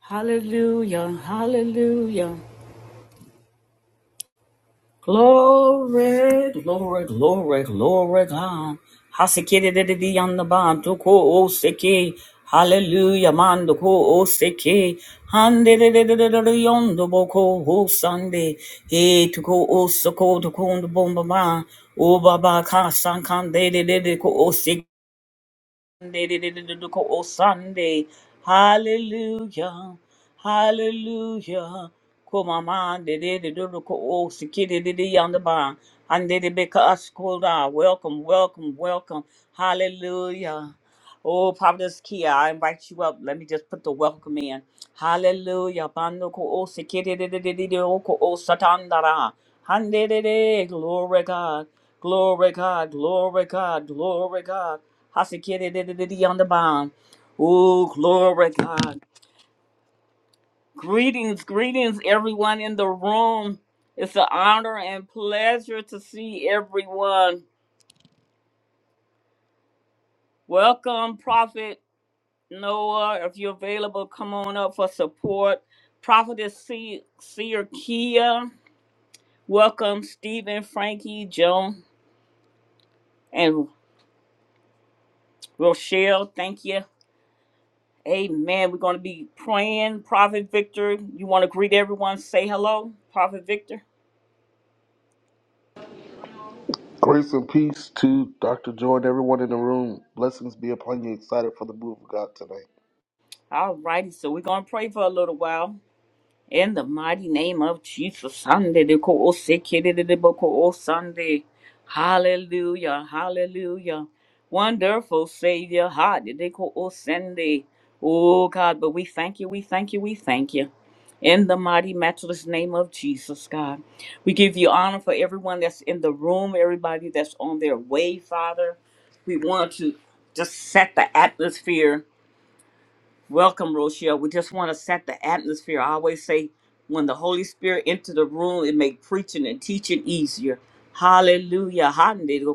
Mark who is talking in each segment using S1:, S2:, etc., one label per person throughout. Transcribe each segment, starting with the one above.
S1: Hallelujah, hallelujah. Glory, glory, glory, glory, God. Hasikidididi yandabando ko oseki. Hallelujah, mando ko oseke, hande de Handidididididi yondobo ko osande. He to ko osoko to ko ndobomba ma. O baba ka san kan de de de de ko oseki. Oh, Sunday. Hallelujah. Hallelujah. Come man de de do do ko o sikiri de de yonder ba and de de beka us kolda. Welcome, welcome, welcome. Hallelujah. Oh, Providence Kia, I invite you up. Let me just put the welcome in. Hallelujah. Bando ko o sikiri de de de ko o satandara. Hande de de. Glory God. Glory God. Glory God. Glory God. Hasekiri on the bond. Oh, glory God. Greetings, greetings, everyone in the room. It's an honor and pleasure to see everyone. Welcome, Prophet Noah. If you're available, come on up for support. Prophetess Se- Seer Kia. Welcome, Stephen, Frankie, Joan, and Rochelle. Thank you. Amen. We're going to be praying. Prophet Victor, you want to greet everyone? Say hello, Prophet Victor.
S2: Grace and peace to Dr. Joy and everyone in the room. Blessings be upon you. Excited for the move of God tonight.
S1: All righty, so we're going to pray for a little while. In the mighty name of Jesus, Sunday, the Ko- O Sunday. Hallelujah, hallelujah. Wonderful Savior, Hadi, the Ko- O Sunday. Oh God, but we thank you, we thank you, we thank you. In the mighty, matchless name of Jesus, God. We give you honor for everyone that's in the room, everybody that's on their way, Father. We want to just set the atmosphere Welcome, Rochelle. We just want to set the atmosphere. I always say, when the Holy Spirit enter the room, it make preaching and teaching easier. Hallelujah. Hallelujah.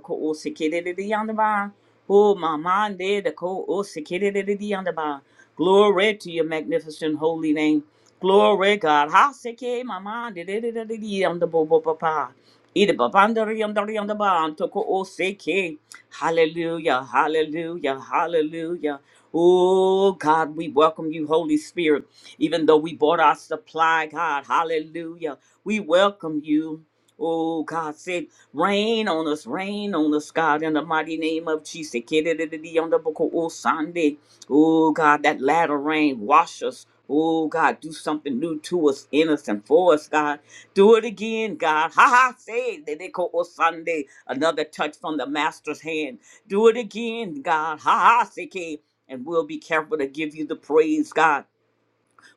S1: Oh, my mind there, the co- oh, sikidididi on the bar. Glory to your magnificent holy name. Glory, God. Ha, siki, my mind, dididididi on the bo- bo- bo- ba. Ida babandari on the on the bar, and toko, oh, siki. Hallelujah, hallelujah, hallelujah. Oh God, we welcome you, Holy Spirit. Even though we bought our supply, God, hallelujah. We welcome you. Oh God said, rain on us, rain on us, God, in the mighty name of Jesus. Kididididi on the book of Oh Sunday. Oh God, that latter rain, wash us. Oh God, do something new to us, in us, and for us, God. Do it again, God. Ha ha, say it. They call it Sunday. Another touch from the master's hand. Do it again, God. Ha ha, say it. And we'll be careful to give you the praise, God.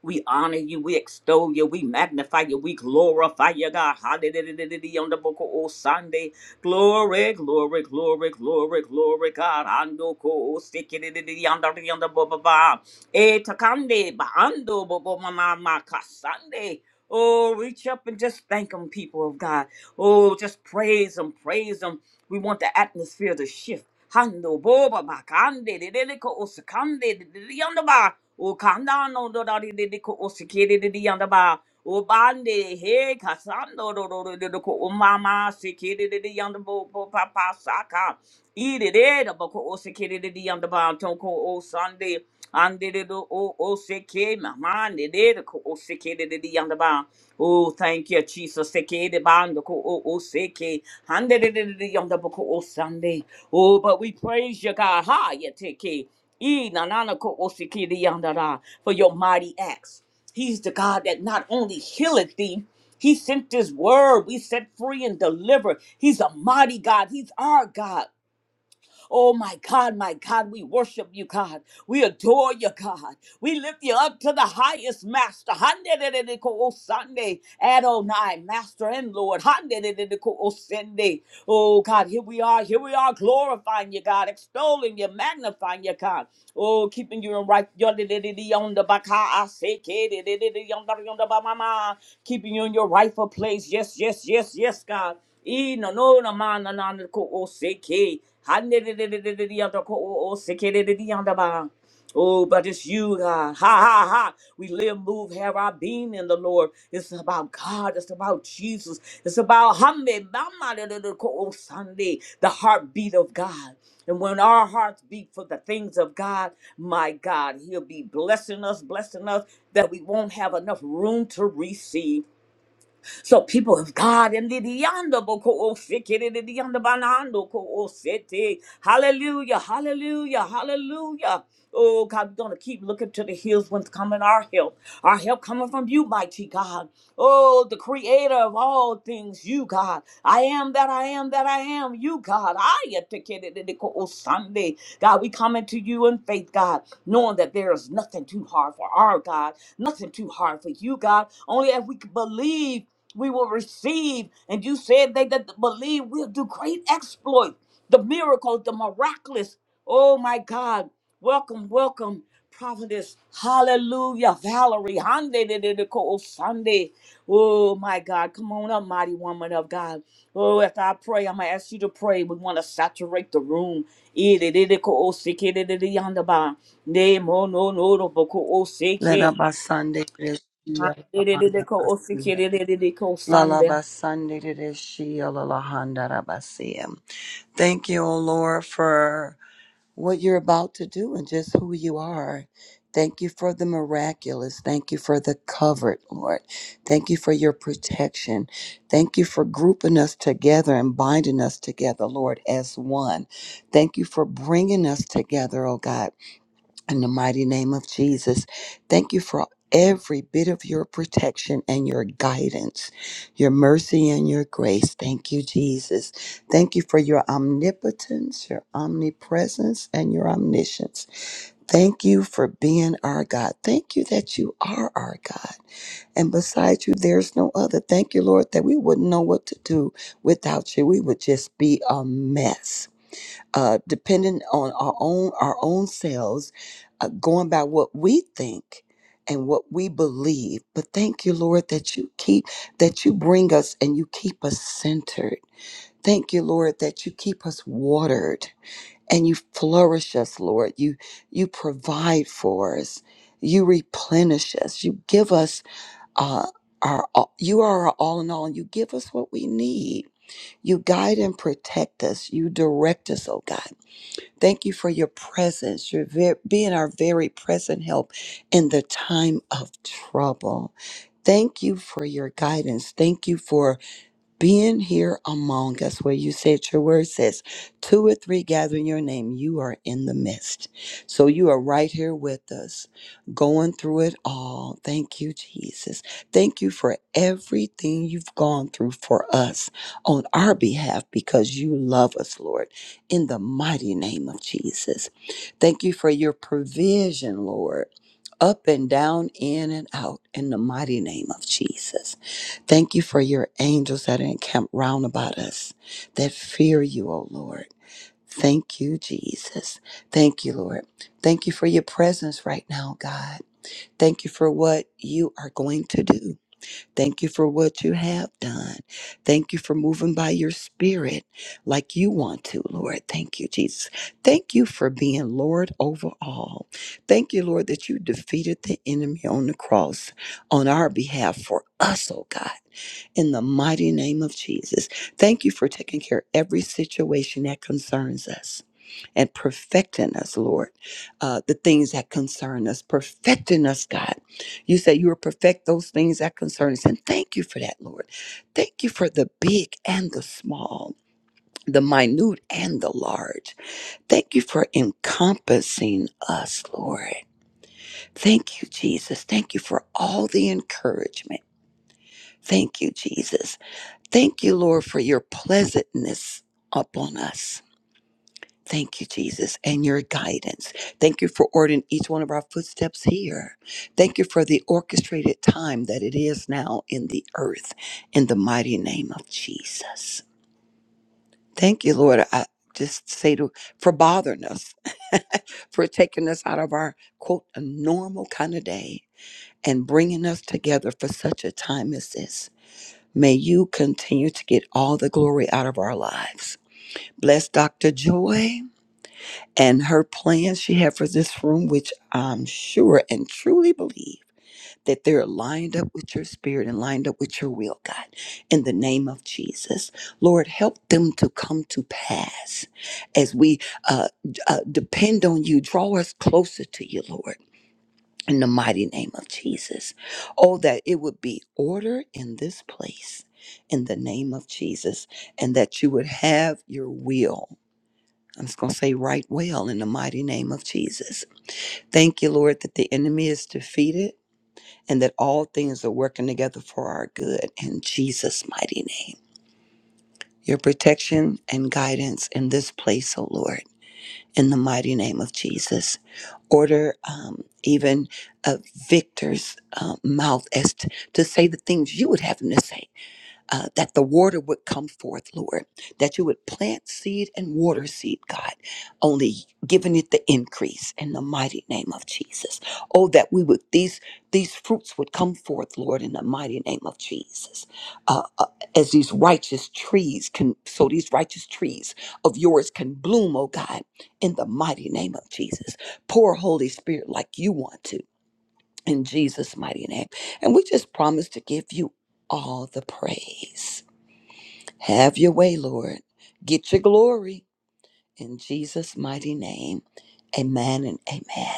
S1: We honor you. We extol you. We magnify you. We glorify you, God. Hallelujah. On the book of Sunday. Glory, glory, glory, glory, glory, God. Ando ko sikiri on the on the baba. E takande ba ando bobo mama ma ma ma kasande. Oh, reach up and just thank them, people of God. Oh, just praise them, praise them. We want the atmosphere to shift. Hando boba makande de de de ko osakande de de de yanda ba. O kanda no do da de de de ko osake de de yanda ba. O bande he kasando do do do do do ko o mama seke de de yanda bo bo papa saka. I de de da ba ko osake de de yanda ba. Ton o sande. Ande de do o osake mama de de ko osake de de yanda ba. Oh, thank you, Jesus. Seke de bando ko o o seke. Hande de de de de yonder boko o Sunday. Oh, but we praise you, God. Ha, ya teke. E na na na ko o seke de yonder da. For your mighty acts. He's the God that not only healeth thee, he sent this word. We set free and delivered. He's a mighty God. He's our God. Oh my God, my God, we worship you, God. We adore you, God. We lift you up to the highest master. Handerereko Sunday, Adonai, Master and Lord. Handerereko Sunday. Oh God, here we are. Here we are glorifying you, God, extolling you, magnifying you, God. Oh, keeping you in right. keeping you in your rightful place. Yes, yes, yes, yes, God. I no no na mana na na ko o seke. Hande de de de de de de yanda ko o o seke de de de yanda ba. Oh, but it's you, God. Ha ha ha. We live, move, have our being in the Lord. It's about God. It's about Jesus. It's about Hambe Mama de de de ko o Sunday, the heartbeat of God. And when our hearts beat for the things of God, my God, He'll be blessing us, blessing us that we won't have enough room to receive. So people of God, in the yonder boko o sikiri di di yonder banando ko o Hallelujah, hallelujah, hallelujah. Oh God, we're gonna keep looking to the hills when's coming our help. Our help coming from you, mighty God. Oh, the creator of all things, you God. I am that I am that I am, you God. I atikiri di di ko o Sunday. God, we coming to you in faith, God, knowing that there is nothing too hard for our God, nothing too hard for you, God. Only if we can believe we will receive. And you said they that believe will do great exploits, the miracles, the miraculous. Oh my God. Welcome, welcome, prophetess. Hallelujah. Valerie. Hande de de de ko Sunday. Oh my God. Come on up, mighty woman of God. Oh, after I pray, I'm gonna ask you to pray. We want to saturate the room. Eh, de de de ko o seke de de de yonder ba. Ne mo no no no bo ko o
S3: Let
S1: seke.
S3: Abasande Reshia
S1: Hande de de de
S3: Lahanda
S1: ko o seke
S3: Basia.
S1: de de de de ko Sunday.
S3: Lalabasande Reshia Lahanda Rabasia. Thank you, O Lord, for what you're about to do and just who you are. Thank you for the miraculous. Thank you for the covered, Lord. Thank you for your protection. Thank you for grouping us together and binding us together, Lord, as one. Thank you for bringing us together, oh God in the mighty name of Jesus, thank you for every bit of your protection and your guidance, your mercy and your grace. Thank you, Jesus. Thank you for your omnipotence, your omnipresence, and your omniscience. Thank you for being our God. Thank you that you are our God. And besides you, there's no other. Thank you, Lord, that we wouldn't know what to do without you. We would just be a mess uh, dependent on our own our own selves, uh, going by what we think and what we believe. But thank you, Lord, that you keep that you bring us and you keep us centered. Thank you, Lord, that you keep us watered and you flourish us, Lord. You you provide for us. You replenish us. You give us uh, our all- you are our all in all. You give us what we need. You guide and protect us. You direct us, oh God. Thank you for your presence, your ver- being our very present help in the time of trouble. Thank you for your guidance. Thank you for being here among us where you said your word says two or three gather in your name you are in the midst so you are right here with us going through it all thank you jesus thank you for everything you've gone through for us on our behalf because you love us lord in the mighty name of jesus thank you for your provision lord up and down in and out in the mighty name of jesus Thank you for your angels that are encamped round about us that fear you, O Lord. Thank you, Jesus. Thank you, Lord. Thank you for your presence right now, God. Thank you for what you are going to do. Thank you for what you have done. Thank you for moving by your spirit like you want to, Lord. Thank you, Jesus. Thank you for being Lord over all. Thank you, Lord, that you defeated the enemy on the cross on our behalf for us, oh God, in the mighty name of Jesus. Thank you for taking care of every situation that concerns us and perfecting us, Lord, uh, the things that concern us, perfecting us, God. You said you will perfect those things that concern us. And thank you for that, Lord. Thank you for the big and the small, the minute and the large. Thank you for encompassing us, Lord. Thank you, Jesus. Thank you for all the encouragement. Thank you, Jesus. Thank you, Lord, for your pleasantness upon us. Thank you, Jesus, and your guidance. Thank you for ordering each one of our footsteps here. Thank you for the orchestrated time that it is now in the earth, in the mighty name of Jesus. Thank you, Lord. I just say to for bothering us, for taking us out of our quote a normal kind of day and bringing us together for such a time as this. May you continue to get all the glory out of our lives. Bless Dr. Joy and her plans she had for this room, which I'm sure and truly believe that they're lined up with your spirit and lined up with your will, God, in the name of Jesus. Lord, help them to come to pass as we uh, d- uh, depend on you. Draw us closer to you, Lord. In the mighty name of Jesus. Oh, that it would be order in this place in the name of Jesus, and that you would have your will I'm just going to say right well in the mighty name of Jesus. Thank you, Lord, that the enemy is defeated and that all things are working together for our good in Jesus' mighty name. Your protection and guidance in this place, O Lord, in the mighty name of Jesus. Order um, even a victor's uh, mouth as t- to say the things you would have him to say uh, that the water would come forth, Lord, that you would plant seed and water seed, God, only giving it the increase in the mighty name of Jesus. Oh, that we would, these, these fruits would come forth, Lord, in the mighty name of Jesus. Uh, uh, as these righteous trees can, so these righteous trees of yours can bloom, oh God, in the mighty name of Jesus. Pour Holy Spirit like you want to. In Jesus' mighty name. And we just promise to give you all the praise have your way, Lord. Get your glory in Jesus' mighty name. Amen and amen.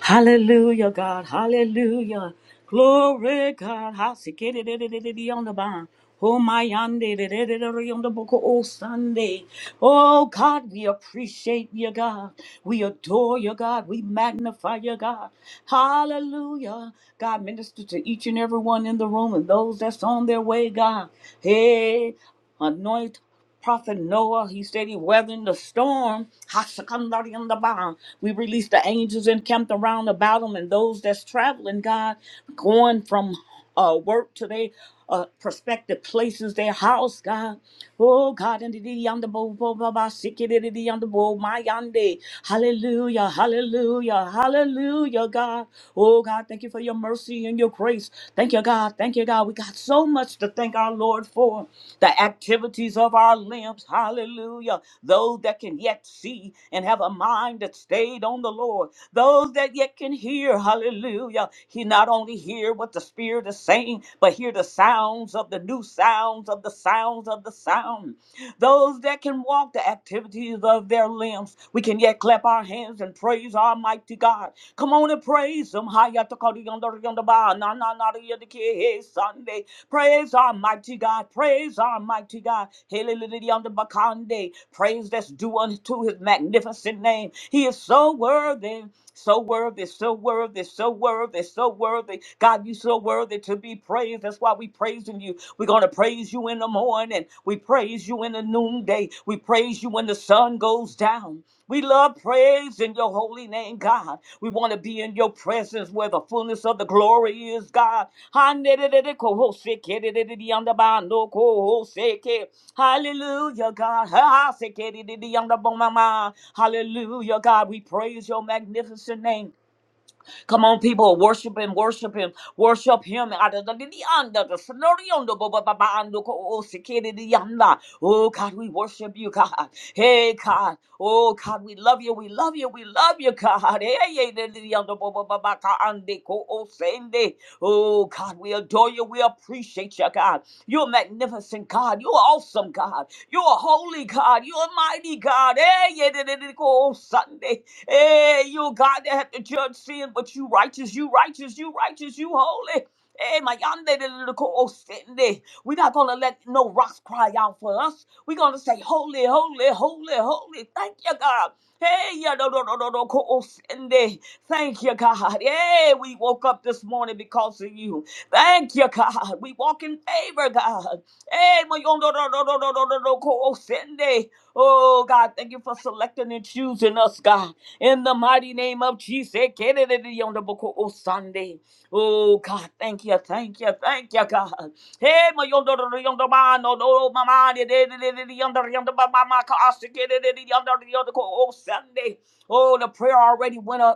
S1: Hallelujah, God. Hallelujah. Glory, God. Hasikidididididi on the bond. Oh, my yonder, on the book oh Sunday. Oh, God, we appreciate you, God. We adore you, God. We magnify you, God. Hallelujah. God, minister to each and every one in the room and those that's on their way, God. Hey, anoint. Prophet Noah, he said he weathered the storm. Hashakandariandabah. We released the angels encamped around about him and those that's traveling, God, going from uh, work to their uh, prospective places, their house, God. Oh, God, and the yonder bo bo bo ba sikididi yonder bo my yande. Hallelujah, hallelujah, hallelujah, God. Oh, God, thank you for your mercy and your grace. Thank you, God. God. Thank you, God. We got so much to thank our Lord for. The activities of our limbs. Hallelujah. Those that can yet see and have a mind that stayed on the Lord. Those that yet can hear. Hallelujah. He not only hear what the Spirit is saying, but hear the sounds of the new sounds of the sounds of the sound those that can walk the activities of their limbs. We can yet clap our hands and praise our mighty God. Come on and praise him. Hayatakadiyandoriyandaba, nananariyadikehe, Sunday. Praise our mighty God. Praise our mighty God. Heleleleliyandabakande. Praise that's due unto his magnificent name. He is so worthy. So worthy, so worthy, so worthy, so worthy. God, you so worthy to be praised. That's why we praising you. We're going to praise you in the morning. We praise you in the noonday. We praise you when the sun goes down. We love praise in your holy name, God. We want to be in your presence where the fullness of the glory is, God. Hallelujah, God. Hallelujah, God. We praise your magnificent name. Come on, people, worship him, worship him, worship him. Adadadidiyanda, the sonoriondo, bo- bo- bo- bo- ando, ko- o- sikididiyanda. Oh, God, we worship you, God. Hey, God. Oh, God, we love you, we love you, we love you, God. Hey, hey, didiyanda, bo- bo- bo- bo- ka- ande, ko- o- sende. Oh, God, we adore you, we appreciate you, God. You're a magnificent God, you're awesome God, you're a holy God, you're a mighty God. Hey, yeah, dididiko, o- Sunday. Hey, you a God that have to judge sin, but you righteous, you righteous, you righteous, you holy. Hey, my yonder little co-sende. We're not gonna let no rocks cry out for us. We're gonna say, Holy, holy, holy, holy. Thank you, God. Hey, yeah, no, no, no, no, no, co-sende. Thank you, God. Hey, we woke up this morning because of you. Thank you, God. We walk in favor, God. Hey, my yonder, no, no, no, no, no, no, no, co-sende. Oh, God, thank you for selecting and choosing us, God in the mighty name of Jesus. Ekeleleleyondoboko Sunday. Oh God, thank you, thank you, thank you, God. Hey, my yonder yonder man, no, no, my man, yonder yonder mama, cause yonder yonder oh Sunday. Oh, the prayer already went up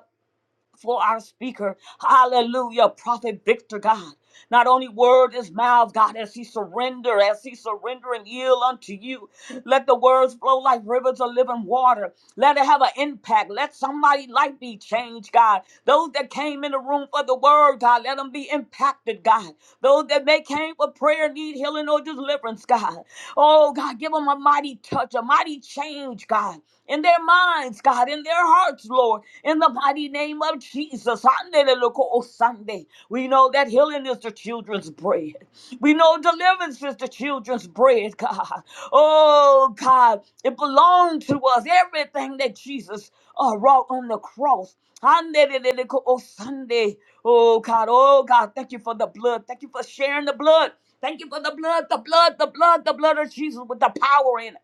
S1: for our speaker. Hallelujah. Prophet Victor, God. Not only word is mouth, God, as he surrender, as he surrender and yield unto you. Let the words flow like rivers of living water. Let it have an impact. Let somebody's life be changed, God. Those that came in the room for the word, God, let them be impacted, God. Those that may came for prayer, need healing or deliverance, God. Oh, God, give them a mighty touch, a mighty change, God, in their minds, God, in their hearts, Lord in the mighty name of Jesus. Handeleloko Sunday. We know that healing is the children's bread. We know deliverance is the children's bread, God. Oh, God, it belonged to us. Everything that Jesus uh, wrought on the cross. Handeleloko Sunday. Oh, God. Oh, God. Thank you for the blood. Thank you for sharing the blood. Thank you for the blood, the blood, the blood, the blood of Jesus with the power in it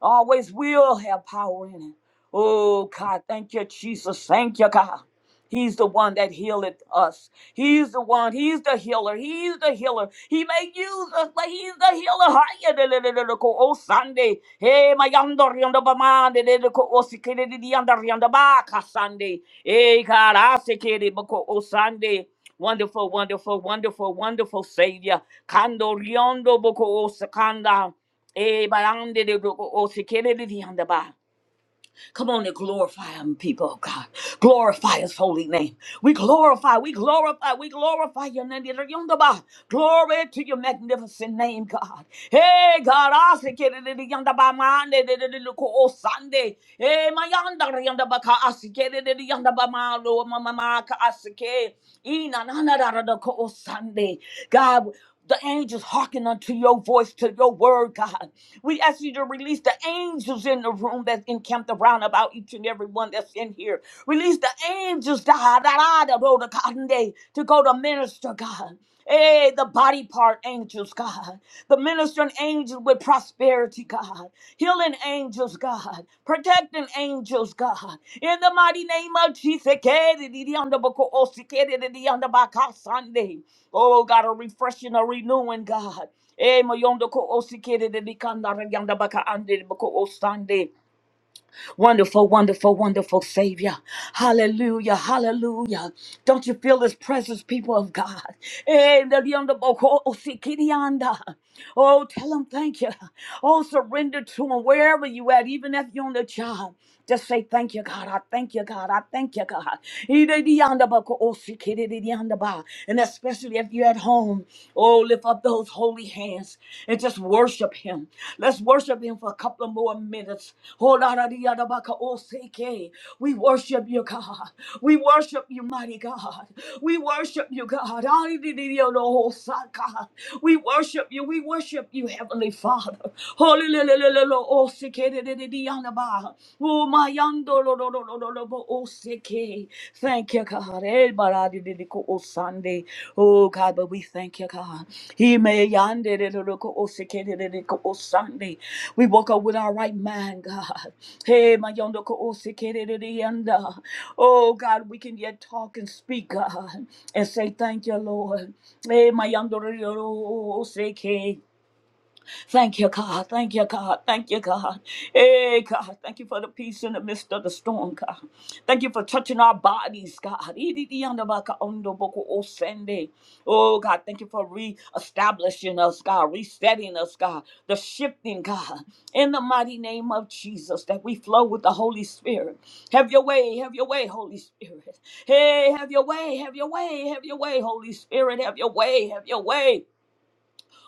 S1: always will have power in it. Oh, God, thank you, Jesus. Thank you, God. He's the one that healeth us. He's the one. He's the healer. He's the healer. He may use us, but he's the healer. Hiya, de- de- de- de- de- ko- Oh, Sunday. Hey, my yonder, yonder, ba- man, de- de- de- ko- oh, sike- de- de- de- yonder, yonder, ba- ka- Sunday. Hey, God, I sike- de- oh, Sunday. Wonderful, wonderful, wonderful, wonderful Savior. Kando, riondo, boko, o sakanda. Eh, but I don't did it, but- oh, she can't did it, he on the bar. Come on and glorify him, people of God. Glorify his holy name. We glorify, we glorify, we glorify your name. Did it on the bar. Glory to your magnificent name, God. Hey, God, I say, get it, did it on the bar, man, did it, did it, oh, Sunday. Hey, my yonder, did it I say, get it, did it on the bar, my Lord, my, my, I say, Ina, na, na, da, da, da, oh, Sunday. God, the angels hearken unto your voice, to your word, God. We ask you to release the angels in the room that's encamped around about each and every one that's in here. Release the angels, God, to go to minister, God. Hey, the body part angels, God. The ministering angels. with with prosperity, God. Healing angels, God. Protecting angels, God. In the mighty name of Jesus. Sunday. Oh, God, a refreshing, a renewing, God. Eh, moyondo ko osikere de dikanda re yanda baka ande de boko osande. Wonderful, wonderful, wonderful Savior. Hallelujah, hallelujah. Don't you feel His presence, people of God? Eh, the yonder boko osikirianda. Oh, tell Him thank you. Oh, surrender to Him wherever you at, even if you're on the job. Just say thank you, God. I thank you, God. I thank you, God. Ida di yanda boko osikiri di yanda ba. And especially if you're at home, oh, lift up those holy hands and just worship Him. Let's worship Him for a couple of more minutes. We worship you, God. We worship you, mighty God. We worship you, God. We worship you. We worship you, Heavenly Father. Thank you, God. Oh God, but we thank you, God. We woke up with our right mind, God. Hey, my yondo ko osikiririanda. Oh God, we can yet talk and speak, God, and say thank you, Lord. Hey, my yondo ro ro ro ose ke. Thank you, God. Thank you, God. Thank you, God. Hey, God. Thank you for the peace in the midst of the storm, God. Thank you for touching our bodies, God. Oh, God. Thank you for reestablishing us, God. Resetting us, God. The shifting, God. In the mighty name of Jesus, that we flow with the Holy Spirit. Have your way. Have your way, Holy Spirit. Hey, have your way. Have your way. Have your way, Holy Spirit. Have your way. Have your way.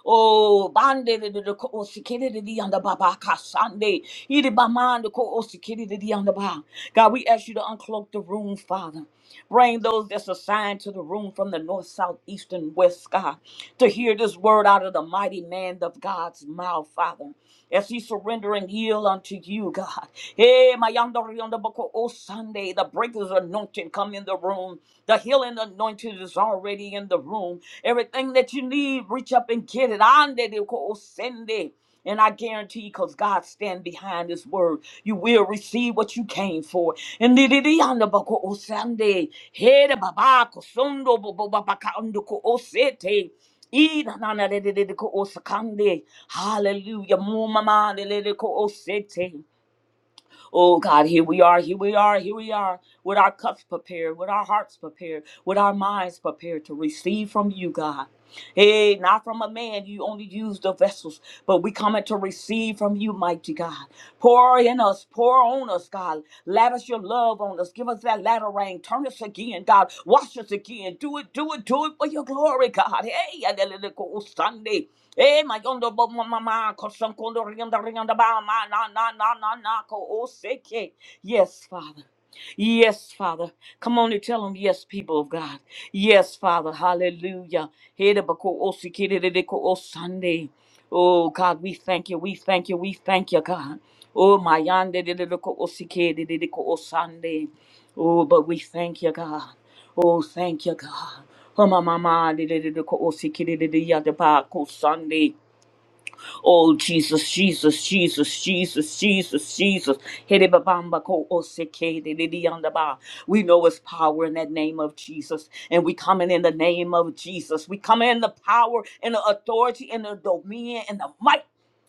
S1: Oh, bande de de de ko osikiri de di anda baba kasande. Iri bamande ko osikiri de di anda ba. God, we ask you to uncloak the room, Father. Bring those that's assigned to the room from the north, south, east, and west, God, to hear this word out of the mighty man of God's mouth, Father as he surrender and yield unto you, God. Hey, my yonder yonder boko oh Sunday, the breaker's anointing come in the room. The healing anointing is already in the room. Everything that you need, reach up and get it. Ande de ko oh Sunday. And I guarantee, because God stand behind His word, you will receive what you came for. And the the- the yonder boko oh Sunday, hey the baba kosundo bo bo baba ka undo ko oh sete. Irananadedeko osakande. Hallelujah. Mumamadedeko osete. Oh God, here we are, here we are, here we are, with our cups prepared, with our hearts prepared, with our minds prepared to receive from you, God. Hey, not from a man. You only use the vessels, but we coming to receive from you, mighty God. Pour in us, pour on us, God. Lavish your love on us. Give us that latter rain. Turn us again, God. Wash us again. Do it, do it, do it for your glory, God. Hey, and then it goes Sunday. Hey, my yondo bo ma ma ma kosan kondo rianda rianda ba ma na na na na na ko oseke. Yes, Father. Yes, Father. Come on and tell them, yes, people of God. Yes, Father. Hallelujah. Sunday. Oh, God, we thank you. We thank you. We thank you, God. Oh, my Sunday. Oh, but we thank you, God. Oh, thank you, God. Oh, my mama, Sunday. Oh, Jesus, Jesus, Jesus, Jesus, Jesus, Jesus. Hedebabamba ko oseke de dededeyandaba. We know His power in that name of Jesus. And we coming in the name of Jesus. We come in the power and the authority and the dominion and the might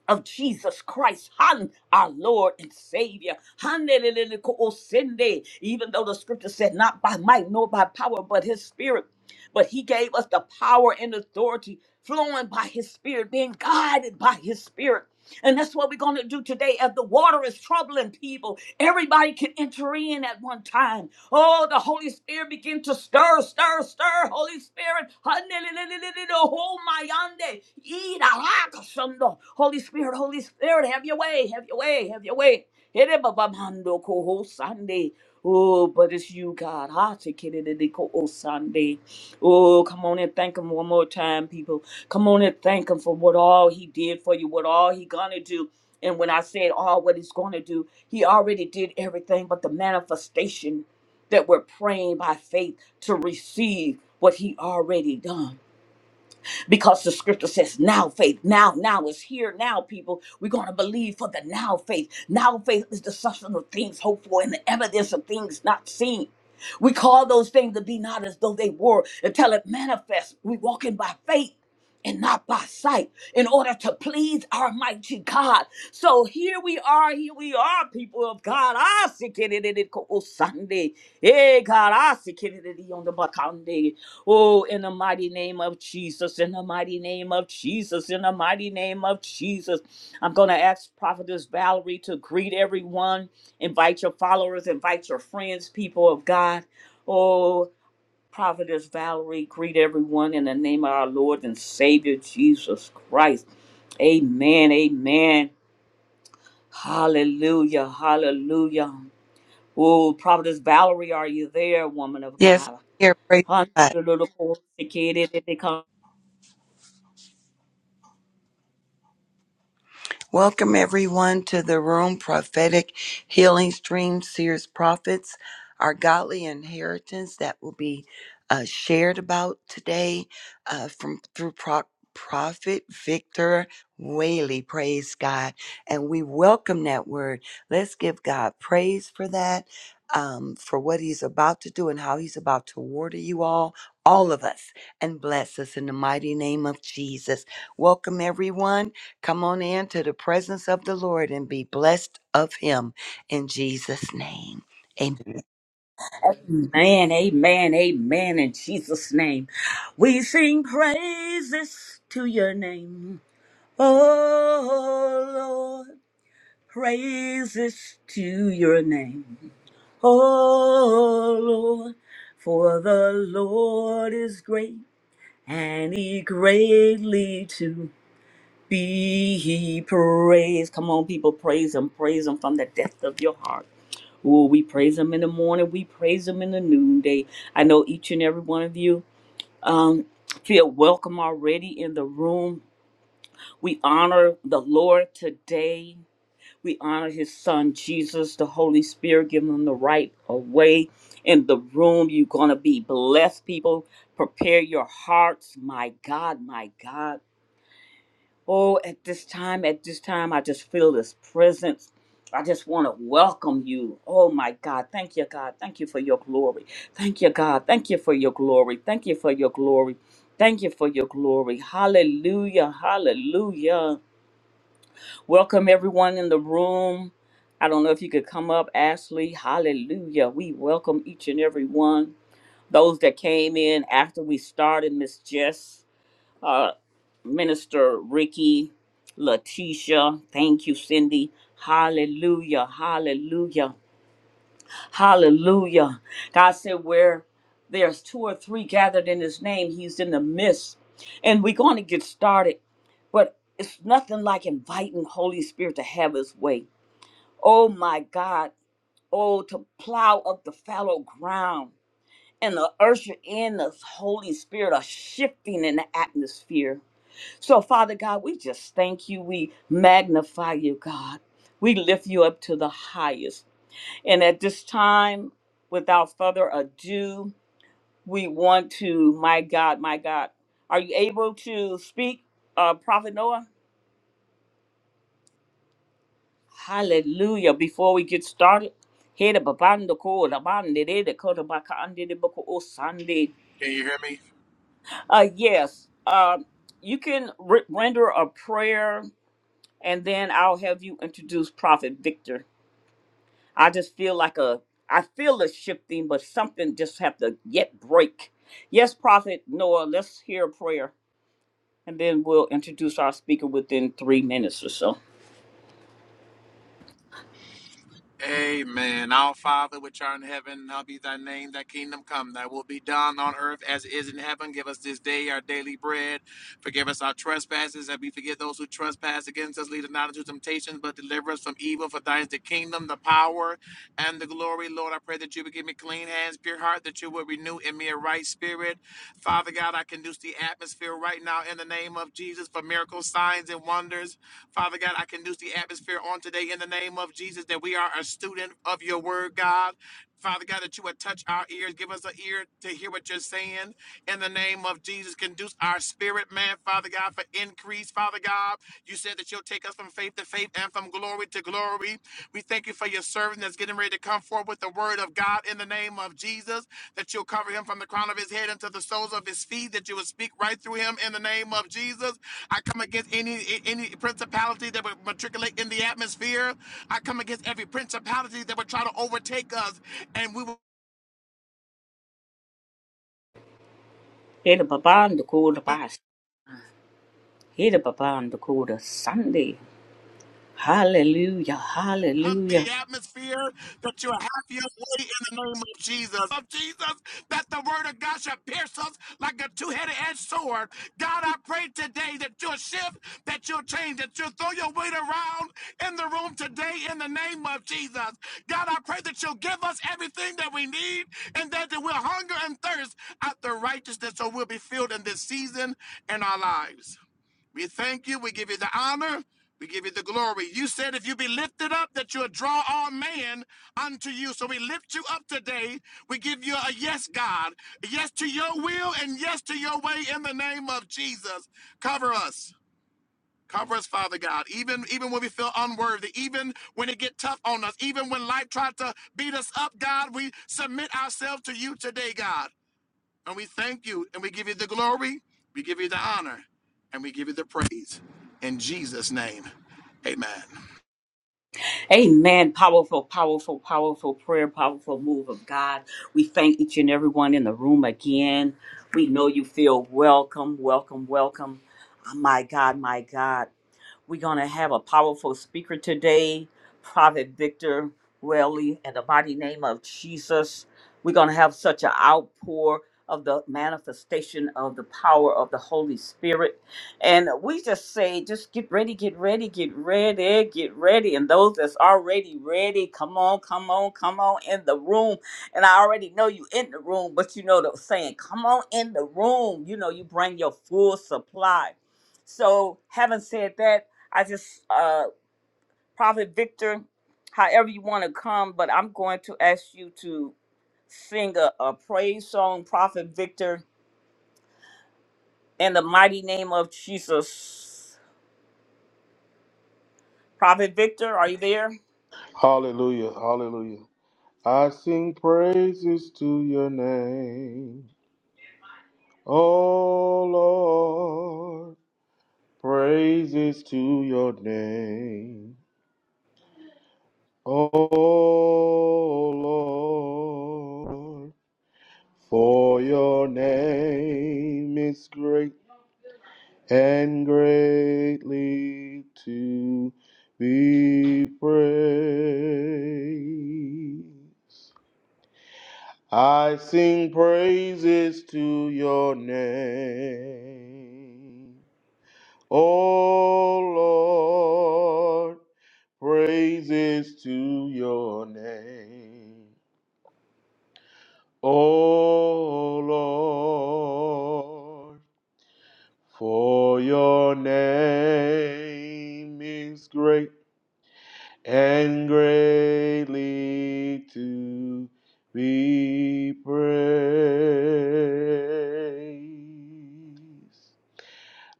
S1: of Jesus Christ, Han, our Lord and Savior. Handelelele ko osende. Even though the scripture said, not by might nor by power, but his spirit. But he gave us the power and authority flowing by his spirit, being guided by his spirit. And that's what we're going to do today as the water is troubling people. Everybody can enter in at one time. Oh, the Holy Spirit begin to stir, stir, stir. Holy Spirit. Oh, my yande. Ee, da, la, ka, Holy Spirit, Holy Spirit, have your way, have your way, have your way. Ere, ba, ba, mando, Oh, but it's you, God. Ha, te, ke, de, de, de, ko, oh, Sunday. Oh, come on and thank him one more time, people. Come on and thank him for what all he did for you, what all he gonna do. And when I said all what he's gonna do, he already did everything but the manifestation that we're praying by faith to receive what he already done because the scripture says now faith now now is here now people we're going to believe for the now faith now faith is the substance of things hoped for and the evidence of things not seen we call those things to be not as though they were until it manifests we walking by faith and not by sight in order to please our mighty god so here we are here we are people of god i see it on the Sunday. Hey, God, I see it on the Sunday. Oh, in the mighty name of Jesus, in the mighty name of Jesus, in the mighty name of Jesus. I'm going to ask Prophetess Valerie to greet everyone, invite your followers, invite your friends, people of God. Oh, Prophetess Valerie, greet everyone in the name of our Lord and Savior Jesus Christ. Amen, amen. Hallelujah, hallelujah. Oh, Prophetess Valerie, are you there, woman of
S3: Yes, I'm
S1: God?
S3: here. Praise God.
S1: Hallelujah.
S3: Welcome everyone to the room, prophetic healing stream, seers, prophets, our godly inheritance that will be uh, shared about today uh, from through pro- prophet Victor Whaley. Praise God, and we welcome that word. Let's give God praise for that, um, for what He's about to do and how He's about to water you all, all of us, and bless us in the mighty name of Jesus. Welcome everyone. Come on into the presence of the Lord and be blessed of him in Jesus' name. Amen.
S1: Amen, amen, amen. In Jesus' name, we sing praises to your name. Oh Lord, praises to your name. Oh Lord, for the Lord is great and he greatly to be praised. Come on, people, praise him, praise him from the depth of your heart. Well, we praise him in the morning. We praise him in the noonday. I know each and every one of you um, feel welcome already in the room. We honor the Lord today. We honor his son, Jesus, the Holy Spirit, giving him the right of way in the room. You're going to be blessed, people. Prepare your hearts. My God, my God. Oh, at this time, at this time, I just feel this presence. I just want to welcome you. Oh my God. Thank you, God. Thank you for your glory. Thank you, God. Thank you for your glory. Thank you for your glory. Thank you for your glory. Hallelujah. Hallelujah. Welcome everyone in the room. I don't know if you could come up, Ashley. Hallelujah. We welcome each and every one. Those that came in after we started, Miss Jess uh, Minister Ricky, Letitia. Thank you, Cindy. Hallelujah, hallelujah, hallelujah. God said, Where there's two or three gathered in his name, he's in the midst. And we're going to get started, but it's nothing like inviting Holy Spirit to have his way. Oh my God. Oh, to plow up the fallow ground and to usher in the Holy Spirit, a shifting in the atmosphere so, Father God, we just thank you. We magnify you, God. We lift you up to the highest. And at this time, without further ado, we want to, my God, my God, are you able to speak, uh, Prophet Noah? Hallelujah. Before we get started, here the babando ko, the bande de de ko, the baka ande de boko o sande.
S4: Can you hear me?
S1: Uh, yes, um, you can re- render a prayer, and then I'll have you introduce Prophet Victor. I just feel like a I feel a shifting, but something just have to yet break. Yes, Prophet Noah, let's hear a prayer and then we'll introduce our speaker within three minutes or so.
S4: Amen. Our Father, which art in heaven, hallowed be thy name. Thy kingdom come. Thy will be done on earth as it is in heaven. Give us this day our daily bread. Forgive us our trespasses, as we forgive those who trespass against us. Lead us not into temptation, but deliver us from evil. For thine is the kingdom, the power, and the glory. Lord, I pray that you would give me clean hands, pure heart, that you would renew in me a right spirit. Father God, I conduce the atmosphere right now in the name of Jesus for miracles, signs, and wonders. Father God, I can loose the atmosphere on today in the name of Jesus that we are a student of your word, God. Father God, that you would touch our ears. Give us an ear to hear what you're saying. In the name of Jesus, conduce our spirit, man, Father God, for increase, Father God. You said that you'll take us from faith to faith and from glory to glory. We thank you for your servant that's getting ready to come forth with the word of God in the name of Jesus, that you'll cover him from the crown of his head unto the soles of his feet, that you will speak right through him in the name of Jesus. I come against any any principality that would matriculate in the atmosphere. I come against every principality that would try to overtake us and we will
S1: Hit a baban the cool bass. Hit a baban the cool Sunday. Hallelujah.
S4: become
S1: Hallelujah.
S4: the atmosphere that you are happier way in the name of Jesus. Of Jesus, that the word of God shall pierce us like a two-headed edged sword. God, I pray today that you'll shift, that you'll change, that you'll throw your weight around in the room today in the name of Jesus. God, I pray that you'll give us everything that we need and that we'll hunger and thirst after righteousness so we'll be filled in this season in our lives. We thank you. We give you the honor. We give you the glory. You said if you be lifted up, that you'll draw all men unto you. So we lift you up today. We give you a yes, God. A Yes to your will and yes to your way in the name of Jesus. Cover us. Cover us, Father God, even even when we feel unworthy, even when it get tough on us, even when life tried to beat us up, God, we submit ourselves to you today, God. And we thank you and we give you the glory, we give you the honor, and we give you the praise. In Jesus' name, amen.
S1: Amen. Powerful, powerful, powerful prayer, powerful move of God. We thank each and everyone in the room again. We know you feel welcome, welcome, welcome. Oh, My God, my God. We're going to have a powerful speaker today, Prophet Victor Welly, in the mighty name of Jesus. We're going to have such an outpour of the manifestation of the power of the Holy Spirit. And we just say, just get ready, get ready, get ready, get ready. And those that's already ready, come on, come on, come on in the room. And I already know you in the room, but you know the saying, come on in the room. You know, you bring your full supply. So, having said that, I just, uh, Prophet Victor, however you want to come, but I'm going to ask you to sing a, a praise song, Prophet Victor, in the mighty name of Jesus. Prophet Victor, are you there?
S2: Hallelujah. Hallelujah. I sing praises to your name. Oh Lord. Praises to your name. Oh Lord. For your name is great and greatly to be praised. I sing praises to your name. O Lord, praises to your name. O Lord, for your name is great and greatly to be praised.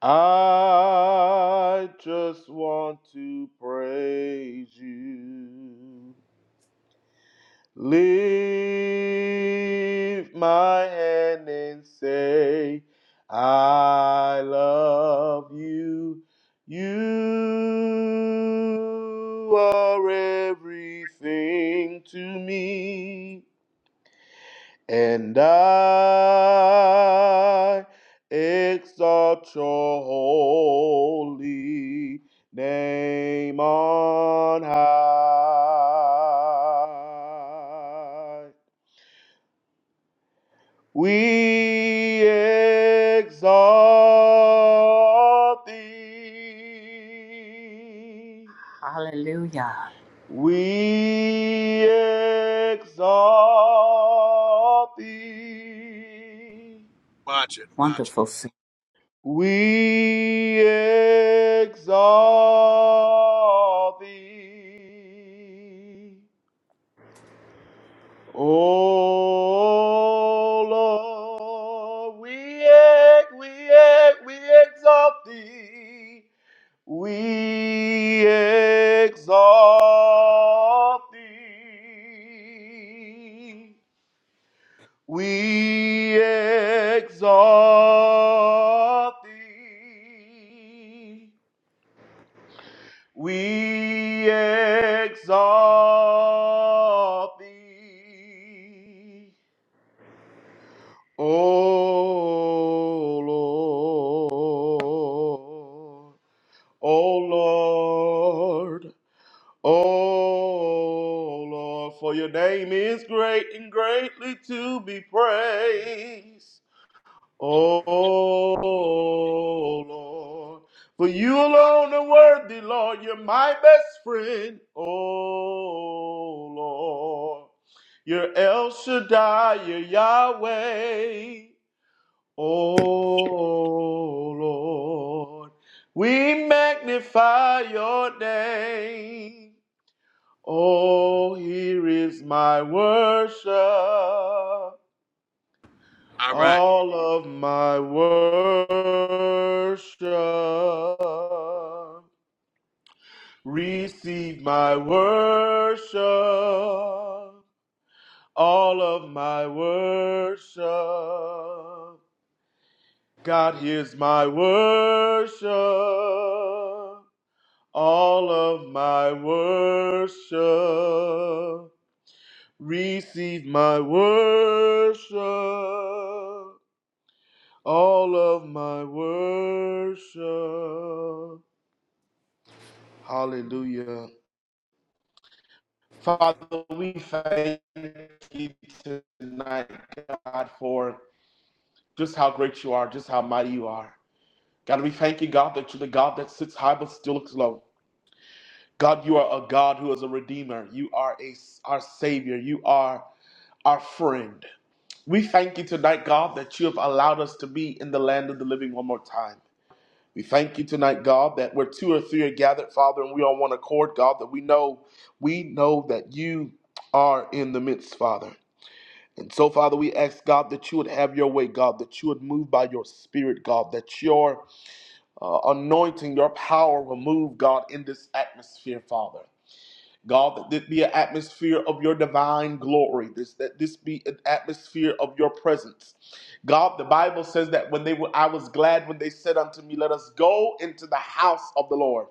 S2: I just want to praise you. Lift my hand and say, I love you. You are everything to me, and I exalt your holy name on high. We exalt thee.
S1: Hallelujah.
S2: We exalt thee.
S4: Watch it, watch it.
S1: Wonderful. Savior.
S2: We exalt thee. Oh Lord, we, ex- we, ex- we exalt thee. We exalt thee. We exalt thee. We exalt thee. Oh Lord, oh Lord, oh Lord, for your name is great and greatly to be praised. Oh Lord, for you alone are worthy, Lord, you're my best friend. Oh Lord, you're El Shaddai, you're Yahweh. O Lord, we magnify your name. Oh, here is my worship,
S4: All right.
S2: all of my worship. Receive my worship, all of my worship. God hears my worship, all of my worship. Receive my worship, all of my worship. Hallelujah. Father, we thank you tonight, God, for just how great you are, just how mighty you are. God, we thank you, God, that you're the God that sits high but still looks low. God, you are a God who is a redeemer. You are a, our savior. You are our friend. We thank you tonight, God, that you have allowed us to be in the land of the living one more time. We thank you tonight, God, that where two or three are gathered, Father, and we are on one accord, God, that we know, we know that you are in the midst, Father. And so, Father, we ask, God, that you would have your way, God, that you would move by your spirit, God, that your uh, anointing, your power will move, God, in this atmosphere, Father. God, that this be an atmosphere of your divine glory. This that this be an atmosphere of your presence. God, the Bible says that when they were, I was glad when they said unto me, Let us go into the house of the Lord.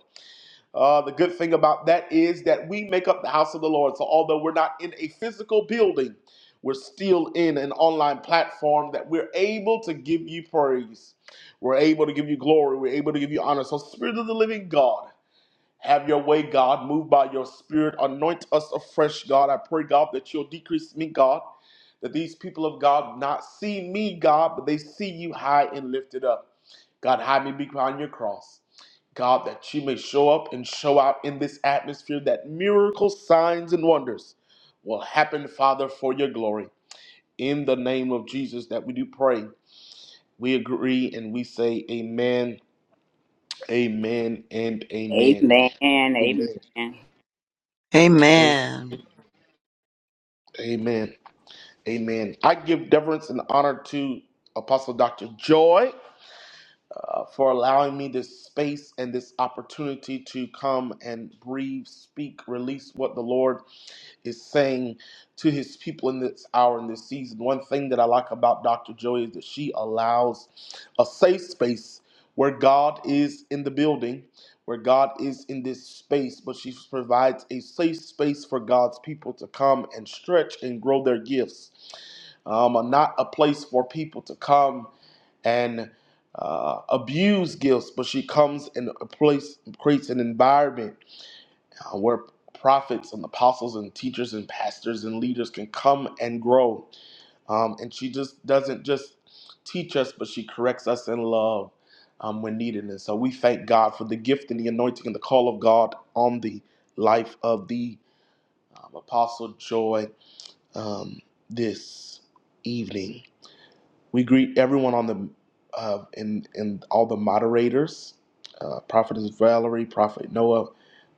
S2: Uh, the good thing about that is that we make up the house of the Lord. So although we're not in a physical building, we're still in an online platform that we're able to give you praise. We're able to give you glory. We're able to give you honor. So, Spirit of the Living God. Have your way, God. Move by your spirit. Anoint us afresh, God. I pray, God, that you'll decrease me, God. That these people of God not see me, God, but they see you high and lifted up. God, hide me behind your cross. God, that you may show up and show out in this atmosphere, that miracle signs and wonders will happen, Father, for your glory. In the name of Jesus, that we do pray. We agree and we say, Amen, Amen, and Amen.
S1: Amen.
S2: Amen.
S1: Amen.
S2: Amen.
S3: Amen.
S2: Amen. Amen. I give deference and honor to Apostle Dr. Joy uh, for allowing me this space and this opportunity to come and breathe, speak, release what the Lord is saying to his people in this hour, in this season. One thing that I like about Dr. Joy is that she allows a safe space where God is in the building. Where God is in this space, but she provides a safe space for God's people to come and stretch and grow their gifts um, not a place for people to come and uh, abuse gifts, but she comes in a place, creates an environment uh, where prophets and apostles and teachers and pastors and leaders can come and grow. Um, and she just doesn't just teach us, but she corrects us in love um, when needed. And so we thank God for the gift and the anointing and the call of God on the life of the um, Apostle Joy um, this evening. We greet everyone on the uh, in in all the moderators, uh, Prophetess Valerie, Prophet Noah,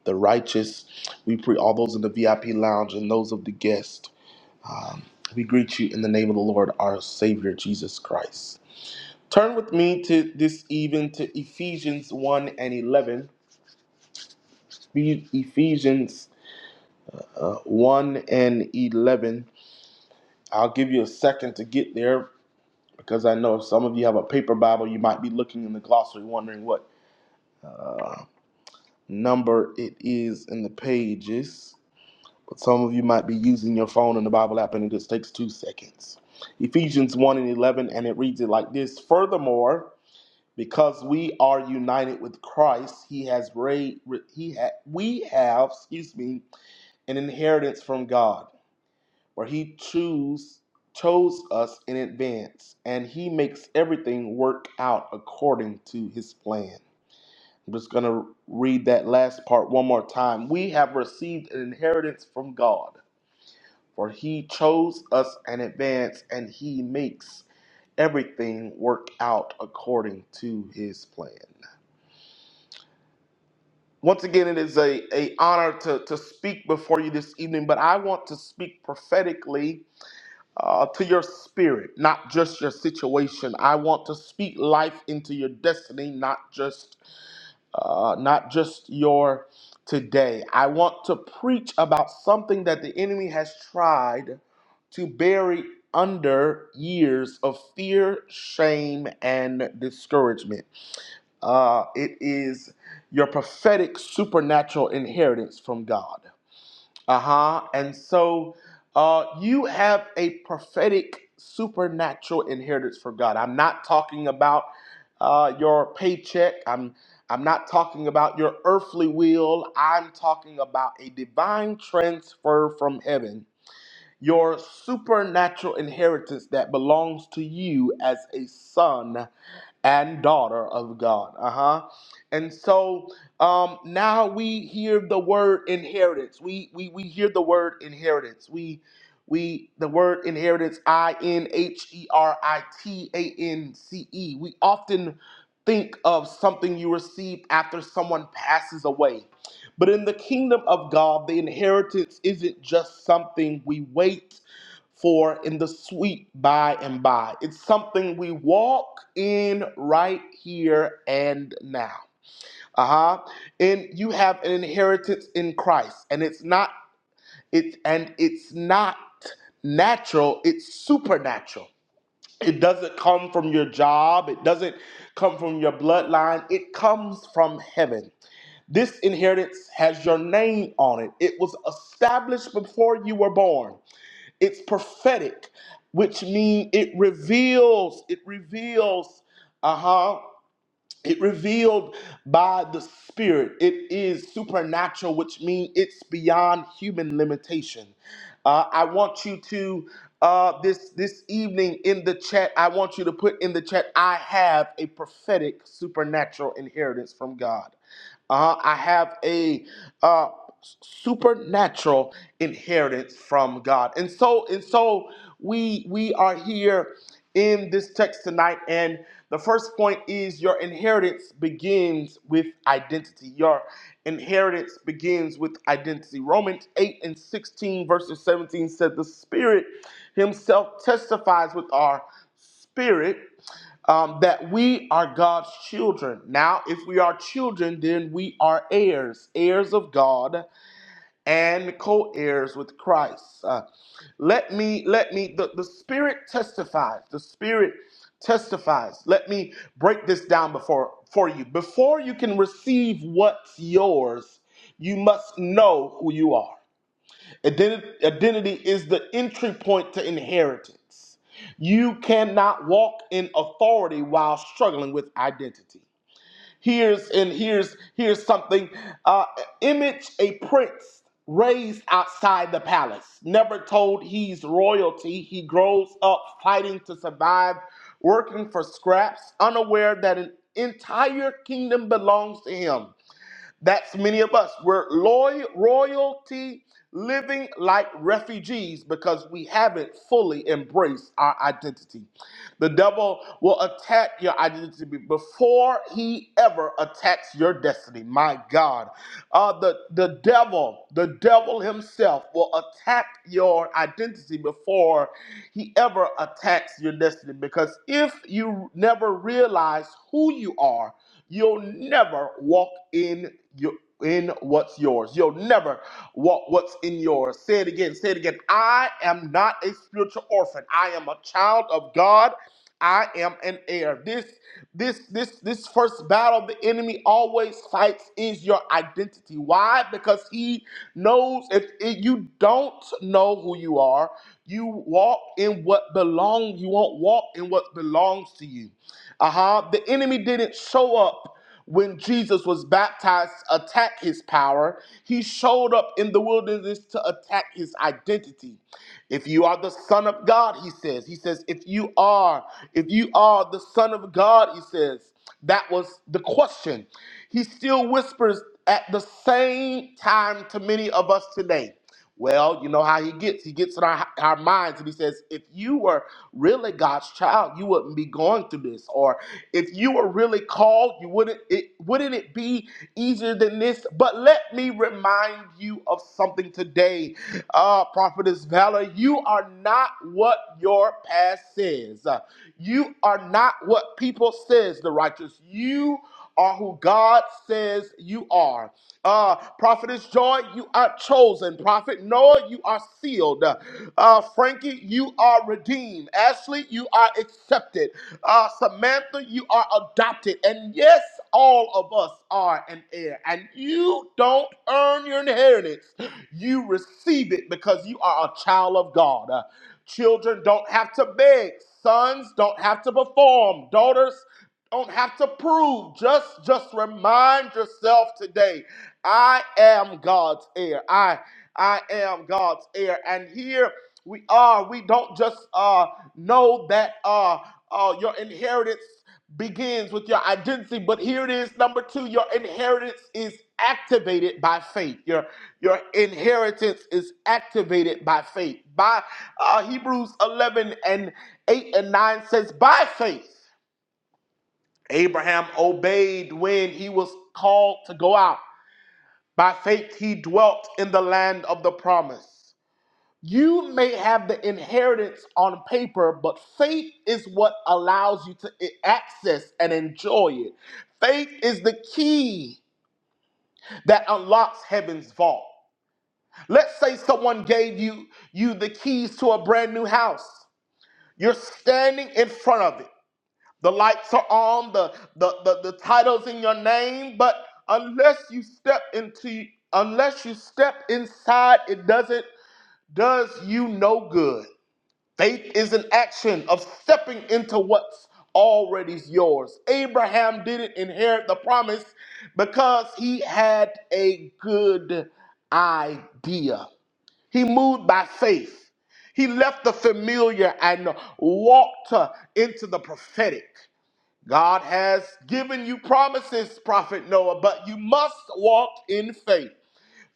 S2: the righteous. We greet all those in the VIP lounge and those of the guest. Um, we greet you in the name of the Lord, our Savior Jesus Christ. Turn with me to this evening to Ephesians one and eleven. Be- Ephesians uh, one and eleven. I'll give you a second to get there, because I know some of you have a paper Bible, you might be looking in the glossary wondering what uh, number it is in the pages. But some of you might be using your phone and the Bible app, and it just takes two seconds. Ephesians 1 and 11, and it reads it like this Furthermore, because we are united with Christ, he has ra- he ha- we have, excuse me, an inheritance from God where he chose chose us in advance and he makes everything work out according to his plan i'm just going to read that last part one more time we have received an inheritance from god for he chose us in advance and he makes everything work out according to his plan once again it is a, a honor to, to speak before you this evening but i want to speak prophetically uh, to your spirit, not just your situation. I want to speak life into your destiny, not just uh, not just your today. I want to preach about something that the enemy has tried to bury under years of fear, shame, and discouragement. Uh, it is your prophetic supernatural inheritance from God. Uh-huh. And so uh, you have a prophetic supernatural inheritance for God. I'm not talking about uh, your paycheck. I'm I'm not talking about your earthly will. I'm talking about a divine transfer from heaven. Your supernatural inheritance that belongs to you as a son and daughter of God. Uh huh. And so um, now we hear the word inheritance. We we we hear the word inheritance. We we the word inheritance. I N H E R I T A N C E. We often think of something you receive after someone passes away. But in the kingdom of God, the inheritance isn't just something we wait for in the sweet by and by. It's something we walk in right here and now. Uh-huh. And you have an inheritance in Christ. And it's not it's and it's not natural, it's supernatural. It doesn't come from your job, it doesn't come from your bloodline, it comes from heaven. This inheritance has your name on it. It was established before you were born it's prophetic which means it reveals it reveals uh-huh it revealed by the spirit it is supernatural which means it's beyond human limitation uh, i want you to uh, this this evening in the chat i want you to put in the chat i have a prophetic supernatural inheritance from god uh, I have a uh, supernatural inheritance from God. And so and so we we are here in this text tonight and the first point is your inheritance begins with identity. Your inheritance begins with identity. Romans 8 and 16 verses 17 said the spirit himself testifies with our spirit um, that we are God's children. Now, if we are children, then we are heirs, heirs of God, and co-heirs with Christ. Uh, let me, let me. The, the Spirit testifies. The Spirit testifies. Let me break this down before for you. Before you can receive what's yours, you must know who you are. Identi- Identity is the entry point to inheritance. You cannot walk in authority while struggling with identity. Here's and here's here's something. Uh, image a prince raised outside the palace, never told he's royalty. He grows up fighting to survive, working for scraps, unaware that an entire kingdom belongs to him. That's many of us. We're loy- royalty living like refugees because we haven't fully embraced our identity. The devil will attack your identity before he ever attacks your destiny. My God. Uh, the, the devil, the devil himself will attack your identity before he ever attacks your destiny because if you never realize who you are, You'll never walk in your in what's yours. You'll never walk what's in yours. Say it again. Say it again. I am not a spiritual orphan. I am a child of God. I am an heir. This this this this first battle the enemy always fights is your identity. Why? Because he knows if, if you don't know who you are, you walk in what belongs. You won't walk in what belongs to you. Uh huh. The enemy didn't show up when Jesus was baptized to attack his power. He showed up in the wilderness to attack his identity. If you are the Son of God, he says, he says, if you are, if you are the Son of God, he says, that was the question. He still whispers at the same time to many of us today. Well, you know how he gets. He gets in our, our minds and he says, if you were really God's child, you wouldn't be going through this. Jesus, or if you were really called, you wouldn't it wouldn't it be easier than this? But let me remind you of something today, uh, Prophetess Valor. You are not what your past says. Uh, You are not what people says the righteous. You are who God says you are. Uh, Prophetess Joy, you are chosen. Prophet Noah, you are sealed. Uh, Frankie, you are redeemed. Ashley, you are accepted. Uh, Samantha, you are adopted. And yes, all of us are an heir. And you don't earn your inheritance, you receive it because you are a child of God. Uh, children don't have to beg, sons don't have to perform, daughters don't have to prove just just remind yourself today i am god's heir i i am god's heir and here we are we don't just uh know that uh, uh, your inheritance begins with your identity. But here it is, number two, your inheritance is activated by faith. Your your inheritance is activated by faith. By uh, Hebrews 11 and 8 and 9 says, by faith, Abraham obeyed when he was called to go out. By faith, he dwelt in the land of the promise. You may have the inheritance on paper, but faith is what allows you to access and enjoy it. Faith is the key that unlocks heaven's vault. Let's say someone gave you you the keys to a brand new house. You're standing in front of it. The lights are on, the the the, the titles in your name, but unless you step into unless you step inside, it doesn't does you no good. Faith is an action of stepping into what's already yours. Abraham didn't inherit the promise because he had a good idea. He moved by faith. He left the familiar and walked uh, into the prophetic. God has given you promises, Prophet Noah, but you must walk in faith.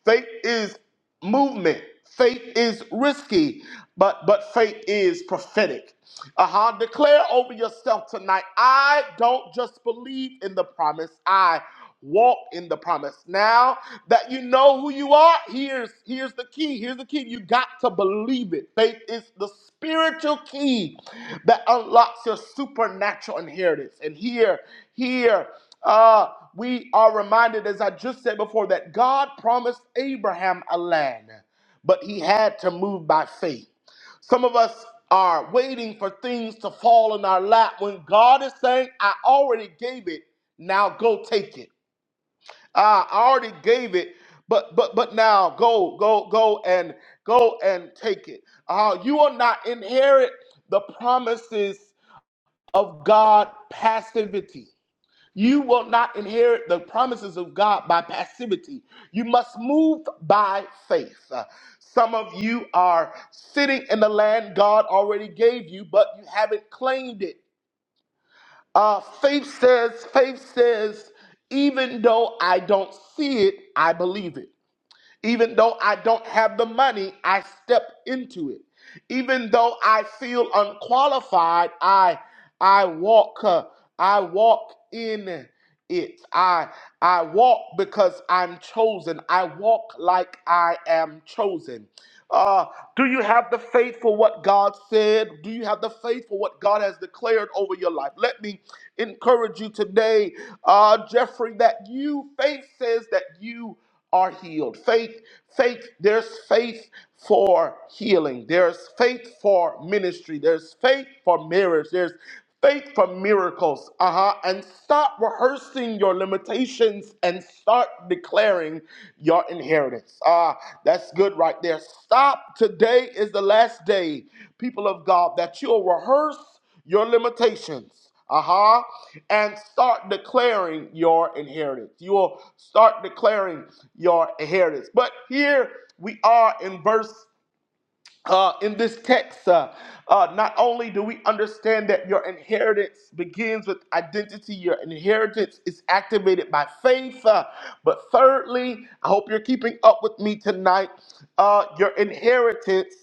S2: Faith is movement. Faith is risky, but but faith is prophetic. Uh-huh. Declare over yourself tonight. I don't just believe in the promise. I walk in the promise. Now that you know who you are, here's here's the key. Here's the key. You got to believe it. Faith is the spiritual key that unlocks your supernatural inheritance. And here, here, uh, we are reminded, as I just said before, that God promised Abraham a land, but he had to move by faith. Some of us are waiting for things to fall in our lap when God is saying, I already gave it, now go take it. Ah, I already gave it, but but but now go, go, go and go and take it. Ah, you will not inherit the promises of God passivity. You will not inherit the promises of God by passivity. You must move by faith. Uh, Some of you are sitting in the land God already gave you, but you haven't claimed it. Uh, faith says, faith says, even though I don't see it, I believe it. Even though I don't have the money, I step into it. Even though I feel unqualified, I I walk uh, I walk in it. I I walk because I'm chosen. I walk like I am chosen. Uh, do you have the faith for what God said? Do you have the faith for what God has declared over your life? Let me encourage you today, uh, Jeffrey, that you faith says that you are healed. Faith, faith. There's faith for healing. There's faith for ministry. There's faith for marriage. There's Faith for miracles. Uh huh. And stop rehearsing your limitations and start declaring your inheritance. Ah, that's good right there. Stop. Today is the last day, people of God, that you'll rehearse your limitations. Uh huh. And start declaring your inheritance. You will start declaring your inheritance. But here we are in verse uh, in this text, uh, uh, not only do we understand that your inheritance begins with identity, your inheritance is activated by faith, uh, but thirdly, I hope you're keeping up with me tonight. Uh, your inheritance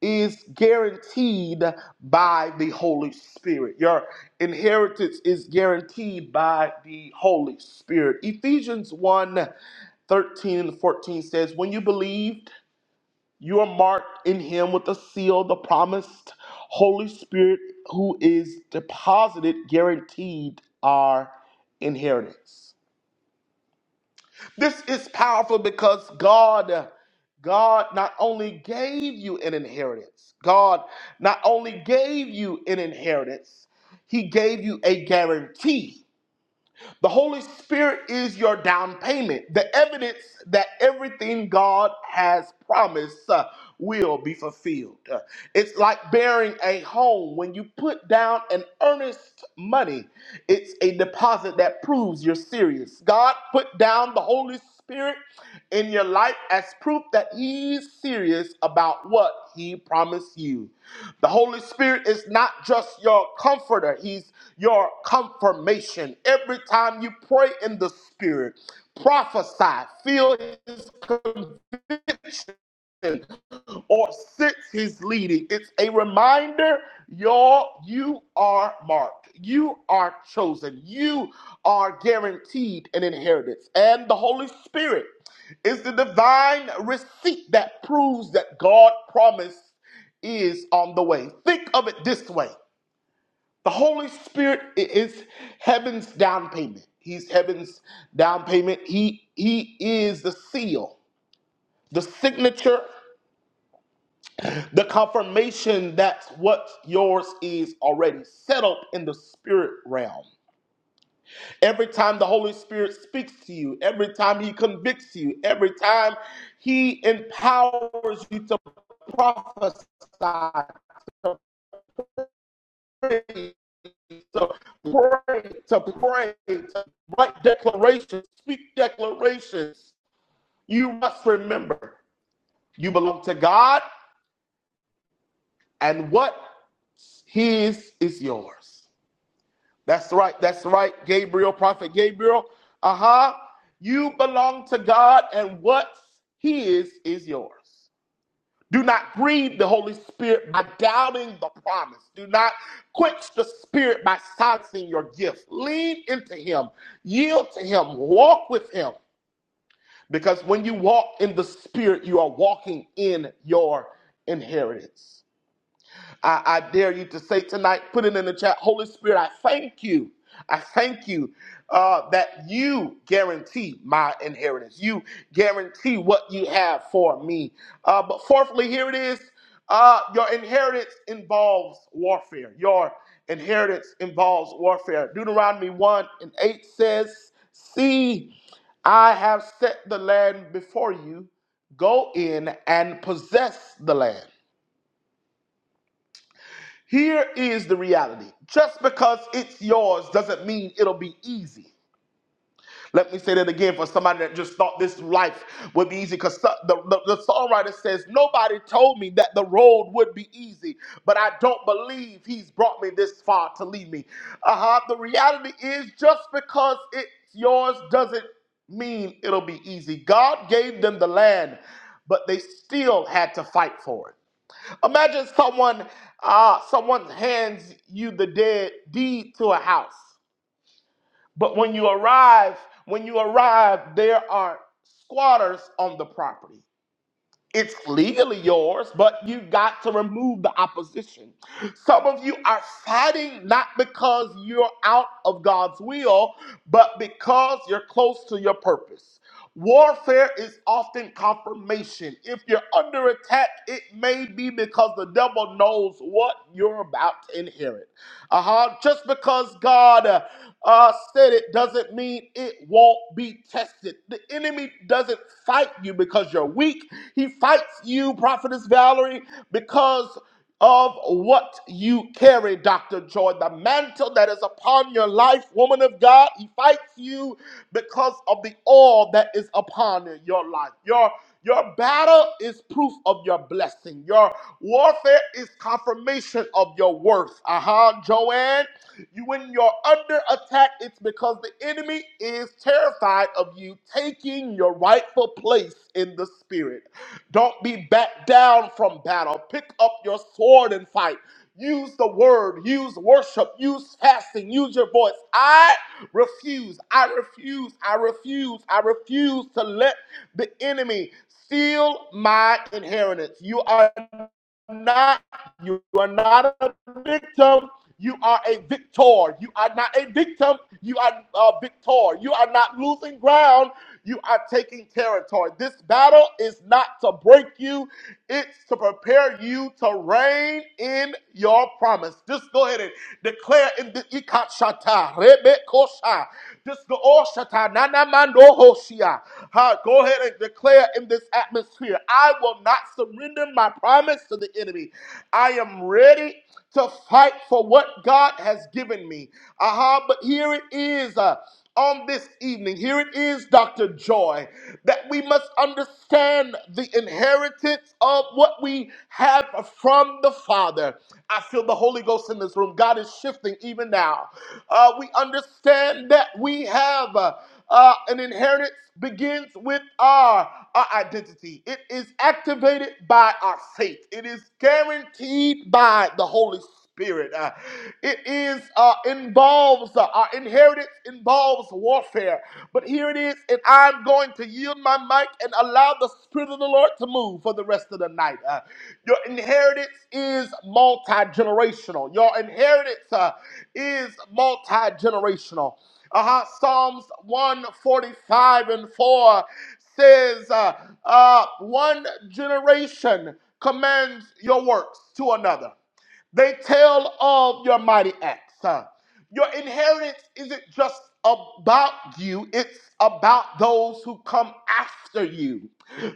S2: is guaranteed by the Holy Spirit. Your inheritance is guaranteed by the Holy Spirit. Ephesians one, 13 and 14 says, When you believed, you are marked in him with the seal, the promised Holy Spirit, who is deposited, guaranteed our inheritance. This is powerful because God, God not only gave you an inheritance, God not only gave you an inheritance, He gave you a guarantee. The Holy Spirit is your down payment, the evidence that everything God has promised uh, will be fulfilled. Uh, it's like bearing a home. When you put down an earnest money, it's a deposit that proves you're serious. God put down the Holy Spirit in your life as proof that He's serious about what He promised you. The Holy Spirit is not just your comforter, He's your confirmation. Every time you pray in the spirit, prophesy, feel his conviction or sense his leading. It's a reminder, y'all, you are marked. You are chosen. You are guaranteed an inheritance. And the Holy Spirit is the divine receipt that proves that God promise is on the way. Think of it this way. The Holy Spirit i- is heaven's down payment. He's heaven's down payment. He he is the seal, the signature, the confirmation that what yours is already settled in the spirit realm. Every time the Holy Spirit speaks to you, every time he convicts you, every time he empowers you to prophesy, to pray, to pray, to pray, to write declarations, speak declarations. You must remember you belong to God and what His is yours. That's right, that's right, Gabriel, Prophet Gabriel. Aha, Uh-huh. you belong to God and what His is yours. Do not grieve the Holy Spirit by doubting the promise. Do not quench the Spirit by silencing your gift. Lean into Him, yield to Him, walk with Him. Because when you walk in the Spirit, you are walking in your inheritance. I, I dare you to say tonight, put it in the chat. Holy Spirit, I thank you. I thank you uh, that you guarantee my inheritance. You guarantee what you have for me. Uh, but fourthly, here it is uh, your inheritance involves warfare. Your inheritance involves warfare. Deuteronomy 1 and 8 says, See, I have set the land before you. Go in and possess the land. Here is the reality just because it's yours doesn't mean it'll be easy. Let me say that again for somebody that just thought this life would be easy because the, the, the songwriter says, Nobody told me that the road would be easy, but I don't believe he's brought me this far to leave me. Uh-huh. The reality is, just because it's yours doesn't mean it'll be easy. God gave them the land, but they still had to fight for it. Imagine someone uh, someone hands you the dead deed to a house, but when you arrive, when you arrive, there are squatters on the property. It's legally yours, but you got to remove the opposition. Some of you are fighting not because you're out of God's will, but because you're close to your purpose. Warfare is often confirmation. If you're under attack, it may be because the devil knows what you're about to inherit. Uh-huh. Just because God uh, uh, said it doesn't mean it won't be tested. The enemy doesn't fight you because you're weak. He fights you, Prophetess Valerie, because of what you carry, Dr. Joy, the mantle that is upon your life, woman of God. He fights you because of the oil that is upon your life. Your your battle is proof of your blessing. Your warfare is confirmation of your worth. Uh huh, Joanne. You, when you're under attack, it's because the enemy is terrified of you taking your rightful place in the spirit. Don't be backed down from battle. Pick up your sword and fight. Use the word, use worship, use fasting, use your voice. I refuse, I refuse, I refuse, I refuse to let the enemy steal my inheritance. You are not. You are not a victim. You are a victor. You are not a victim. You are a victor. You are not losing ground. You are taking territory. This battle is not to break you, it's to prepare you to reign in your promise. Just go ahead and declare in the ikat shata, rebe Rebekosha, just the Oshata, Nanamando Hoshia. Go ahead and declare in this atmosphere I will not surrender my promise to the enemy. I am ready to fight for what God has given me. Aha, but here it is. uh, on this evening, here it is, Dr. Joy, that we must understand the inheritance of what we have from the Father. I feel the Holy Ghost in this room. God is shifting even now. Uh, we understand that we have uh, uh, an inheritance begins with our, our identity. It is activated by our faith. It is guaranteed by the Holy Spirit. Uh, it is uh, involves uh, our inheritance involves warfare. But here it is, and I'm going to yield my mic and allow the Spirit of the Lord to move for the rest of the night. Uh, your inheritance is multi generational. Your inheritance. uh, is multi generational. Uh-huh. Psalms 145 and 4 says, uh, uh, One generation commands your works to another. They tell of your mighty acts. huh? Your inheritance isn't just about you, it's about those who come after you.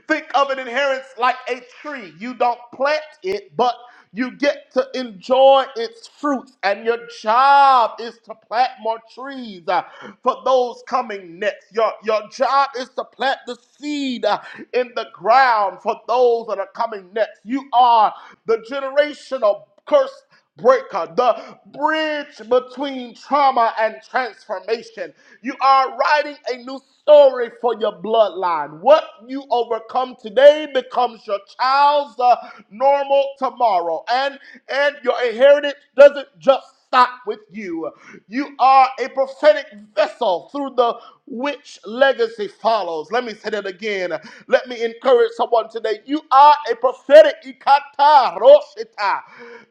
S2: Think of an inheritance like a tree. You don't plant it, but you get to enjoy its fruits, and your job is to plant more trees uh, for those coming next. Your, your job is to plant the seed uh, in the ground for those that are coming next. You are the generational curse breaker, the bridge between trauma and transformation. You are writing a new story for your bloodline. What you overcome today becomes your child's uh, normal tomorrow. And and your inheritance doesn't just stop with you. You are a prophetic vessel through the which legacy follows. Let me say that again. Let me encourage someone today. You are a prophetic ikata roshita.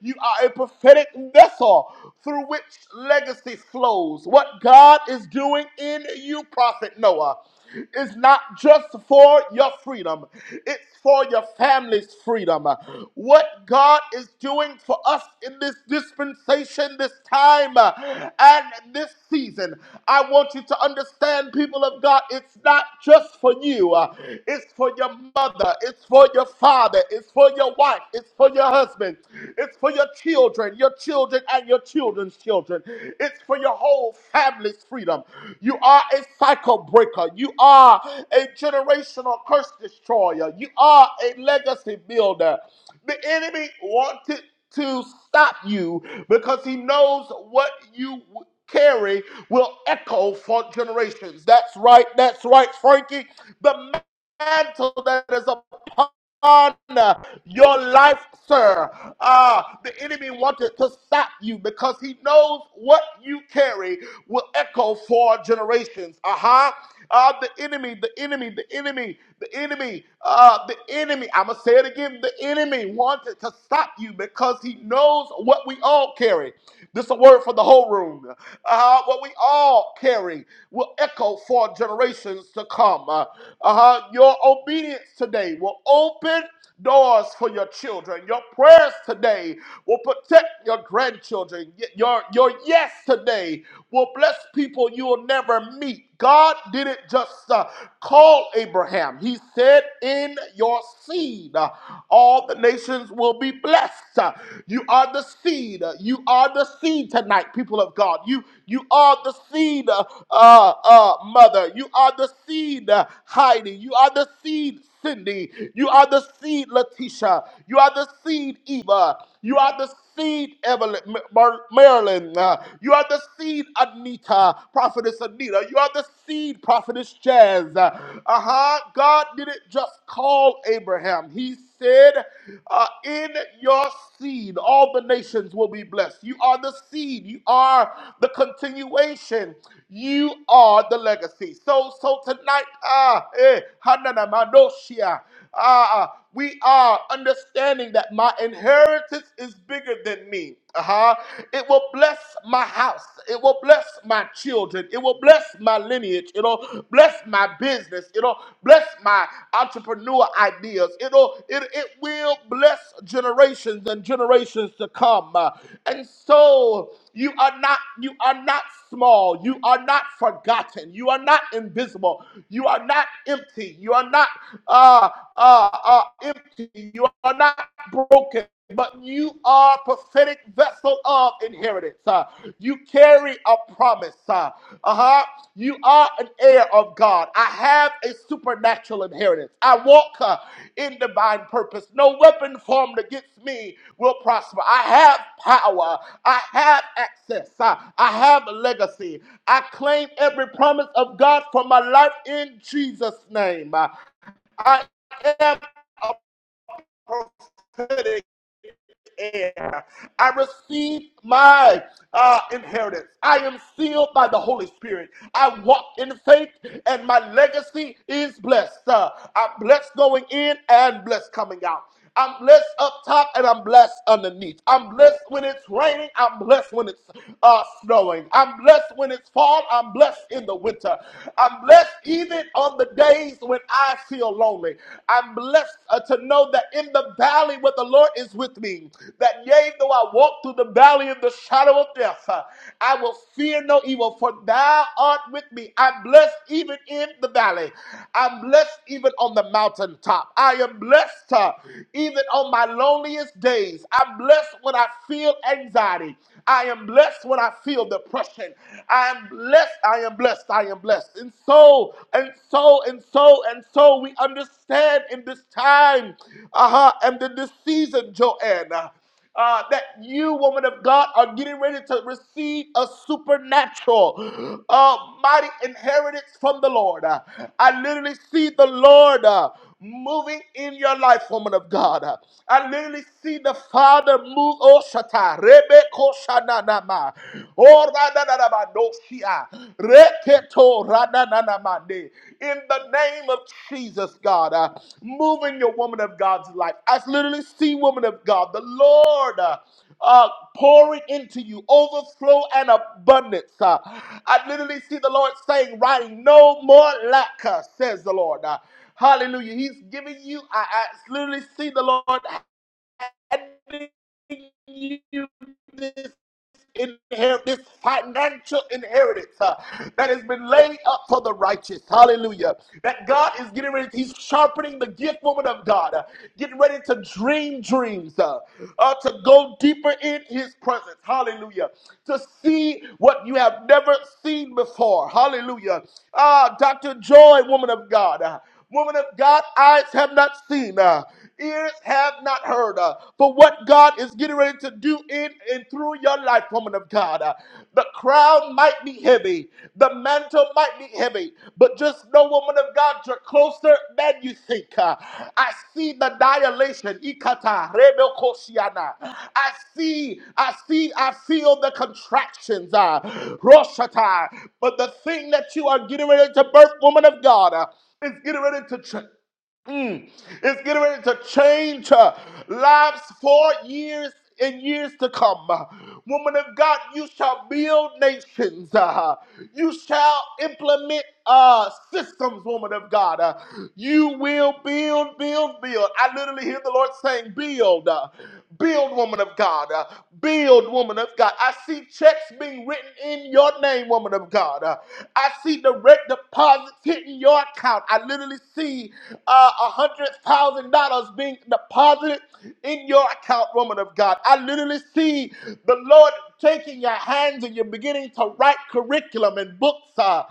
S2: You are a prophetic vessel through which legacy flows. What God is doing in you, Prophet Noah. It's not just for your freedom, it's for your family's freedom. What God is doing for us in this dispensation, this time, uh, and this season, I want you to understand, people of God, it's not just for you, uh, it's for your mother, it's for your father, it's for your wife, it's for your husband, it's for your children children, your children, and your children's children. It's for your whole family's freedom. You are a cycle breaker. You are a generational curse destroyer. You are a legacy builder. The enemy wanted to stop you because he knows what you carry will echo for generations. That's right. That's right, Frankie. The mantle that is upon on uh, your life, sir. Uh, the enemy wanted to stop you because he knows what you carry will echo for generations. Uh-huh. Uh, the enemy, the enemy, the enemy, the enemy, uh, the enemy. I'm going to say it again. The enemy wanted to stop you because he knows what we all carry. This is a word for the whole room. Uh, what we all carry will echo for generations to come. Uh, uh-huh. Your obedience today will open doors for your children. Your prayers today will protect your grandchildren. Y- Your, your yes today will bless people you will never meet. God didn't just uh, call Abraham. He said, In your seed, uh, all the nations will be blessed. Uh, You are the seed. Uh, You are the seed tonight, people of God. You, you are the seed, uh, uh, uh, mother. You are the seed, uh, Heidi. You are the seed, Cindy. You are the seed, Letitia. You are the seed, Eva. You are the seed, Evelyn, M- Mar- Marilyn. Uh, you are the seed, Anita, Prophetess Anita. You are the seed, Prophetess Jazz. Uh huh. God didn't just call Abraham, He said, uh, In your seed, all the nations will be blessed. You are the seed, you are the continuation, you are the legacy. So, so tonight, ah, eh, Hanana Madoshia, ah, we are understanding that my inheritance is bigger than me. Uh-huh. It will bless my house. It will bless my children. It will bless my lineage. It'll bless my business. It'll bless my entrepreneur ideas. It'll it, it will bless generations and generations to come. Uh, and so you are not you are not small. You are not forgotten. You are not invisible. You are not empty. You are not uh, uh, uh, empty. You are not broken, but you are prophetic vessel of inheritance. Uh, you carry a promise. Uh huh. You are an heir of God. I have a supernatural inheritance. I walk uh, in divine purpose. No weapon formed against me will prosper. I have power. I have access. Uh, I have a legacy. I claim every promise of God for my life in Jesus' name. Uh, I am a prophet heir. I receive my uh, inheritance. I am sealed by the Holy Spirit. I walk in faith, and my legacy is blessed. Uh, I'm blessed going in and blessed coming out. I'm blessed up top and I'm blessed underneath. I'm blessed when it's raining. I'm blessed when it's uh, snowing. I'm blessed when it's fall. I'm blessed in the winter. I'm blessed even on the days when I feel lonely. I'm blessed uh, to know that in the valley where the Lord is with me, that yea, though I walk through the valley of the shadow of death, uh, I will fear no evil, for thou art with me. I'm blessed even in the valley. I'm blessed even on the mountaintop. I am blessed uh, even on my loneliest days. I'm blessed when I feel anxiety. I am blessed when I feel depression. I am blessed. I am blessed. I am am blessed. And so, and so, and so, and so, we understand in this time uh-huh, and in this season, Joanna, uh, uh, that you, woman of God, are getting ready to receive a supernatural, uh, mighty inheritance from the Lord. Uh, I literally see the Lord. uh, moving in your life, woman of God. I literally see the Father move. Oh, Shata, Rebe Koshananama, Oh, Radananama, Doshia, Reketo, Radananamande. In the name of Jesus, God, uh, move in your woman of God's life. I literally see, woman of God, the Lord. uh, uh, pouring into you overflow and abundance. Uh, I literally see the Lord saying, writing, no more lack, uh, says the Lord. Uh, Hallelujah. He's giving you, I, I literally see the Lord handing you this inherit this financial inheritance uh, that has been laid up for the righteous. Hallelujah. That God is getting ready, He's sharpening the gift woman of God, uh, getting ready to dream dreams, uh, uh, to go deeper in his presence. Hallelujah. To see what you have never seen before. Hallelujah. Ah, Dr. Joy, woman of God. Uh, Woman of God, eyes have not seen, uh, ears have not heard, uh, for what God is getting ready to do in and through your life, woman of God. Uh, the crown might be heavy, the mantle might be heavy, but just know, woman of God, you're closer than you think. Uh, I see the dilation. Ikata, Rebel Koshiana. I see, I see, I feel the contractions. Uh, Roshata. But the thing that you are getting ready to birth, woman of God. uh, it's getting ready to change. It's getting ready to change uh, lives for years and years to come. Woman of God, you shall build nations. uh, you shall implement uh, systems, woman of God. Uh, you will build, build, build. I literally hear the Lord saying, build. uh, Build, woman of God. uh, Build, woman of God. I see checks being written in your name, woman of God. Uh, I see direct deposits hitting your account. I literally see uh, $100,000 being deposited in your account, woman of God. I literally see the Lord taking your hands and you're beginning to write curriculum and books uh,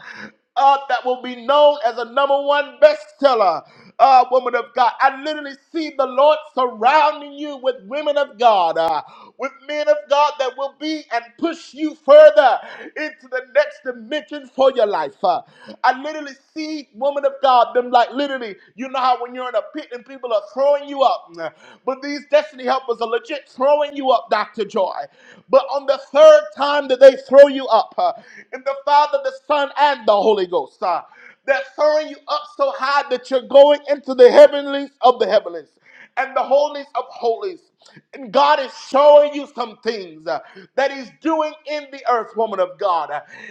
S2: uh, that will be known as a number one bestseller uh, woman of God. I literally see the Lord surrounding you with women of God, uh, with men of God that will be and push you further into the next dimension for your life. uh. I literally see woman of God, them like literally, you know how when you're in a pit and people are throwing you up, uh, but these destiny helpers are legit throwing you up, Dr. Joy. But on the third time that they throw you up, uh, in the Father, the Son, and the Holy Ghost. uh, they're throwing you up so high that you're going into the heavenlies of the heavenlies and the holies of holies. And God is showing you some things uh, that He's doing in the earth, woman of God.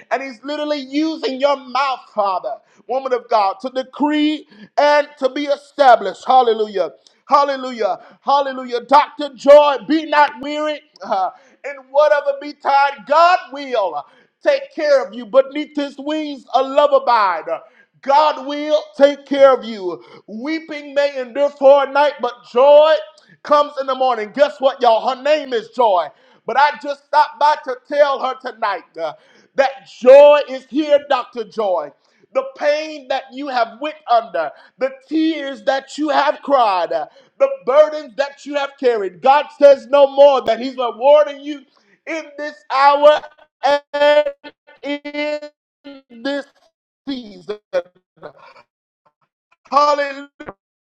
S2: And He's literally using your mouth, Father, woman of God, to decree and to be established. Hallelujah. Hallelujah. Hallelujah. Dr. Joy, be not weary uh, in whatever be tied. God will take care of you. Beneath his wings, a love abide. God will take care of you. Weeping may endure for a night, but joy comes in the morning. Guess what, y'all? Her name is Joy. But I just stopped by to tell her tonight uh, that joy is here, Dr. Joy. The pain that you have went under, the tears that you have cried, uh, the burdens that you have carried. God says no more that He's rewarding you in this hour and in this season, hallelujah.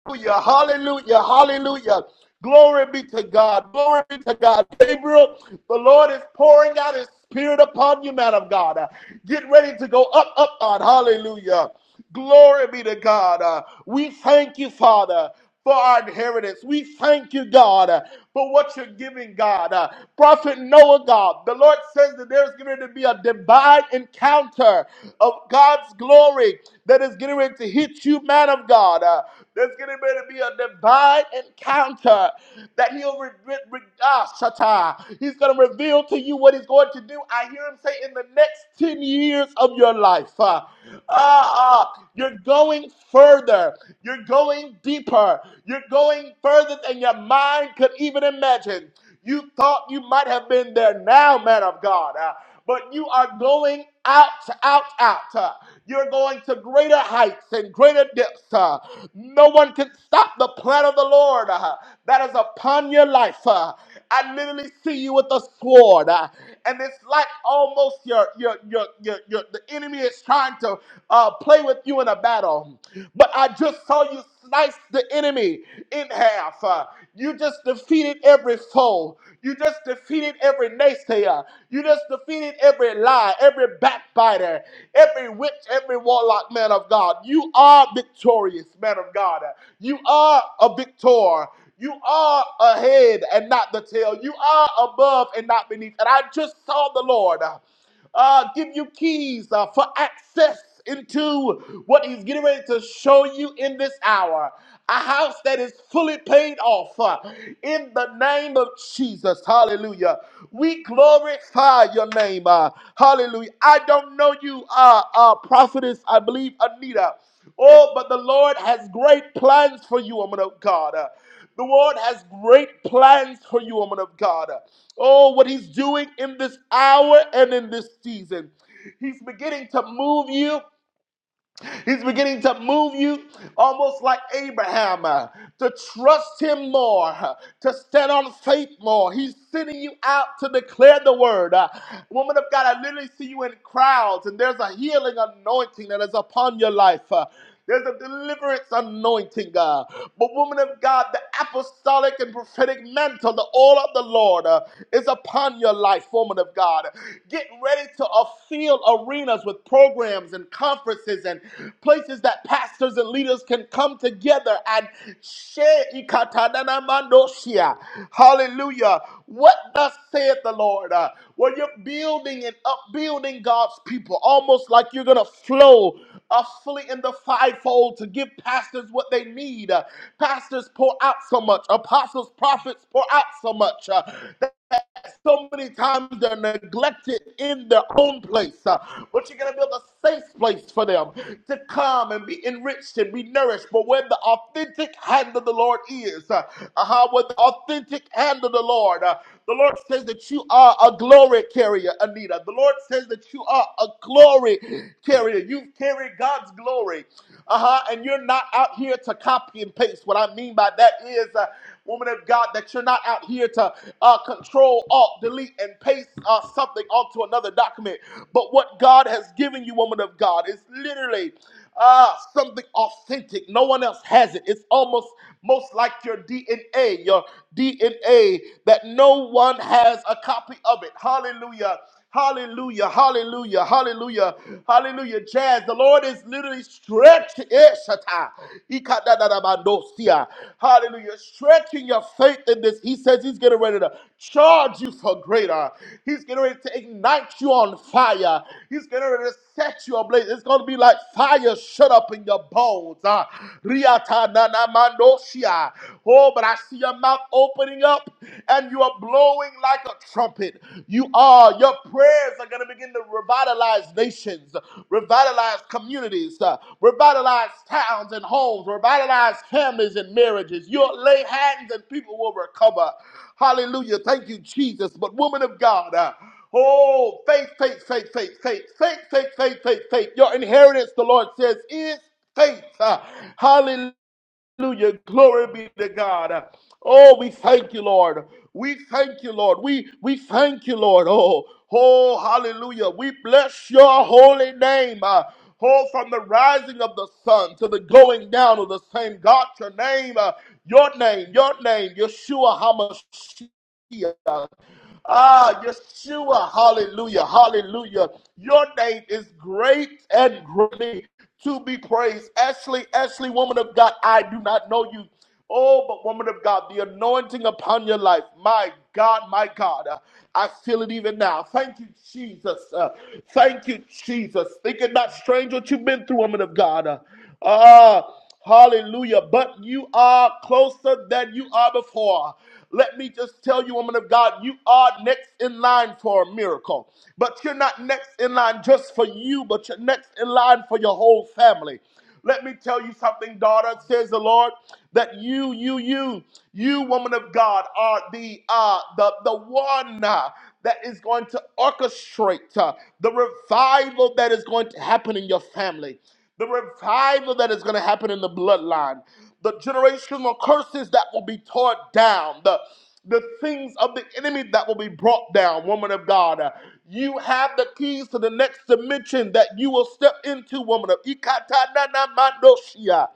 S2: Hallelujah, hallelujah, hallelujah. Glory be to God, glory be to God. Gabriel, the Lord is pouring out his spirit upon you, man of God. Uh, Get ready to go up, up, on. Hallelujah. Glory be to God. Uh, We thank you, Father. For our inheritance. We thank you, God, uh, for what you're giving, God. Uh, Prophet Noah, God, the Lord says that there's going to be a divine encounter of God's glory that is getting ready to hit you, man of God. Uh, there's going to be a divine encounter that he'll re- re- re- ah, shata. He's going to reveal to you what he's going to do. I hear him say, in the next 10 years of your life, uh, ah, ah, you're going further. You're going deeper. You're going further than your mind could even imagine. You thought you might have been there now, man of God. Uh, but you are going out, out, out. Uh, You're going to greater heights and greater depths. Uh, No one can stop the plan of the Lord uh, that is upon your life. Uh, I literally see you with a sword, uh, and it's like almost your your your your, your the enemy is trying to uh, play with you in a battle. But I just saw you slice the enemy enemy in half. Uh, you just defeated every foe. You just defeated every naysayer. You just defeated every lie, every backbiter, every witch, every warlock, man of God. You are victorious, man of God. You are a victor. You are a head and not the tail. You are above and not beneath. And I just saw the Lord uh, give you keys uh, for access into what he's getting ready to show you in this hour. A house that is fully paid off uh, in the name of Jesus. Hallelujah. We glorify your name. uh, hallelujah. I don't know you, uh, uh, prophetess, I believe, Anita. Oh, but the Lord has great plans for you, woman of God. Uh, the Lord has great plans for you, woman of God. Oh, what He's doing in this hour and in this season. He's beginning to move you. He's beginning to move you almost like Abraham uh, to trust him more, uh, to stand on faith more. He's sending you out to declare the word. Uh, woman of God, I literally see you in crowds, and there's a healing anointing that is upon your life. Uh, there's a deliverance anointing, God. But, woman of God, the apostolic and prophetic mantle, the oil of the Lord, uh, is upon your life, woman of God. Get ready to uh, fill arenas with programs and conferences and places that pastors and leaders can come together and share. Hallelujah. What thus saith the Lord? Uh, where you're building and upbuilding God's people, almost like you're going to flow uh, fully in the fivefold to give pastors what they need. Uh, pastors pour out so much, apostles, prophets pour out so much. Uh, so many times they're neglected in their own place. uh, but you're going to build a safe place for them to come and be enriched and be nourished. But where the authentic hand of the Lord is, uh, uh, where the authentic hand of the Lord, uh, the Lord says that you are a glory carrier, Anita. The Lord says that you are a glory carrier. You've carried God's glory. Uh huh. And you're not out here to copy and paste. What I mean by that is. Uh, woman of God, that you're not out here to uh, control, alt, delete, and paste uh, something onto another document. But what God has given you, woman of God, is literally uh, something authentic. No one else has it. It's almost most like your DNA, your DNA that no one has a copy of it. Hallelujah. Hallelujah, hallelujah, hallelujah, hallelujah. Jazz, the Lord is literally stretching. Hallelujah, stretching your faith in this. He says He's getting ready to charge you for greater. He's getting ready to ignite you on fire. He's getting ready to set you ablaze. It's going to be like fire shut up in your bones. Ah, riata nana mandoshia. Oh, but I see your mouth opening up up and you are blowing like a trumpet. You are, your prayers are going to begin to revitalize nations, revitalize communities, uh, revitalize towns and homes, revitalize families and marriages. You'll lay hands and people will recover. Hallelujah. Thank you, Jesus. But, woman of God, uh, Oh, faith, faith, faith, faith, faith, faith, faith, faith, faith, faith. Your inheritance, the Lord says, is faith. Uh, hallelujah. Hallelujah. Glory be to God. Oh, we thank you, Lord. We thank you, Lord. We we thank you, Lord. Oh, oh, hallelujah. We bless your holy name. Uh, oh, from the rising of the sun to the going down of the same. God, your name, uh, your name, your name, Yeshua HaMashiach. Ah, Yeshua, hallelujah, hallelujah. Your name is great and greatly to be praised. Ashley, Ashley, woman of God, I do not know you. Oh, but woman of God, the anointing upon your life. My God, my God. Uh, I feel it even now. Thank you, Jesus. Uh, thank you, Jesus. Think it not strange what you've been through, woman of God. Uh, Ah, hallelujah. But you are closer than you are before. Let me just tell you, woman of God, you are next in line for a miracle. But you're not next in line just for you, but you're next in line for your whole family. Let me tell you something, daughter, says the Lord, that you, you, you, you, woman of God, are the uh the the one uh, that is going to orchestrate uh, the revival that is going to happen in your family the revival that is going to happen in the bloodline, the generational curses that will be torn down, the the things of the enemy that will be brought down, woman of God. Uh, You have the keys to the next dimension that you will step into, woman of Ikatananamandoshia.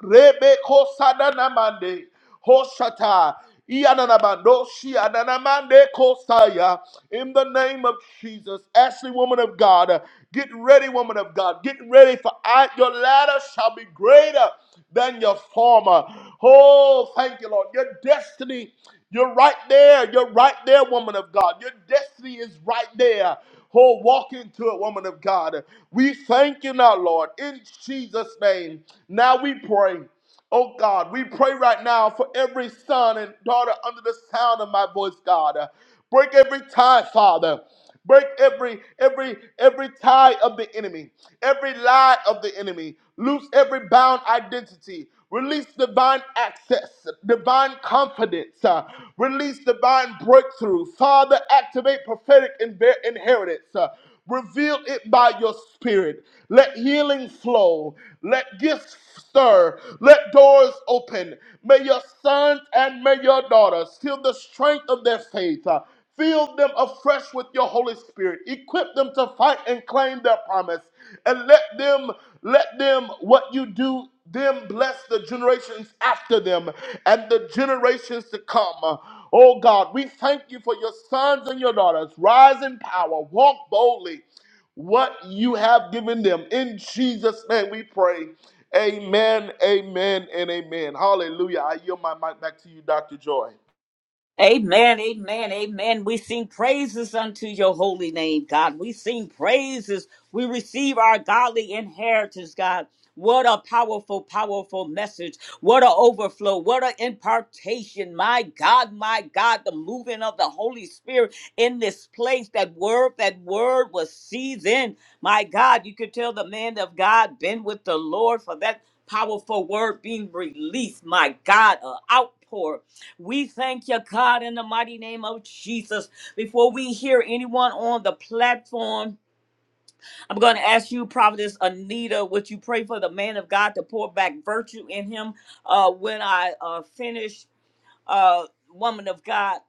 S2: Rebekosananamande. Hoshata. Iyananabandoshi ananamande kosaya. In the name of Jesus, Ashley, woman of God, uh, get ready, woman of God, get ready for I, your ladder shall be greater than your former. Oh, thank you, Lord. Your destiny, you're right there. You're right there, woman of God. Your destiny is right there. Oh, walk into it, woman of God. We thank you now, Lord, in Jesus' name. Now we pray. Oh God, we pray right now for every son and daughter under the sound of my voice, God. Uh, Break every tie, Father. Break every every every tie of the enemy, every lie of the enemy. Loose every bound identity. Release divine access, divine confidence. uh, release divine breakthrough. Father, activate prophetic inver- inheritance. Uh, Reveal it by your spirit. Let healing flow. Let gifts stir. Let doors open. May your sons and may your daughters feel the strength of their faith. Uh, Fill them afresh with your Holy Spirit. Equip them to fight and claim their promise. And let them, let them, what you do, them bless the generations after them and the generations to come. Oh God, we thank you for your sons and your daughters. Rise in power, walk boldly what you have given them. In Jesus' name we pray. Amen, amen, and amen. Hallelujah. I yield my mic back to you, Dr. Joy.
S1: Amen, amen, amen. We sing praises unto your holy name, God. We sing praises. We receive our godly inheritance, God. What a powerful, powerful message. What a overflow. What an impartation. My God, my God, the moving of the Holy Spirit in this place. That word, that word was seasoned. My God, you could tell the man of God been with the Lord for that powerful word being released. My God, an outpour. We thank you, God, in the mighty name of Jesus. Before we hear anyone on the platform, I'm going to ask you, Prophetess Anita, would you pray for the man of God to pour back virtue in him uh, when I uh, finish, uh, woman of God?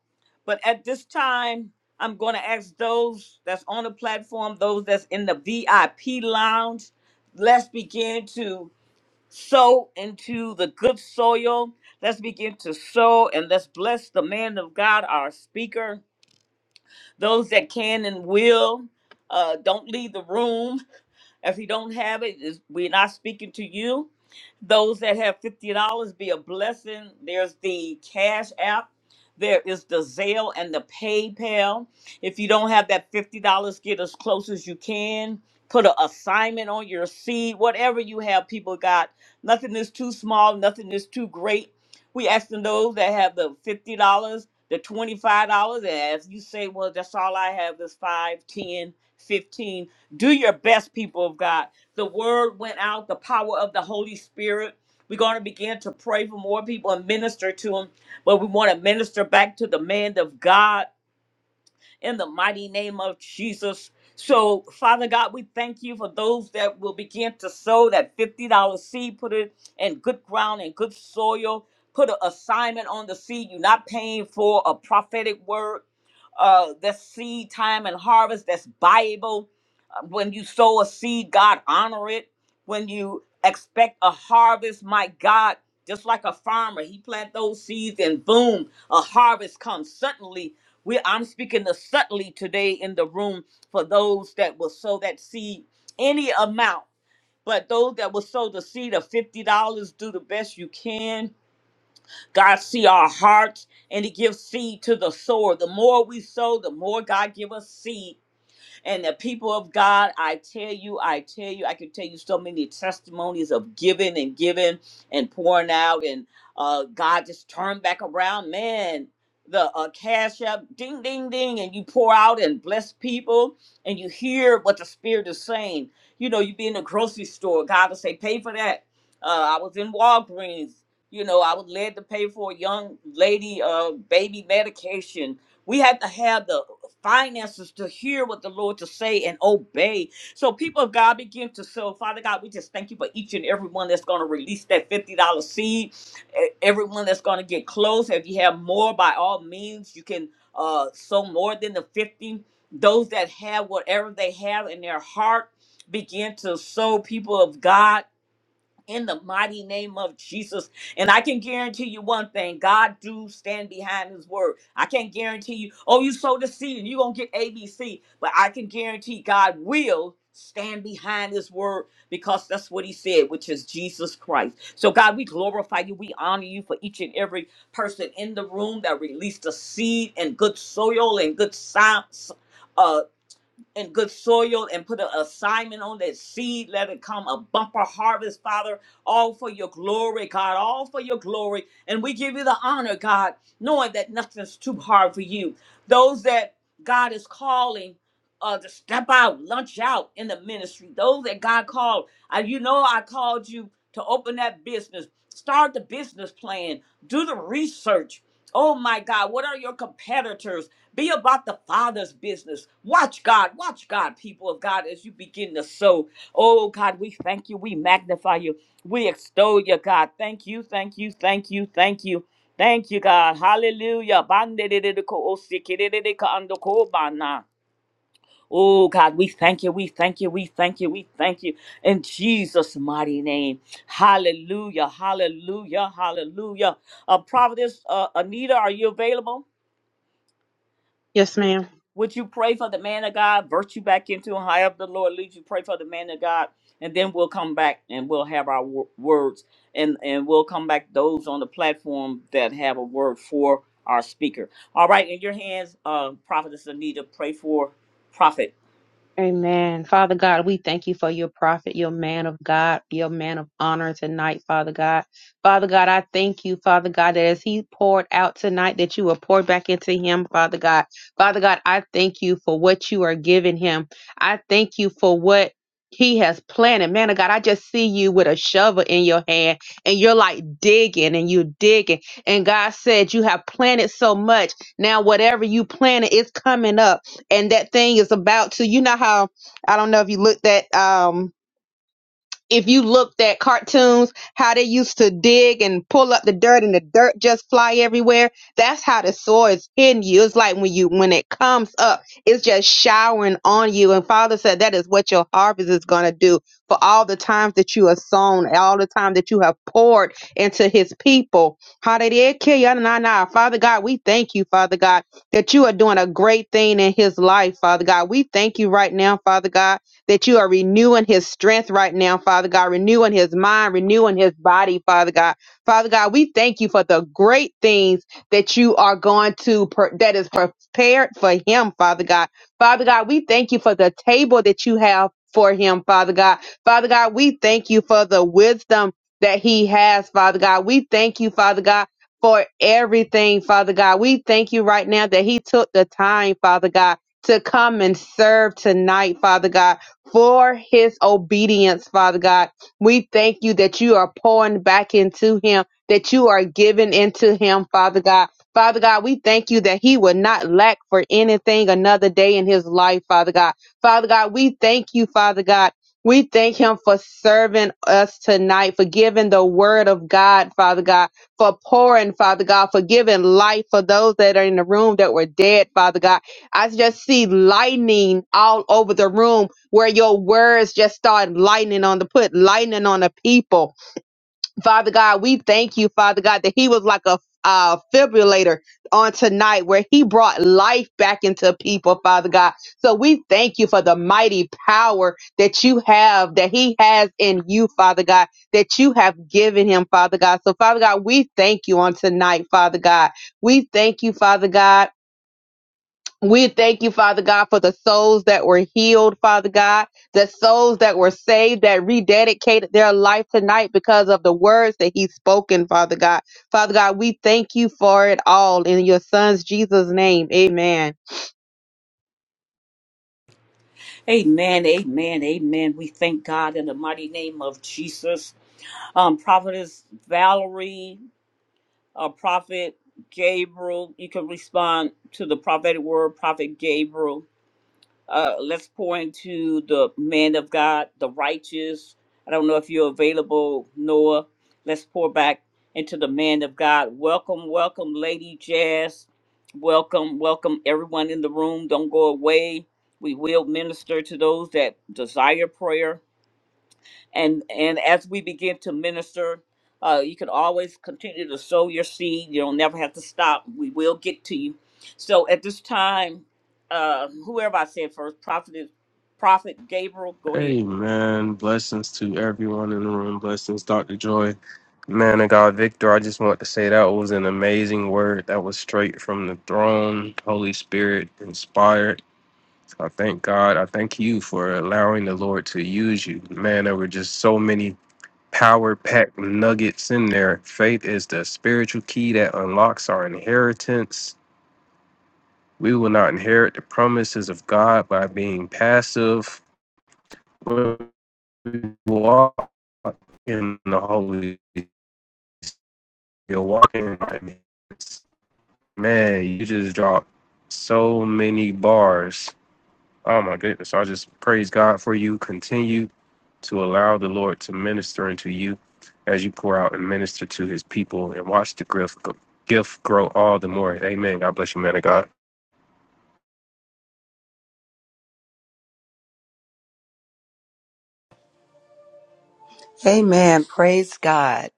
S1: But at this time, I'm going to ask those that's on the platform, those that's in the VIP lounge, let's begin to sow into the good soil. Let's begin to sow and let's bless the man of God, our speaker. Those that can and will, uh, don't leave the room. If you don't have it, it's- we're not speaking to you. Those that have fifty dollars, be a blessing. There's the Cash App. There is the Zelle and the PayPal. If you don't have that fifty dollars, get as close as you can. Put an assignment on your seed, whatever you have. People got nothing is too small, nothing is too great. We asking those that have the fifty dollars, the twenty five dollars, and if you say, "Well, that's all I have is five, ten, fifteen. Do your best, people of God. The word went out, the power of the Holy Spirit. We're going to begin to pray for more people and minister to them, but we want to minister back to the man of God in the mighty name of Jesus. So, Father God, we thank you for those that will begin to sow that $50 seed, put it in good ground and good soil, put an assignment on the seed. You're not paying for a prophetic word. Uh, that's seed time and harvest, that's Bible. Uh, When you sow a seed, God honor it. When you expect a harvest, my God, just like a farmer, he plant those seeds and boom, a harvest comes suddenly we I'm speaking to subtly today in the room for those that will sow that seed, any amount. But those that will sow the seed of fifty dollars, do the best you can. God see our hearts, and He gives seed to the sower. The more we sow, the more God give us seed and the people of God, I tell you, I tell you, I can tell you so many testimonies of giving and giving and pouring out, and uh, God just turned back around. Man, the uh, cash up, ding, ding, ding, and you pour out and bless people, and you hear what the Spirit is saying. You know, you be in the grocery store, God will say, pay for that. Uh, I was in Walgreens. You know, I was led to pay for a young lady uh, baby medication. We had to have the finances to hear what the Lord to say and obey. So people of God begin to sow. Father God, we just thank you for each and every one that's going to release that $50 seed. e- Everyone that's going to get close. If you have more, by all means, you can uh, sow more than the 50. Those that have whatever they have in their heart begin to sow people of God in the mighty name of Jesus. And I can guarantee you one thing: God do stand behind His word. I can't guarantee you, oh, you sow the seed and you gonna get ABC, but I can guarantee God will stand behind His word because that's what He said, which is Jesus Christ. So God, we glorify you, we honor you for each and every person in the room that released a seed and good soil and good sounds in good soil and put an assignment on that seed. Let it come a bumper harvest, Father. All for your glory, God. All for your glory. And we give you the honor, God, knowing that nothing's too hard for you. Those that God is calling uh, to step out, lunch out in the ministry. Those that God called. I, you know, I called you to open that business. Start the business plan. Do the research. Oh my God, what are your competitors? Be about the Father's business. Watch God. Watch God, people of God, as you begin to sow. Oh, God, we thank you. We magnify you. We extol you, God. Thank you, thank you, thank you, thank you. Thank you, God. Hallelujah. Bandidididiko, Oh, God, we thank you. We thank you. We thank you. We thank you. In Jesus' mighty name. Hallelujah. Hallelujah. Hallelujah. Uh, Providence, uh, Anita, are you available?
S5: Yes,
S1: Would
S5: ma'am.
S1: would you pray for the man of God, birth you back into and high up the Lord leads you, pray for the man of God, and then we'll come back and we'll have our wo- words and, and we'll come back those on the platform that have a word for our speaker. All right, in your hands, uh, Prophetess Anita, pray for prophet.
S5: Amen. Father God, we thank you for your prophet, your man of God, your man of honor tonight, Father God. Father God, I thank you, Father God, that as he poured out tonight, that you will pour back into him, Father God. Father God, I thank you for what you are giving him. I thank you for what he has planted. Man of God, I just see you with a shovel in your hand and you're like digging and you digging. And God said, You have planted so much. Now, whatever you planted is coming up. and that thing is about to you know how I don't know if you looked at um if you looked at cartoons, how they used to dig and pull up the dirt and the dirt just fly everywhere. That's how the soil is hitting you. It's like when you when it comes up, it's just showering on you. And Father said that is what your harvest is gonna do for all the times that you have sown, all the time that you have poured into his people. Hallelujah. Father God, we thank you, Father God, that you are doing a great thing in his life, Father God. We thank you right now, Father God that you are renewing his strength right now, Father God, renewing his mind, renewing his body, Father God. Father God, we thank you for the great things that you are going to, per- that is prepared for him, Father God. Father God, we thank you for the table that you have for him, Father God. Father God, we thank you for the wisdom that he has, Father God. We thank you, Father God. For everything, Father God. We thank you right now that He took the time, Father God, to come and serve tonight, Father God for his obedience, Father God. We thank you that you are pouring back into him, that you are giving into him, Father God. Father God, we thank you that he will not lack for anything another day in his life, Father God. Father God, we thank you, Father God. We thank him for serving us tonight, for giving the word of God, Father God, for pouring, Father God, for giving life for those that are in the room that were dead, Father God. I just see lightning all over the room where your words just start lightning on the put lightning on the people. Father God, we thank you, Father God, that he was like a uh, fibrillator on tonight where he brought life back into people, Father God. So we thank you for the mighty power that you have, that he has in you, Father God, that you have given him, Father God. So Father God, we thank you on tonight, Father God. We thank you, Father God. We thank you, Father God, for the souls that were healed, Father God, the souls that were saved, that rededicated their life tonight because of the words that He's spoken, Father God. Father God, we thank you for it all in your Son's Jesus' name. Amen.
S1: Amen, amen, amen. We thank God in the mighty name of Jesus. Um, Prophetess Valerie, uh, Prophet Gabriel, you can respond to the prophetic word, Prophet Gabriel Uh, let's pour into the man of God, the righteous. I don't know if you're available, Noah. Let's pour back into the man of God. Welcome, welcome, Lady Jazz. Welcome, welcome, everyone in the room. Don't go away. We will minister to those that desire prayer and and as we begin to minister uh, you can always continue to sow your seed you don't never have to stop we will get to you so at this time uh, whoever i said first prophet prophet gabriel go ahead
S6: Amen. Blessings to everyone in the room. Blessings, Dr. Joy. Man of God, Victor, I just want to say that was an amazing word. That was straight from the throne, Holy Spirit inspired. I thank God. I thank you for allowing the Lord to use you. Man, there were just so many power packed nuggets in there. Faith is the spiritual key that unlocks our inheritance. We will not inherit the promises of God by being passive we walk in the Holy Spirit, walking in my means. Man, you just dropped so many bars. Oh my goodness. So I just praise God for you. Continue to allow the Lord to minister into you as you pour out and minister to his people and watch the gift, gift grow all the more. Amen. God bless you, man of God.
S3: Amen. Praise God.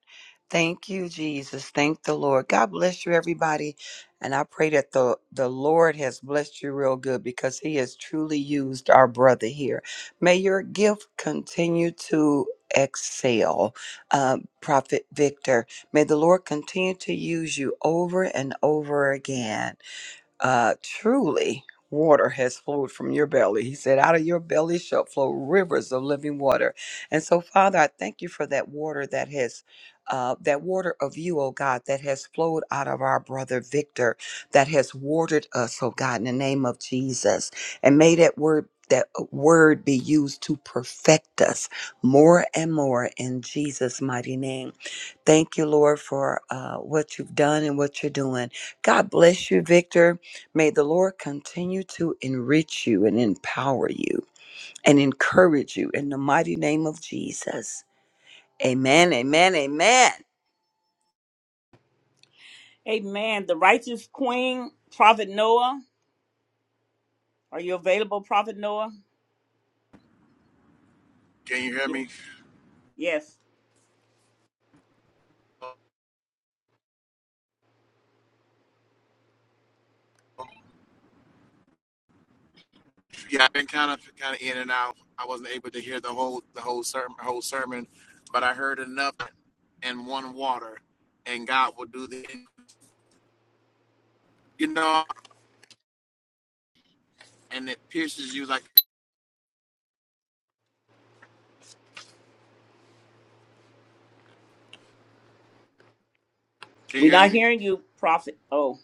S3: Thank you, Jesus. Thank the Lord. God bless you, everybody. And I pray that the, the Lord has blessed you real good because he has truly used our brother here. May your gift continue to excel, uh, Prophet Victor. May the Lord continue to use you over and over again. uh, truly water has flowed from your belly. He said, out of your belly shall flow rivers of living water. And so, Father, I thank you for that water that has. Uh, that water of you, oh God, that has flowed out of our brother Victor, that has watered us, oh God, in the name of Jesus. And may that word that word be used to perfect us more and more in Jesus' mighty name. Thank you, Lord, for uh, what you've done and what you're doing. God bless you, Victor. May the Lord continue to enrich you and empower you and encourage you in the mighty name of Jesus. Amen, amen, amen.
S1: amen the righteous queen prophet noah are you available prophet noah
S4: Can you hear
S1: you
S4: me?
S1: yes
S4: Yeah, I've been kind of kind of in and out. I wasn't able to hear the whole the whole sermon whole sermon, but I heard enough and one water, and God will do the you know, and it pierces you like can
S1: we're
S4: you hear
S1: not
S4: me?
S1: hearing you prophet oh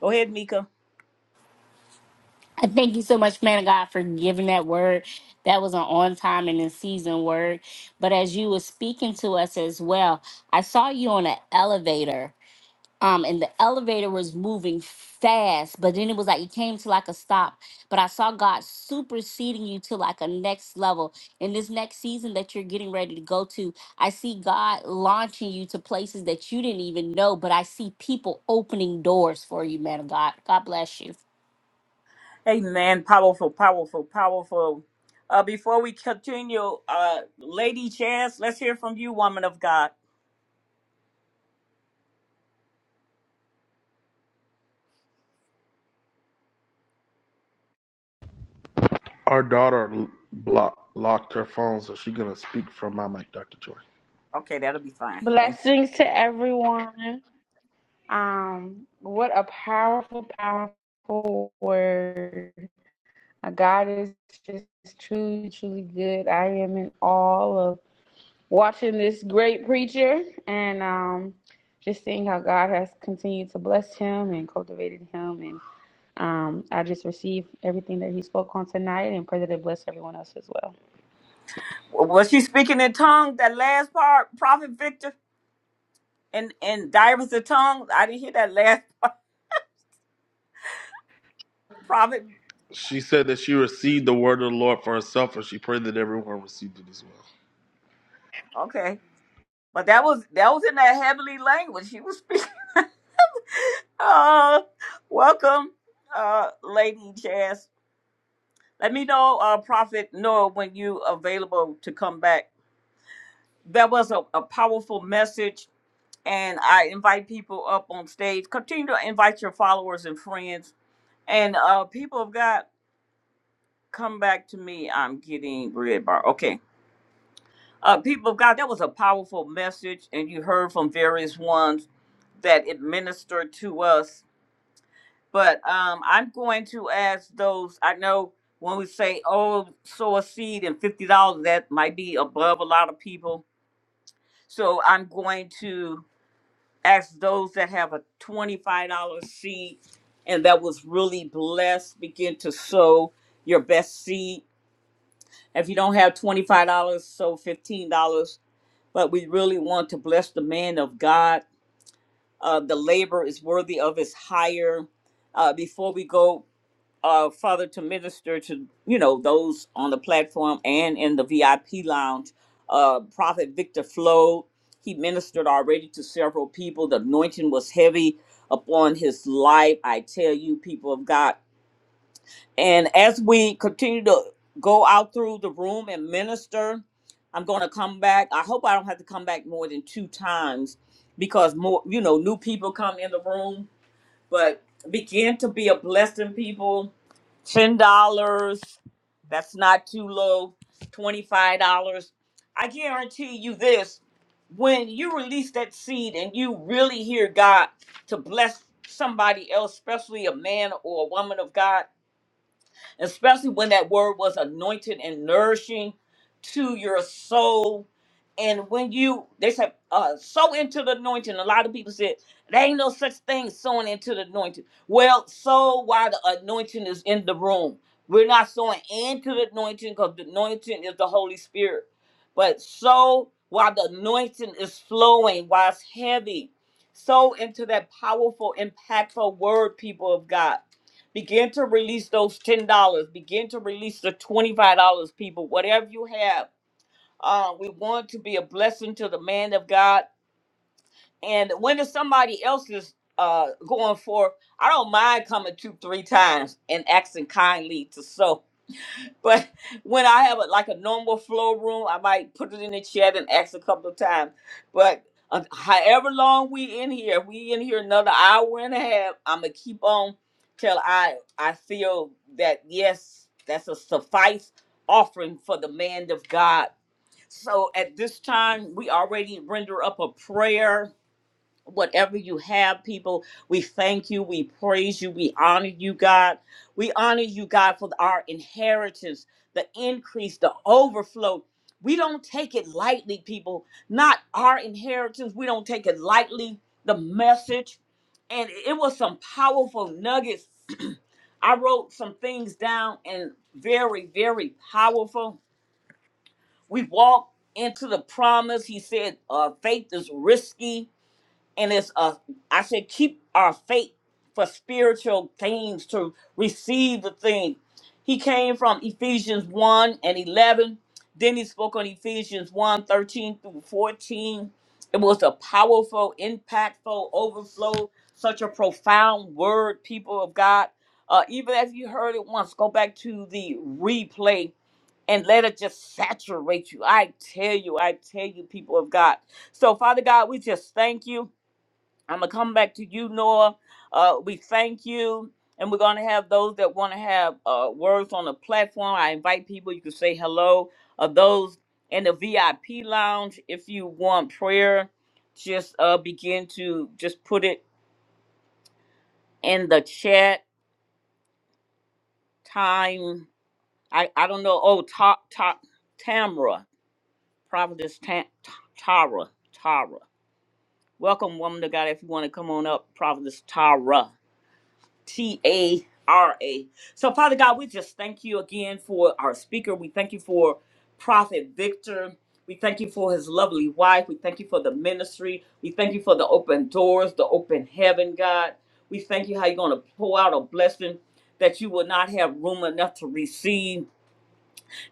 S1: go ahead mika
S7: I thank you so much, man of God, for giving that word. That was an on time and in season word. But as you were speaking to us as well, I saw you on an elevator. Um, and the elevator was moving fast, but then it was like it came to like a stop. But I saw God superseding you to like a next level. In this next season that you're getting ready to go to, I see God launching you to places that you didn't even know, but I see people opening doors for you, man of God. God bless you.
S1: Amen. Powerful, powerful, powerful. Uh, before we continue, uh, Lady Chance, let's hear from you, woman of God.
S2: Our daughter l- block, locked her phone, so she's gonna speak from my mic, Dr. Joy.
S1: Okay, that'll be fine. Thank
S2: Blessings to everyone. Um, what a powerful, powerful word. Uh, God is just truly, truly good. I am in awe of watching this great preacher and um, just seeing how God has continued to bless him and cultivated him. And um, I just received everything that he spoke on tonight and pray that it bless everyone else as well.
S1: you. Was she speaking in tongues? That last part, Prophet Victor, and and divers of tongues. I didn't hear that last part, Prophet.
S2: She said that she received the word of the Lord for herself, and she prayed that everyone received it as well.
S1: Okay, but that was that was in that heavenly language she was speaking. Uh, welcome, uh, Lady Chance. Let me know, uh, Prophet Noah, when you available to come back. that was a, a powerful message and i invite people up on stage continue to invite your followers and friends and uh people of god come back to me i'm getting red bar okay uh people of god that was a powerful message and you heard from various ones that it ministered to us but um i'm going to ask those i know when we say oh sow a seed and $50 that might be above a lot of people so i'm going to ask those that have a $25 seed and that was really blessed begin to sow your best seed if you don't have $25 sow $15 but we really want to bless the man of god uh, the labor is worthy of his hire uh, before we go uh, Father, to minister to you know those on the platform and in the VIP lounge. Uh, Prophet Victor Flo, he ministered already to several people. The anointing was heavy upon his life. I tell you, people of God. And as we continue to go out through the room and minister, I'm going to come back. I hope I don't have to come back more than two times because more, you know, new people come in the room but begin to be a blessing, people. Ten dollars. That's not too low. Twenty-five dollars. I guarantee you this. When you release that seed and you really hear God to bless somebody else, especially a man or a woman of God, especially when that word was anointed and nourishing to your soul. And when you, they said, uh, sow into the anointing. A lot of people said, there ain't no such thing sowing into the anointing. Well, sow while the anointing is in the room. We're not sowing into the anointing because the anointing is the Holy Spirit. But sow while the anointing is flowing, while it's heavy. Sow into that powerful, impactful word, people of God Begin to release those ten dollars. Begin to release the twenty-five dollars, people. Whatever you have, uh, we want to be a blessing to the man of God. And when it's somebody else's uh, going for, I don't mind coming two, three times and asking kindly to sow but when I have a, like a normal flow room, I might put it in the chat and ask a couple of times. But uh, however long we in here, we in here another hour and a half. I'm gonna keep on till I I feel that yes, that's a suffice offering for the man of God. So at this time, we already render up a prayer whatever you have, people. We thank you. We praise you. We honor you, God. We honor you, God, for our inheritance, the increase, the overflow. We don't take it lightly, people. Not our inheritance. We don't take it lightly. The message. And it was some powerful nuggets. I wrote some things down and very, very powerful. We walk into the promise. He said, uh, faith is risky and it's a I said keep our faith for spiritual things to receive the thing. He came from Ephesians 1 and 11. Then he spoke on Ephesians one 13 through 14. It was a powerful, impactful overflow, such a profound word, people of God. Uh, even if you heard it once, go back to the replay and let it just saturate you. I tell you, I tell you, people of God. So, Father God, we just thank you. I'm gonna come back to you, Noah. Uh, we thank you, and we're gonna have those that want to have uh, words on the platform. I invite people. You can say hello. Uh, those in the VIP lounge, if you want prayer, just uh, begin to just put it in the chat. Time. I I don't know. Oh, talk talk. Tamra, Providence Ta- Ta- Tara, Tara. Welcome, woman of God. If you want to come on up, Providence Tara. T A R A. So, Father God, we just thank you again for our speaker. We thank you for Prophet Victor. We thank you for his lovely wife. We thank you for the ministry. We thank you for the open doors, the open heaven, God. We thank you how you're going to pour out a blessing that you will not have room enough to receive.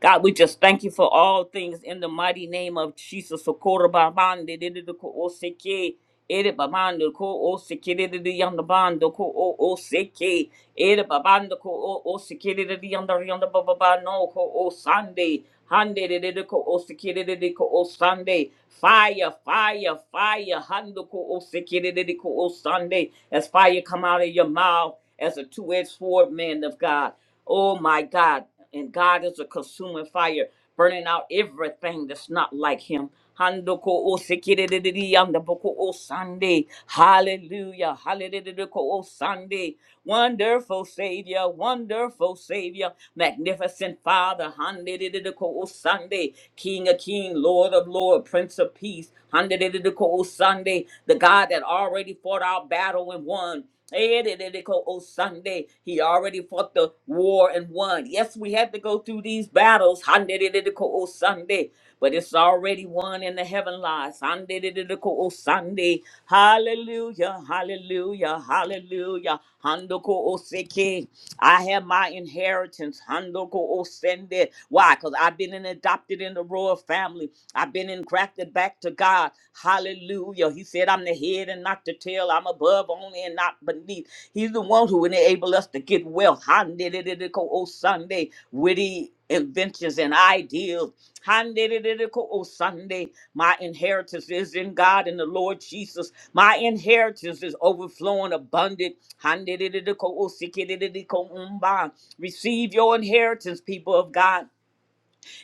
S1: God, we just thank you for all things in the mighty name of Jesus. Socorro babande de de de ko oseke. Ere babando ko oseke de de de yanda bando ko o oseke. Ere babando ko o oseke de de de yanda yanda bababano ko osande. Hande de de de ko o sekere de de ko o Sunday. Fire, fire, fire. Hando ko o sekere de de ko o Sunday. As fire come out of your mouth as a two-edged sword, man of God. Oh my God. And God is a consuming fire burning out everything that's not like him. Handoko o sekiriri yanda boko o Sunday. Hallelujah. Hallelujah o Sunday. Wonderful Savior, wonderful Savior, magnificent Father. Hallelujah o Sunday. King of King, Lord of Lord, Prince of Peace. Hallelujah o Sunday. The God that already fought our battle and won. Oh, Sunday, he already fought the war and won. Yes, we had to go through these battles. Oh, Sunday, but it's already won in the heaven lies. Oh, Sunday, hallelujah, hallelujah, hallelujah. Handoko Oseke. I have my inheritance. Handoko Osende. Why? Because I've been in- adopted in the royal family. I've been engrafted back to God. God. Hallelujah. He said, I'm the head and not the tail. I'm above only and not beneath. He's the one who enables us to get wealth. Oh, Sunday, witty inventions and ideals. Oh, Sunday, my inheritance is in God and the Lord Jesus. My inheritance is overflowing abundant. Receive your inheritance, people of God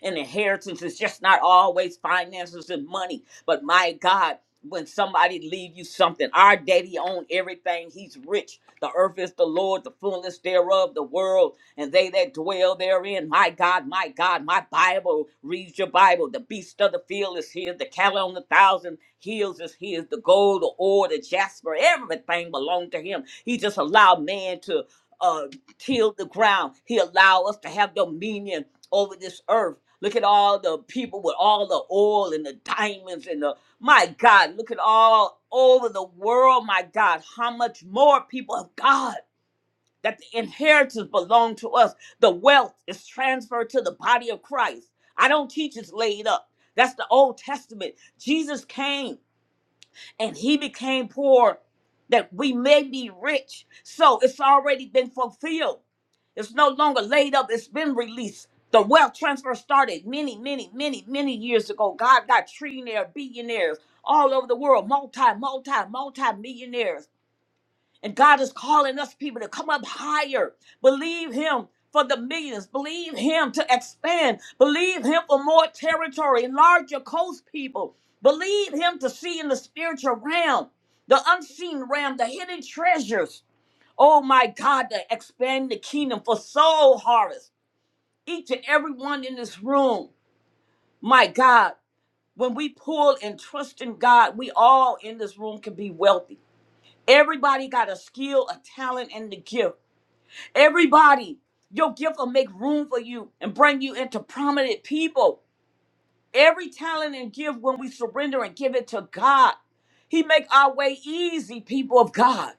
S1: and inheritance is just not always finances and money. But my God, when somebody leave you something, our daddy own everything. He's rich. The earth is the Lord, the fullness thereof, the world, and they that dwell therein. My God, my God, my Bible reads your Bible. The beast of the field is his. The cattle on the thousand hills is his. The gold, the ore, the jasper, everything belonged to him. He just allowed man to uh, till the ground. He allowed us to have dominion over this earth Look at all the people with all the oil and the diamonds and the my God, look at all over the world, my God, how much more people of God that the inheritance belong to us. The wealth is transferred to the body of Christ. I don't teach it's laid up. That's the Old Testament. Jesus came and he became poor that we may be rich. So it's already been fulfilled. It's no longer laid up, it's been released. The wealth transfer started many, many, many, many years ago. God got trillionaire, billionaires all over the world, multi, multi, multi millionaires and God is calling us people to come up higher. Believe Him for the millions. Believe Him to expand. Believe Him for more territory. Enlarge your coast, people. Believe Him to see in the spiritual realm, the unseen realm, the hidden treasures. Oh my God, to expand the kingdom for soul harvest. Each and every one in this room, my God, when we pull and trust in God, we all in this room can be wealthy. Everybody got a skill, a talent, and the gift. Everybody, your gift will make room for you and bring you into prominent people. Every talent and gift, when we surrender and give it to God, He make our way easy, people of God.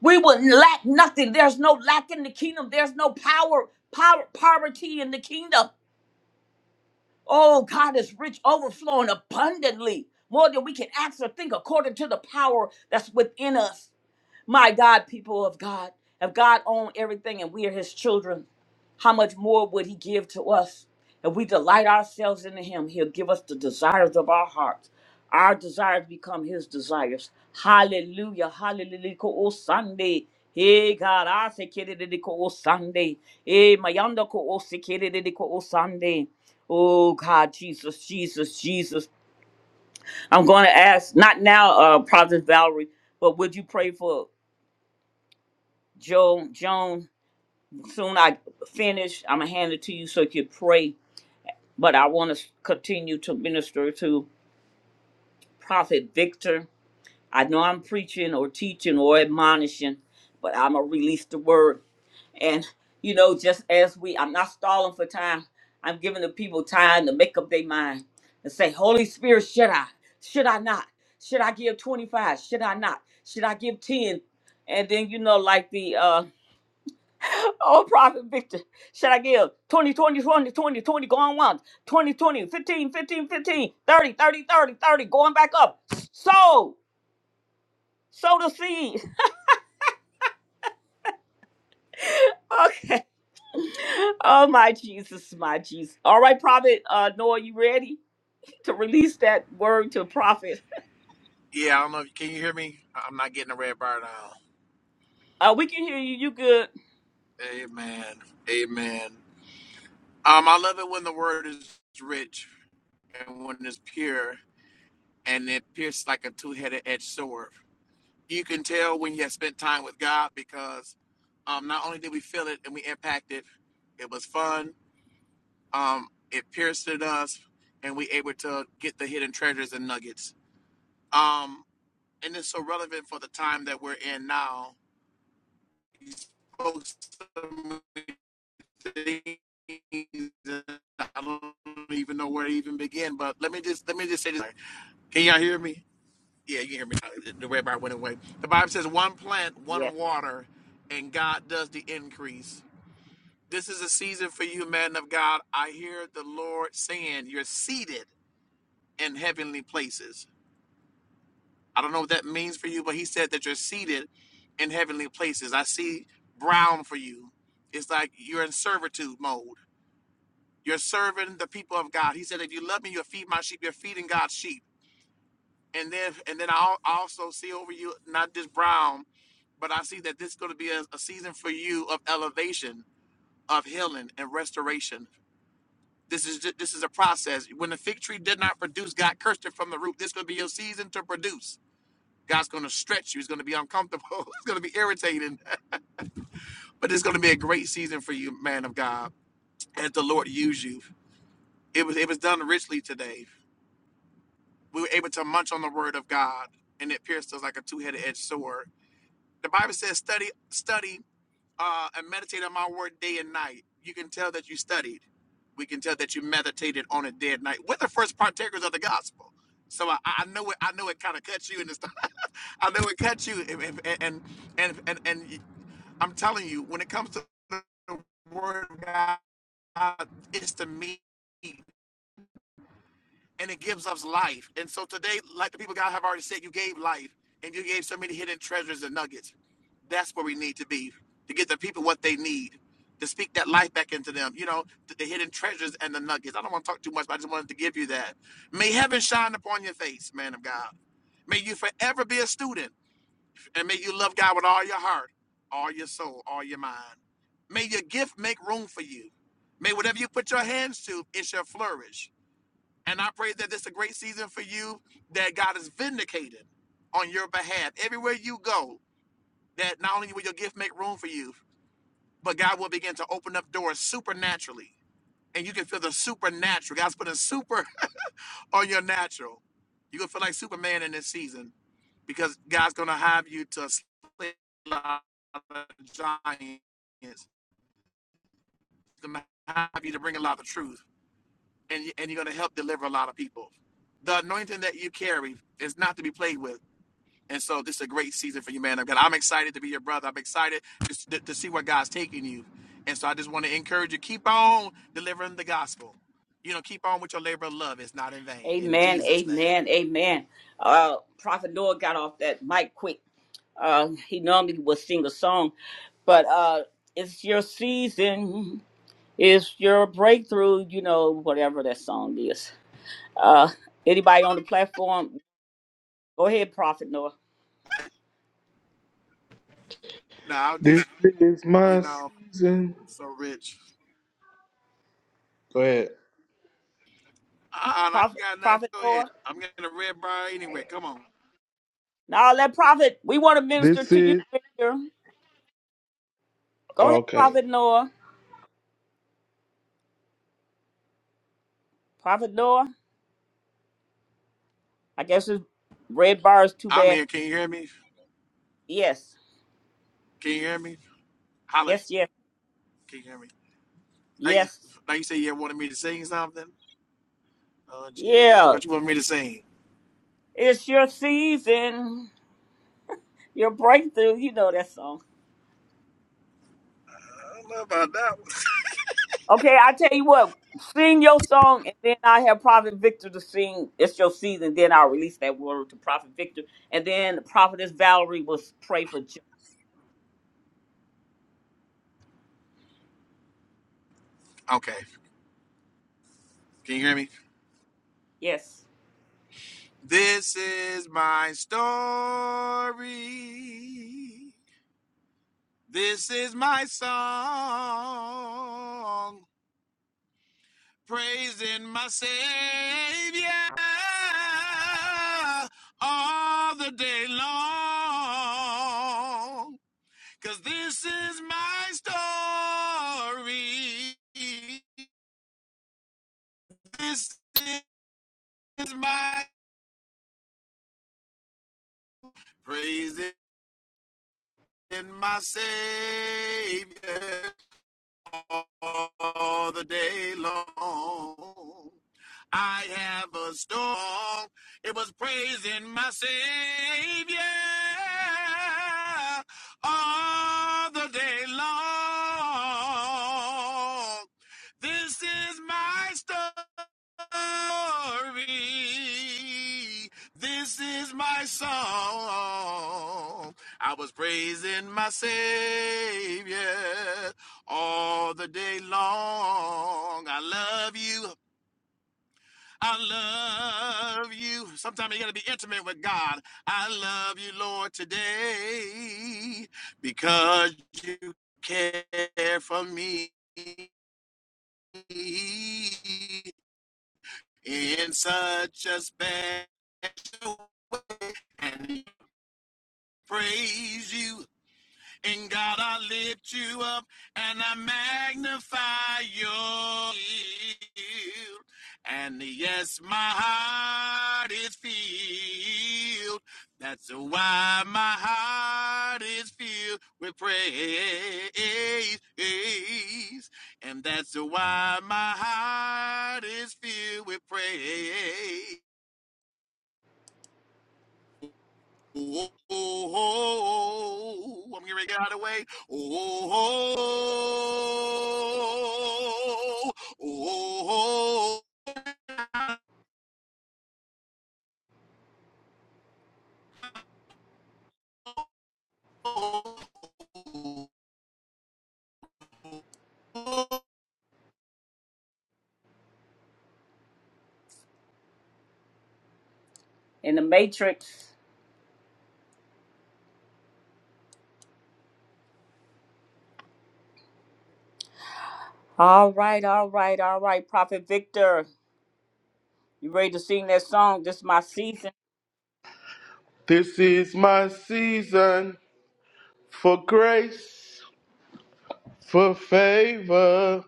S1: We will lack nothing. There's no lack in the kingdom. There's no power, power, poverty in the kingdom. Oh, God is rich, overflowing abundantly, more than we can ask or think, according to the power that's within us. My God, people of God, if God owned everything and we are his children, how much more would he give to us? If we delight ourselves in him, he'll give us the desires of our hearts. Our desires become his desires. Hallelujah. Hallelujah. Oh, Sunday. Hey, God, I say, oh, Sunday. Hey, Mayanda, oh, oh, Sunday. Oh, God, Jesus, Jesus, Jesus. I'm going to ask, not now, uh, Prophet Valerie, but would you pray for Joe, Joan, soon I finish. I'm gonna hand it to you so you can pray. But I want to continue to minister to Prophet Victor. I know I'm preaching or teaching or admonishing, but I'm gonna release the word. And you know, just as we, I'm not stalling for time. I'm giving the people time to make up their mind and say, Holy Spirit, should I? Should I not? Should I give 25? Should I not? Should I give 10? And then you know, like the uh Oh, Prophet Victor, should I give 20, 20, 20, 20, 20, going once, 20, 20, 15, 15, 15, 30, 30, 30, 30, going back up. Sow, sow the seed. Okay. Oh, my Jesus, my Jesus. All right, Prophet uh, Noah, you ready to release that word to Prophet?
S4: Yeah, I don't know if can you hear me? I'm not getting a red bar now.
S1: Uh, we can hear you. You good?
S4: Amen. Amen. Um, I love it when the word is rich and when it's pure and it pierces like a two-headed edged sword. You can tell when you have spent time with God because um, not only did we feel it and we impacted, it was fun. Um, it pierced at us, and we able to get the hidden treasures and nuggets. Um, and it's so relevant for the time that we're in now. You spoke to me things that I don't even know where to even begin. But let me just let me just say this. Can y'all hear me? Yeah, you can hear me. The red bar went away. The Bible says, "One plant,
S1: Yes.
S4: one water, and God does the increase." This is a season for you, man of God. I hear the Lord saying, "You're seated in heavenly places." I don't know what that means for you, but He said that you're seated in heavenly places. I see brown for you. It's like you're in servitude mode. You're serving the people of God. He said, if you love me, you'll feed my sheep. You're feeding God's sheep. And then and then I also see over you, not just Brown, but I see that this is going to be a, a season for you of elevation, of healing and restoration. This is ju- this is a process. When the fig tree did not produce, God cursed it from the root. This is going to be your season to produce. God's going to stretch you. It's going to be uncomfortable. It's going to be irritating, but it's going to be a great season for you, man of God, as the Lord use you. It was it was done richly today we were able to munch on the word of God, and it pierced us like a two-headed edged sword. The Bible says, "Study, study, uh, and meditate on my word day and night." You can tell that you studied. We can tell that you meditated on it day and night. We're the first partakers of the gospel, so I, I know it. I know it kind of cuts you, and it's, I know it cuts you. And and and and, and, and I'm telling you, when it comes to the word of God, it's the meat. and it gives us life. And so today, like the people God have already said, you gave life and you gave so many hidden treasures and nuggets. That's where we need to be to get the people what they need to speak that life back into them. You know, th- the hidden treasures and the nuggets. I don't want to talk too much, but I just wanted to give you that. May heaven shine upon your face, man of God. May you forever be a student and may you love God with all your heart, all your soul, all your mind. May your gift make room for you. May whatever you put your hands to, it shall flourish. And I pray that this is a great season for you, that God is vindicated on your behalf. Everywhere you go, that not only will your gift make room for you, but God will begin to open up doors supernaturally. And you can feel the supernatural. God's putting super on your natural. You're going to feel like Superman in this season because God's going to have you to slay a lot of giants. He's going to have you to bring a lot of truth. And, you- and you're going to help deliver a lot of people. The anointing that you carry is not to be played with And so this is a great season for you, man. I'm excited to be your brother. I'm excited to, to, see where God's taking you. And so I just want to encourage you, keep on delivering the gospel. You know, keep on with your labor of love. It's not in vain. In
S1: Amen,
S4: Jesus' name.
S1: amen, amen. Uh, Prophet Noah got off that mic quick. Uh, he normally would sing a song, but uh, it's your season, it's your breakthrough, you know, whatever that song is. Uh, anybody on the platform, go ahead, Prophet Noah.
S4: No, I'll just,
S2: This is
S4: you
S2: my
S4: know,
S2: season.
S4: so rich.
S2: Go ahead.
S4: Uh, I ain't
S1: Prophet,
S4: got nothing.
S1: Prophet
S4: Go ahead.
S1: Noah.
S4: I'm getting a red bar anyway. Come on.
S1: Now let Prophet, we want to minister
S2: This
S1: to you,
S2: is
S1: Victor. Go ahead,
S2: okay.
S1: Prophet Noah. Prophet Noah. I guess his red bar is too
S4: I'm
S1: bad.
S4: here. Can you hear me?
S1: Yes,
S4: Can you hear me? Holla.
S1: yes, yes,
S4: Can you hear me? Now you,
S1: yes.
S4: now you say you wanted me to sing something? Oh, Jesus.
S1: Yeah,
S4: What you want me to sing?
S1: it's your season, your breakthrough. You know that song.
S4: I don't know about that
S1: Okay, I tell you what, sing your song, and then I have Prophet Victor to sing. It's your season. Then I'll release that word to Prophet Victor, and then Prophetess Valerie will pray for Joe.
S4: one. Okay. Can you hear me?
S1: Yes,
S4: This is my story. This is my song. Praising my Savior all the day long. 'Cause this is my story. This is my praising my Savior. all the day long. I have a song. It was praising my Savior all the day long. This is my story. This is my song. I was praising my Savior all the day long. I love you. I love you. Sometimes you got to be intimate with God. I love you, Lord, today because you care for me in such a special way. and praise you In God, I lift you up and I magnify you. And yes, my heart is filled. That's why my heart is filled with praise. And that's why my heart is filled with praise. Oh, oh, oh, I'm gonna get out of the way. Oh, oh, oh, oh, oh.
S1: in the Matrix. All right, all right, all right, Prophet Victor, you ready to sing that song? This is my season,
S2: This is my season. for grace, for favor.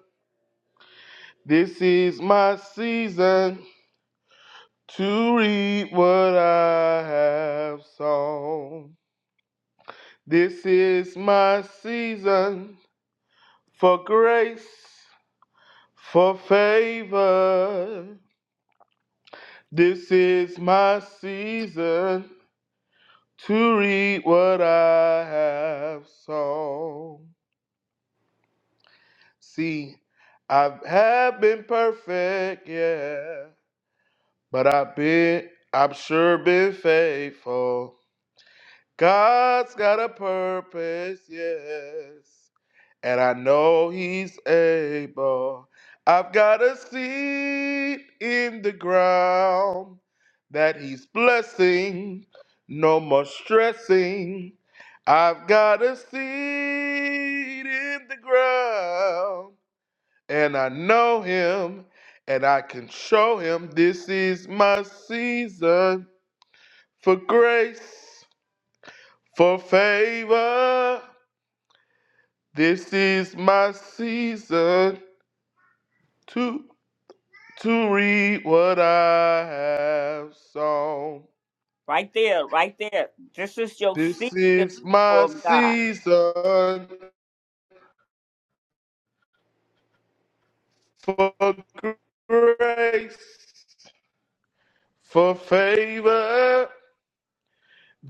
S2: This is my season to reap what I have sown. This is my season for grace, for favor. This is my season to reap what I have sown. See, I have been perfect, yeah But I've been, I've sure been faithful. God's got a purpose, yes. And I know He's able. I've got a seed in the ground that He's blessing, no more stressing. I've got a seed in the ground and I know him, and I can show him this is my season for grace, for favor. This is my season to to read what I have sown.
S1: right there, right there. This is your
S2: This
S1: season,
S2: is
S1: people
S2: my
S1: of God.
S2: season for grace, for favor.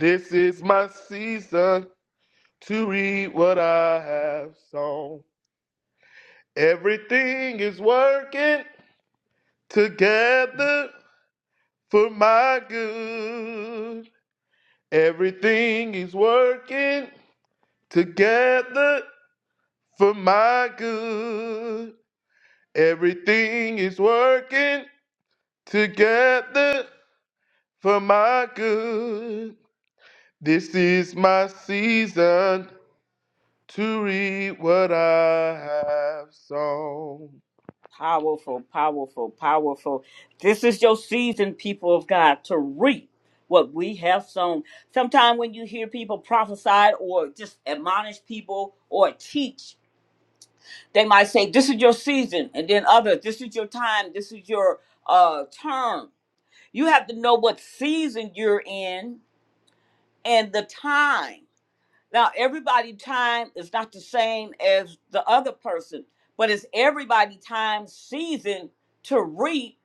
S2: This is my season to read what I have sown. Everything is working together for my good. Everything is working together for my good. Everything is working together for my good. This is my season to read what I have sown.
S1: Powerful, powerful, powerful. This is your season, people of God, to reap what we have sown. Sometimes when you hear people prophesy or just admonish people or teach, they might say, This is your season. And then others, This is your time. This is your uh, term. You have to know what season you're in and the time. Now, everybody time is not the same as the other person, but it's everybody time season to reap.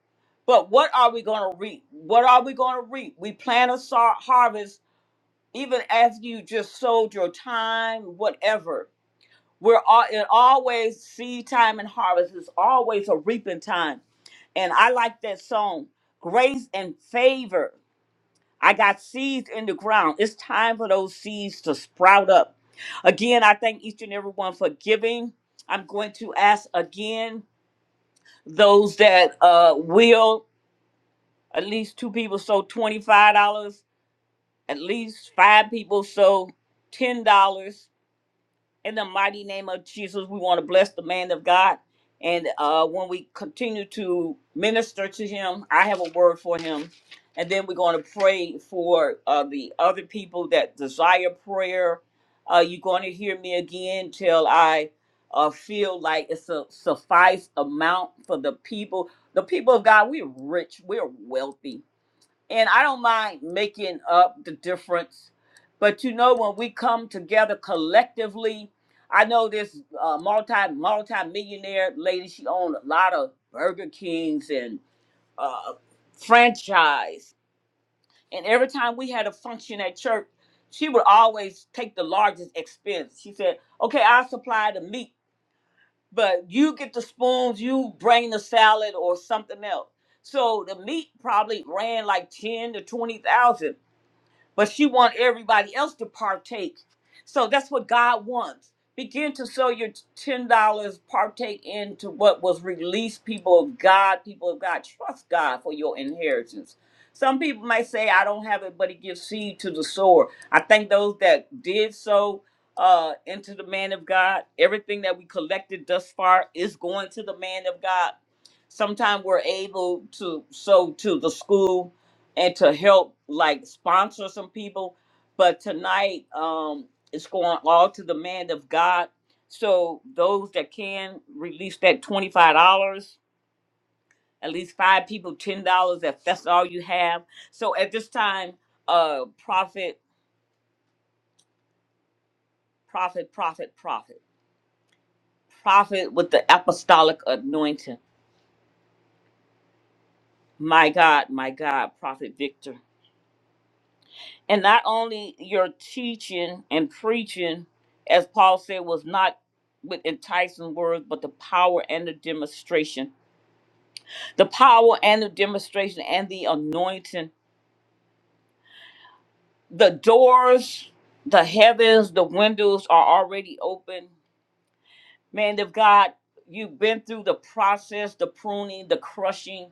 S1: But what are we going to reap? What are we going to reap? We plant a sar- harvest even as you just sold your time, whatever. We're all, it always seed time and harvest. It's always a reaping time. And I like that song, Grace and Favor. I got seeds in the ground. It's time for those seeds to sprout up. Again, I thank each and every one for giving. I'm going to ask again those that uh, will, at least two people, so $25, at least five people, so $10. In the mighty name of Jesus, we want to bless the man of God. And uh, when we continue to minister to him, I have a word for him. And then we're going to pray for uh, the other people that desire prayer. Uh, you're going to hear me again till I uh, feel like it's a suffice amount for the people. The people of God, we're rich, we're wealthy and I don't mind making up the difference. But you know, when we come together collectively, I know this uh, multi multi millionaire lady. She owned a lot of Burger Kings and uh, franchise. And every time we had a function at church, she would always take the largest expense. She said, "Okay, I supply the meat, but you get the spoons. You bring the salad or something else." So the meat probably ran like ten to twenty thousand but she want everybody else to partake. So that's what God wants. Begin to sow your ten dollars, partake into what was released. People of God, people of God, trust God for your inheritance. Some people might say, "I don't have it," but He gives seed to the sower. I think those that did sow uh, into the man of God, everything that we collected thus far is going to the man of God. Sometimes we're able to sow to the school and to help like sponsor some people. But tonight, um, it's going all to the man of God. So those that can release that twenty-five dollars, at least five people, ten dollars. If that's all you have. So at this time, uh, prophet, prophet, prophet, prophet, prophet with the apostolic anointing. My God, my God, prophet Victor. And not only your teaching and preaching, as Paul said, was not with enticing words, but the power and the demonstration. The power and the demonstration and the anointing. The doors, the heavens, the windows are already open. Man of God, you've been through the process, the pruning, the crushing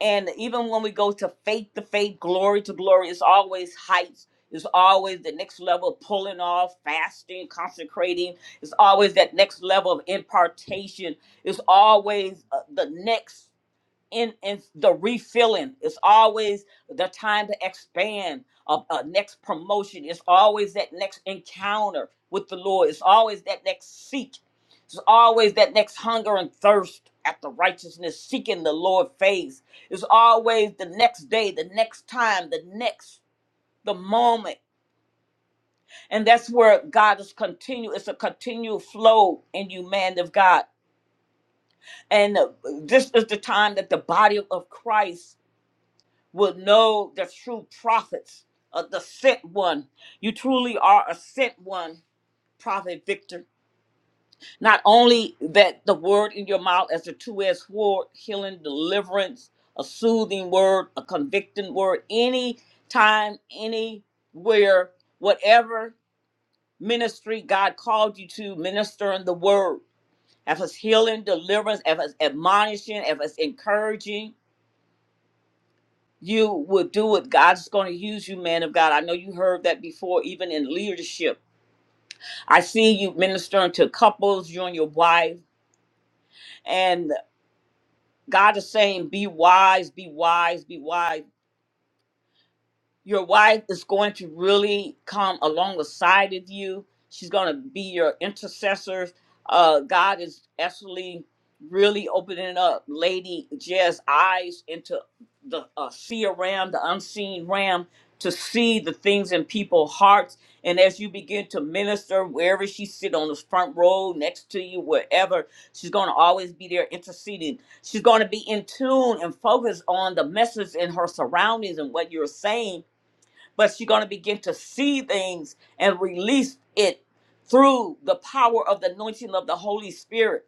S1: And even when we go to faith to faith, glory to glory, it's always heights. It's always the next level of pulling off, fasting, consecrating. It's always that next level of impartation. It's always uh, the next in in the refilling it's always the time to expand a, a next promotion it's always that next encounter with the lord it's always that next seek it's always that next hunger and thirst after righteousness seeking the lord face it's always the next day the next time the next the moment and that's where god is continual it's a continual flow in you man of god and uh, this is the time that the body of christ will know the true prophets of the sent one. You truly are a sent one, Prophet Victor. Not only that the word in your mouth as a two-edged sword, healing, deliverance, a soothing word, a convicting word, any time, anywhere, whatever ministry God called you to, ministering the word. If it's healing, deliverance, if it's admonishing, if it's encouraging, you will do it. God's going to use you, man of God. I know you heard that before, even in leadership. I see you ministering to couples, you and your wife, and God is saying, be wise, be wise, be wise. your wife is going to really come along the side of you. She's going to be your intercessor. Uh, God is actually really opening up Lady Jez's eyes into the uh, seer ram, the unseen ram, to see the things in people's hearts. And as you begin to minister, wherever she sit on the front row, next to you, wherever, she's going to always be there interceding. She's going to be in tune and focused on the message in her surroundings and what you're saying but you're going to begin to see things and release it through the power of the anointing of the Holy Spirit.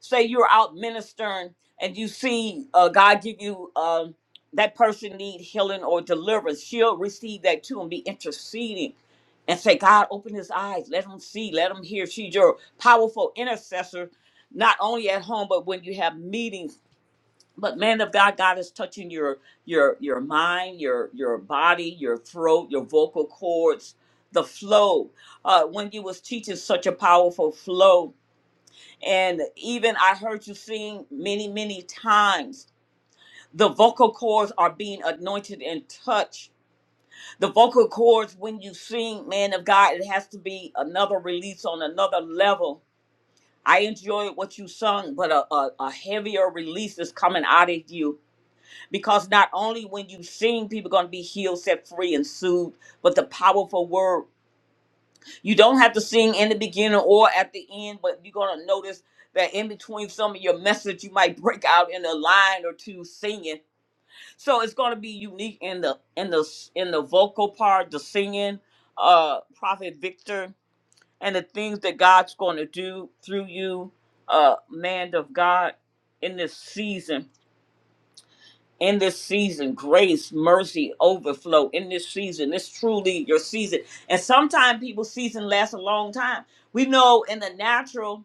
S1: Say you're out ministering and you see uh, God give you um, that person need healing or deliverance. She'll receive that too and be interceding and say, God, open his eyes. Let him see. Let him hear. She's your powerful intercessor, not only at home, but when you have meetings but man of God, God is touching your your your mind, your your body, your throat, your vocal cords, the flow. Uh, when you was teaching such a powerful flow, and even I heard you sing many many times. The vocal cords are being anointed and touched. The vocal cords, when you sing, man of God, it has to be another release on another level. I enjoyed what you sung, but a, a, a heavier release is coming out of you because not only when you sing people going to be healed set free and soothed but the powerful word you don't have to sing in the beginning or at the end but you're going to notice that in between some of your message you might break out in a line or two singing so it's going to be unique in the in the in the vocal part the singing uh prophet victor and the things that god's going to do through you uh man of god in this season in this season grace mercy overflow in this season it's truly your season and sometimes people's season lasts a long time we know in the natural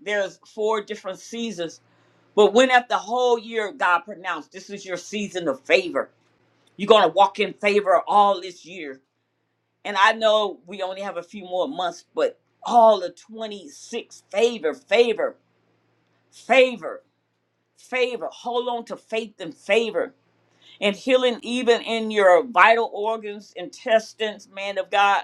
S1: there's four different seasons but when after the whole year god pronounced this is your season of favor you're going to walk in favor all this year and i know we only have a few more months but all the 26 favor favor favor favor hold on to faith and favor and healing even in your vital organs, intestines, man of God.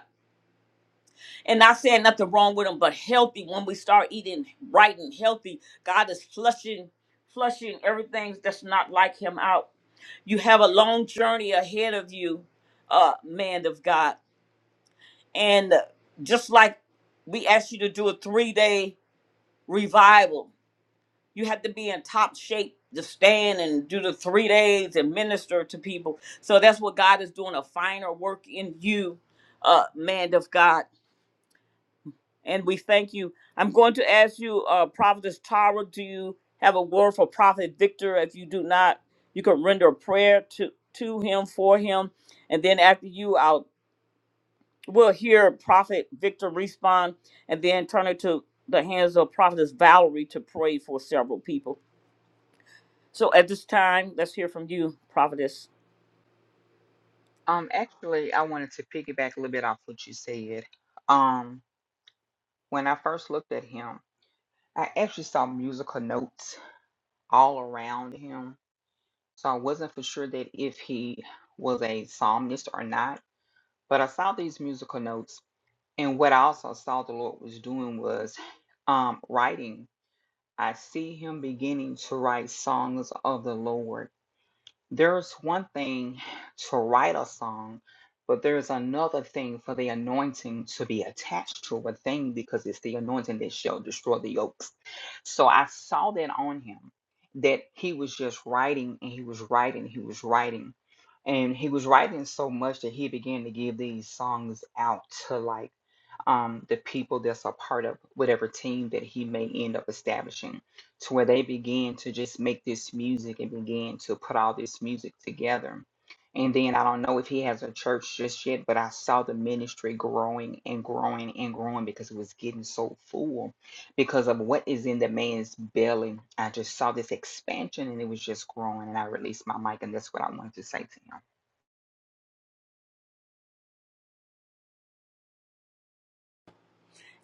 S1: And not saying nothing wrong with them, but healthy. When we start eating right and healthy, God is flushing, flushing everything that's not like Him out. You have a long journey ahead of you, uh, man of God. And just like we asked you to do a three day revival, you have to be in top shape to stand and do the three days and minister to people. So that's what God is doing a finer work in you, uh, man of God. And we thank you. I'm going to ask you, uh, Prophetess Tara, do you have a word for Prophet Victor? If you do not, you can render a prayer to, to him, for him. And then after you, I'll we'll hear Prophet Victor respond and then turn it to the hands of Prophetess Valerie to pray for several people. So at this time, let's hear from you, prophetess.
S8: Um, actually, I wanted to piggyback a little bit off what you said. Um, when I first looked at him, I actually saw musical notes all around him. So I wasn't for sure that if he was a psalmist or not, but I saw these musical notes. And what I also saw the Lord was doing was um, writing. I see him beginning to write songs of the Lord. There's one thing to write a song, but there's another thing for the anointing to be attached to a thing because it's the anointing that shall destroy the yokes. So I saw that on him that he was just writing and he was writing, he was writing. And he was writing so much that he began to give these songs out to like um, the people that's a part of whatever team that he may end up establishing to where they began to just make this music and began to put all this music together. And then I don't know if he has a church just yet, but I saw the ministry growing and growing and growing because it was getting so full because of what is in the man's belly. I just saw this expansion and it was just growing and I released my mic and that's what I wanted to say to him.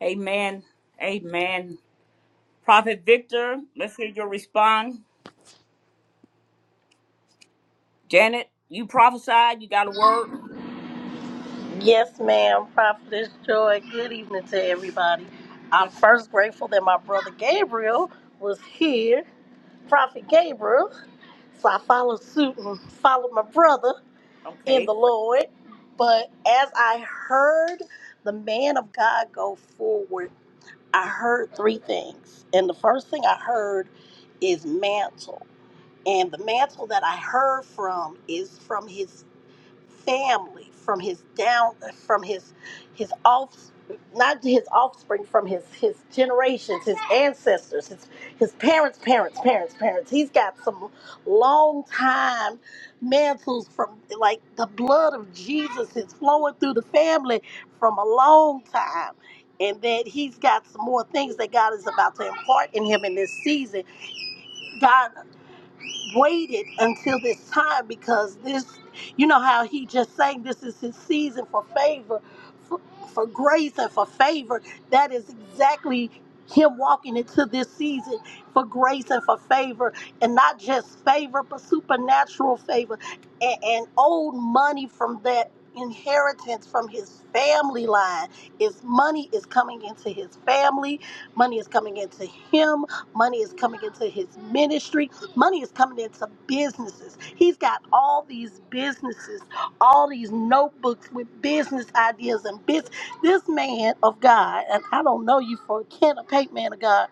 S1: Amen. Amen. Prophet Victor, let's hear your response. Janet, you prophesied. You got a word?
S9: Yes, ma'am, Prophetess Joy. Good evening to everybody. I'm
S1: Good.
S9: first grateful that my brother Gabriel was here, Prophet Gabriel. So I followed suit and followed my brother in
S1: Okay.
S9: the Lord. But as I heard the man of God go forward, I heard three things. And the first thing I heard is mantle. And the mantle that I heard from is from his family from his down from his his off not his offspring from his his generations his ancestors his his parents parents parents parents he's got some long time mantles from like the blood of jesus is flowing through the family from a long time and that he's got some more things that god is about to impart in him in this season god waited until this time because this, you know, how he just sang, this is his season for favor, for, for grace and for favor. That is exactly him walking into this season for grace and for favor, and not just favor, but supernatural favor and, and old money from that inheritance from his family line is money is coming into his family money is coming into him money is coming into his ministry Money is coming into businesses. He's got all these businesses, all these notebooks with business ideas and biz. This man of God, and I don't know you for a kin or paint man of God,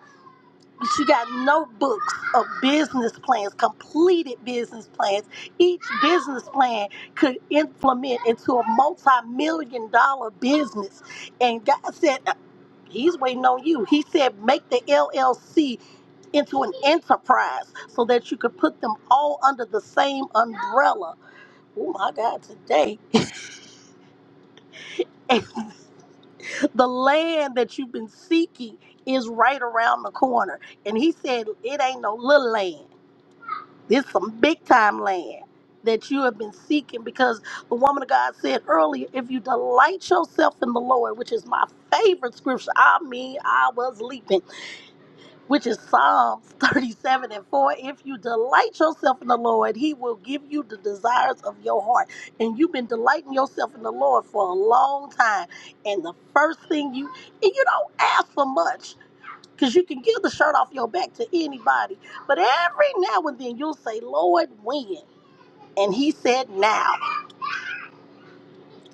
S9: but you got notebooks of business plans, completed business plans. Each business plan could implement into a multi-million dollar business. And God said He's waiting on you. He said, make the LLC into an enterprise so that you could put them all under the same umbrella. Oh my God, today. And the land that you've been seeking is right around the corner. And he said, it ain't no little land. This some big time land that you have been seeking because the woman of God said earlier, if you delight yourself in the Lord, which is my favorite scripture, I mean, I was leaping. which is Psalms 37 and 4. If you delight yourself in the Lord, He will give you the desires of your heart. And you've been delighting yourself in the Lord for a long time. And the first thing you, and you don't ask for much because you can give the shirt off your back to anybody. But every now and then you'll say, Lord, when? And He said, now.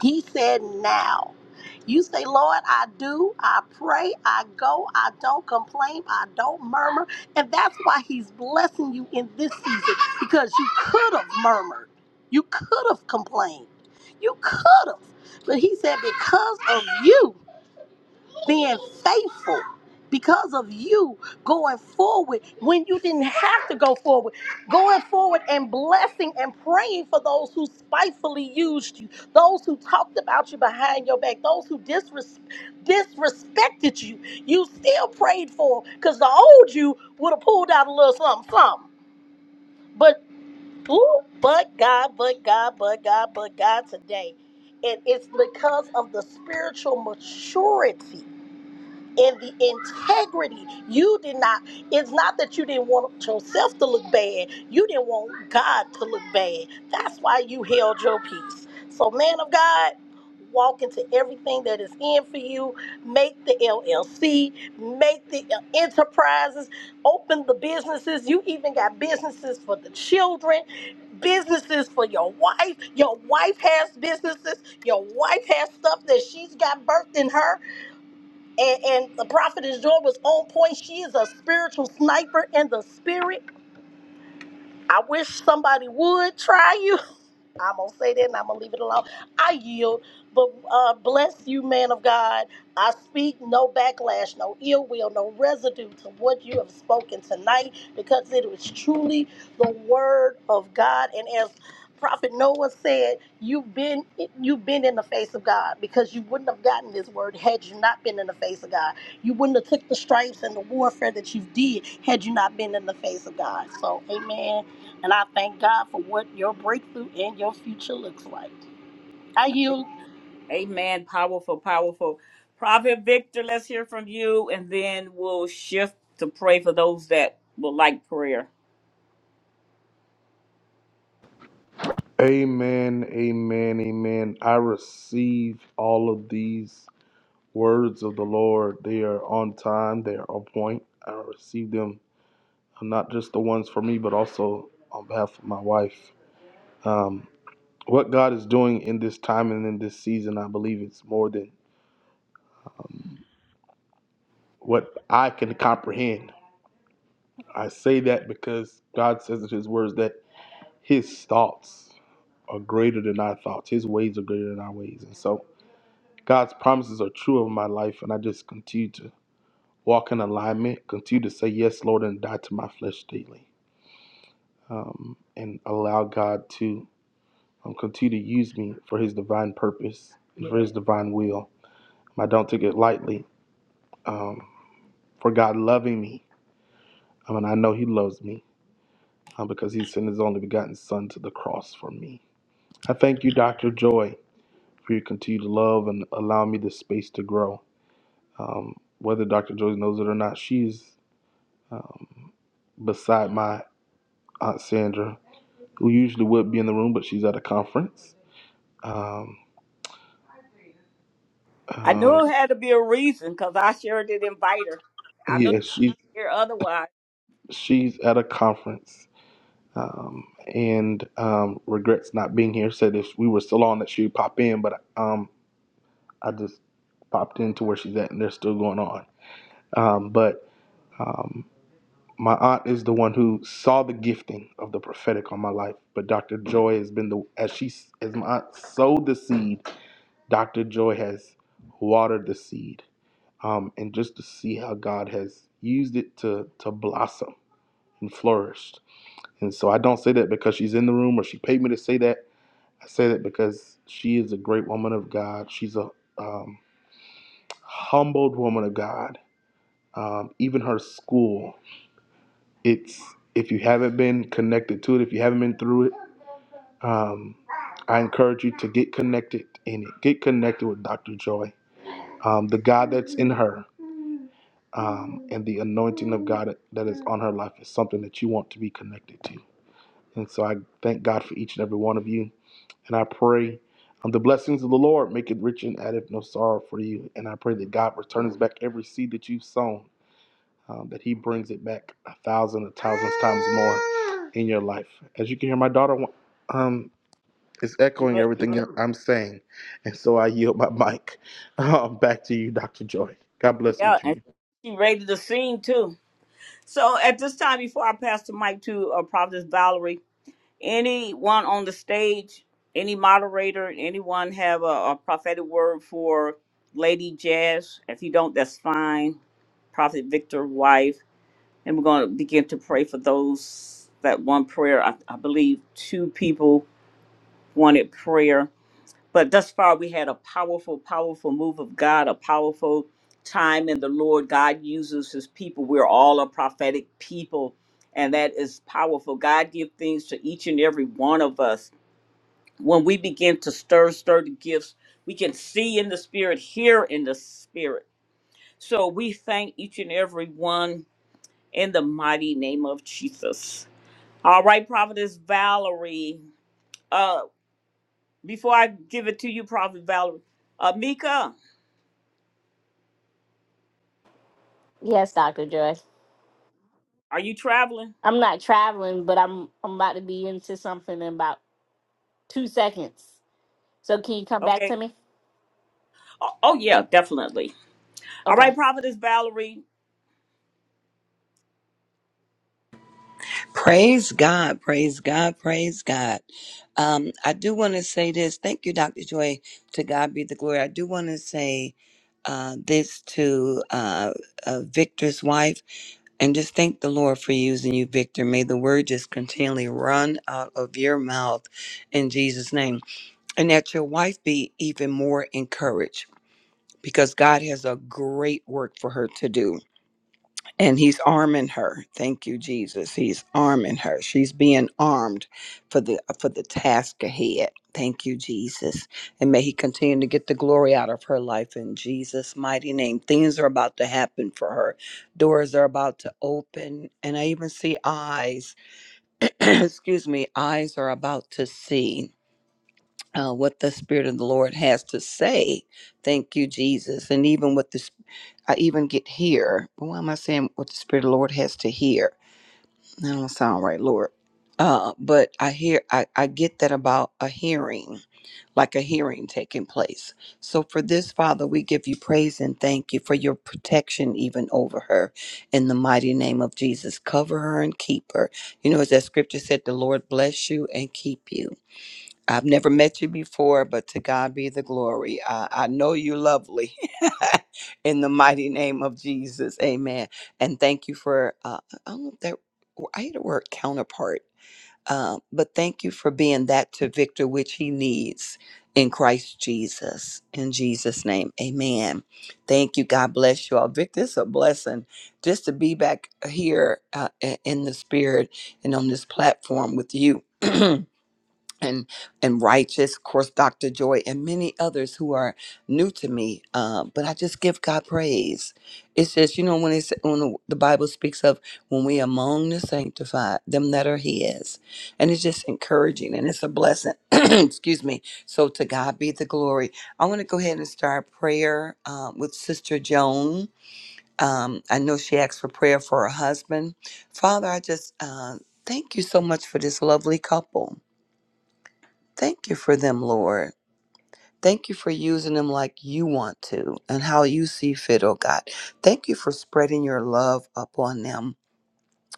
S9: He said, Now. You say, Lord, I do, I pray, I go, I don't complain, I don't murmur. And that's why He's blessing you in this season because you could have murmured, you could have complained, you could have. But He said, Because of you being faithful because of you going forward when you didn't have to go forward, going forward and blessing and praying for those who spitefully used you, those who talked about you behind your back, those who disres- disrespected you. You still prayed for because the old you would have pulled out a little something, something. But, ooh, but God, but God, but God, but God today. And it's because of the spiritual maturity and the integrity. You did not, it's not that you didn't want yourself to look bad, you didn't want God to look bad. That's why you held your peace. So, man of God, walk into everything that is in for you. Make the LLC, make the uh, enterprises, open the businesses. You even got businesses for the children, businesses for your wife. Your wife has businesses, your wife has stuff that she's got birthed in her and, and the prophetess Joy was on point. She is a spiritual sniper in the spirit. I wish somebody would try you I'm gonna say that and I'm gonna leave it alone. I yield, but uh, bless you, man of God. I speak no backlash, no ill will, no residue to what you have spoken tonight, because it was truly the word of God. And as Prophet Noah said, you've been you've been in the face of God because you wouldn't have gotten this word had you not been in the face of God. You wouldn't have took the stripes and the warfare that you did had you not been in the face of God. So, Amen. And I thank God for what your breakthrough and your future looks like. I yield.
S1: Amen. Powerful, powerful. Prophet Victor, let's hear from you, and then we'll shift to pray for those that would like prayer.
S2: Amen, amen, amen. I receive all of these words of the Lord. They are on time, they are on point. I receive them, uh, not just the ones for me, but also on behalf of my wife. Um, what God is doing in this time and in this season, I believe it's more than um, what I can comprehend. I say that because God says in His words that His thoughts are greater than our thoughts, His ways are greater than our ways. And so, God's promises are true of my life, and I just continue to walk in alignment, continue to say yes, Lord, and die to my flesh daily, um, and allow God to um, continue to use me for His divine purpose and for His divine will. I don't take it lightly um, for God loving me. I mean, I know He loves me uh, because He sent His only begotten Son to the cross for me. I thank you, Dr. Joy, for your continued love and allowing me the space to grow. Um, whether Dr. Joy knows it or not, she's um, beside my aunt Sandra, who usually would be in the room, but she's at a conference. Um,
S1: I
S2: um,
S1: knew it had to be a reason because I sure did invite her. I know
S2: yeah, she's
S1: you hear otherwise.
S2: she's at a conference um, and um, regrets not being here. Said if we were still on, that she'd pop in, but um, I just popped into where she's at, and they're still going on. Um, but um, my aunt is the one who saw the gifting of the prophetic on my life. But Dr. Joy has been the as she as my aunt sowed the seed Dr. Joy has watered the seed, um, and just to see how God has used it to to blossom and flourish. And so I don't say that because she's in the room or she paid me to say that. I say that because she is a great woman of God. She's a um, humbled woman of God. Um, even her school, it's if you haven't been connected to it, if you haven't been through it, um, I encourage you to get connected in it. Get connected with Dr. Joy um, the God that's in her. um, and the anointing of God that is on her life is something that you want to be connected to. And so I thank God for each and every one of you. And I pray um, the blessings of the Lord make it rich and addeth no sorrow for you. And I pray that God returns back every seed that you've sown, um, that He brings it back a thousand, a thousand times more in your life. As you can hear, my daughter um, is
S1: She,
S2: echoing
S1: re-
S2: everything I'm saying. And so I yield my mic um, back to you, Dr. Joy. God bless
S1: yeah,
S2: each of
S1: and
S2: you.
S1: she ready to sing too. So at this time, before I pass the mic to uh, Providence Valerie, anyone on the stage, any moderator, anyone have a, a prophetic word for Lady Jazz? If you don't, that's fine. Prophet Victor, wife, and we're going to begin to pray for those that want prayer. I, I believe two people wanted prayer. But thus far, we had a powerful, powerful move of God, a powerful time in the Lord. God uses his people. We're all a prophetic people, and that is powerful. God gives things to each and every one of us. When we begin to stir, stir the gifts, we can see in the spirit, hear in the spirit. So we thank each and every one in the mighty name of Jesus. All right, Prophetess Valerie. Uh, before I give it to you, Prophet Valerie, uh, Mika.
S7: Yes, Dr. Joy.
S1: Are you traveling?
S7: I'm not traveling, but I'm I'm about to be into something in about two seconds. So can you come back
S1: Okay.
S7: to me?
S1: Oh, oh, yeah, definitely. All
S7: Okay.
S1: right, Prophetess Valerie,
S3: Praise God, praise God, praise God. Um, I do want to say this. Thank you, Dr. Joy. To God be the glory. I do want to say uh, this to uh, uh, Victor's wife and just thank the Lord for using you, Victor. May the word just continually run out of your mouth in Jesus' name. and that your wife be even more encouraged because God has a great work for her to do. And He's arming her. Thank you, Jesus. He's arming her. She's being armed for the for the task ahead. Thank you, Jesus. And may He continue to get the glory out of her life in Jesus' mighty name. Things are about to happen for her. Doors are about to open. And I even see eyes. Excuse me, eyes are about to see uh, what the Spirit of the Lord has to say. Thank you, Jesus. And even what this, I even get here. Why am I saying what the Spirit of the Lord has to hear? That don't sound right, Lord. Uh, but I hear, I, I get that about a hearing, like a hearing taking place. So for this, Father, we give you praise and thank you for your protection even over her in the mighty name of Jesus. Cover her and keep her. You know, as that scripture said, the Lord bless you and keep you. I've never met you before, but to God be the glory. I, I know you're lovely. In the mighty name of Jesus, amen. And thank you for, uh, I don't know if that, I hate the word counterpart, um, but thank you for being that to Victor, which he needs in Christ Jesus. In Jesus' name, amen. Thank you. God bless you all. Victor, it's a blessing just to be back here uh, i- in the spirit and on this platform with you. and and righteous of course dr joy and many others who are new to me uh, but i just give god praise it says you know when it's when the the bible speaks of when we among the sanctified them that are his and it's just encouraging and it's a blessing excuse me so to god be the glory i want to go ahead and start prayer um, with sister joan um, i know she asked for prayer for her husband father i just uh, thank you so much for this lovely couple Thank you for them, Lord. Thank you for using them like you want to and how you see fit, oh God. Thank you for spreading your love upon them,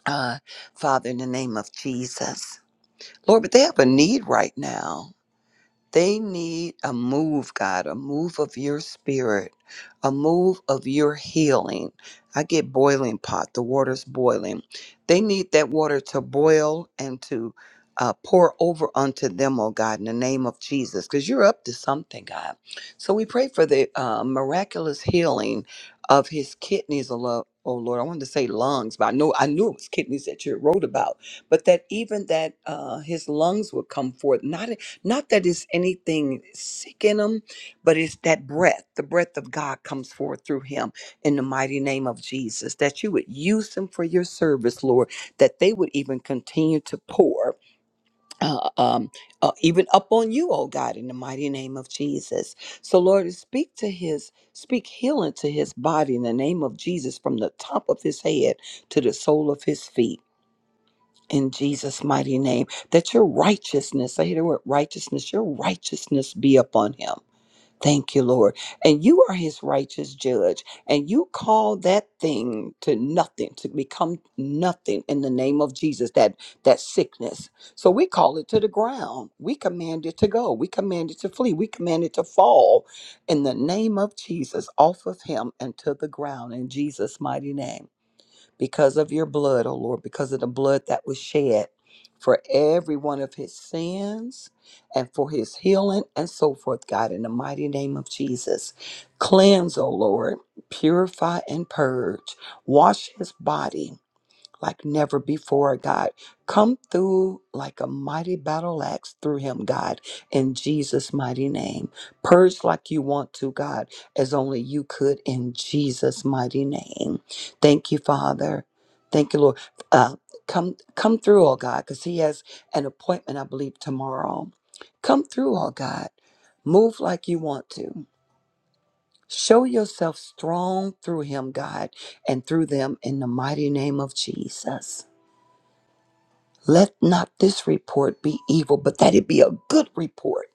S3: uh, Father, in the name of Jesus. Lord, but they have a need right now. They need a move, God, a move of your spirit, a move of your healing. I get boiling pot, the water's boiling. They need that water to boil and to uh, pour over unto them, oh God, in the name of Jesus, because you're up to something, God. So we pray for the uh, miraculous healing of his kidneys, oh Lord. Oh Lord, I wanted to say lungs, but I know I knew it was kidneys that you wrote about. But that even that uh, his lungs would come forth, not not that it's anything sick in him, but it's that breath. The breath of God comes forth through him in the mighty name of Jesus. That you would use them for your service, Lord. That they would even continue to pour, uh, um, uh, even up on you, oh God, in the mighty name of Jesus. So, Lord, speak to his, speak healing to his body in the name of Jesus, from the top of his head to the sole of his feet in Jesus' mighty name, that your righteousness, I hear the word righteousness, your righteousness be upon him. Thank you, Lord. And you are his righteous judge, and you call that thing to nothing, to become nothing in the name of Jesus, that that sickness. So we call it to the ground. We command it to go. We command it to flee. We command it to fall in the name of Jesus off of him and to the ground in Jesus' mighty name because of your blood, O Lord, because of the blood that was shed for every one of his sins and for his healing and so forth, God, in the mighty name of Jesus. Cleanse, O Lord, purify and purge, wash his body like never before, God. Come through like a mighty battle axe through him, God, in Jesus' mighty name. Purge like you want to, God, as only you could in Jesus' mighty name. Thank you, Father. Thank you, Lord. Uh, come, come through, oh God, because he has an appointment, I believe, tomorrow. Come through, oh God. Move like you want to. Show yourself strong through him, God, and through them in the mighty name of Jesus. Let not this report be evil, but that it be a good report.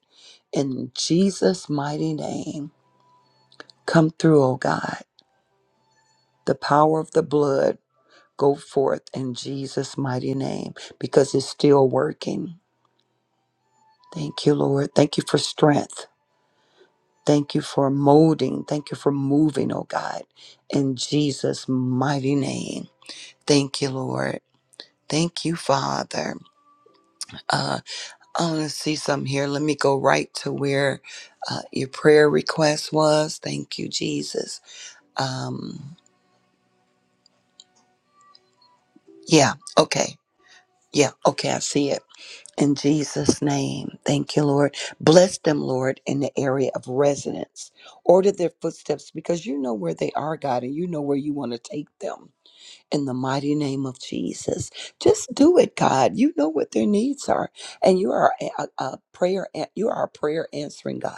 S3: In Jesus' mighty name, come through, O God. The power of the blood go forth in Jesus' mighty name because it's still working. Thank you, Lord. Thank you for strength. Thank you for molding. Thank you for moving, oh God, in Jesus' mighty name. Thank you, Lord. Thank you, Father. Uh, I want to see something here. Let me go right to where uh, your prayer request was. Thank you, Jesus. Um, yeah, okay. Yeah, okay, I see it. In Jesus' name, thank you, Lord. Bless them, Lord, in the area of residence. Order their footsteps because you know where they are, God, and you know where you want to take them. in the mighty name of Jesus. Just do it, God. You know what their needs are, and you are a, a a prayer. an- You are a prayer answering God.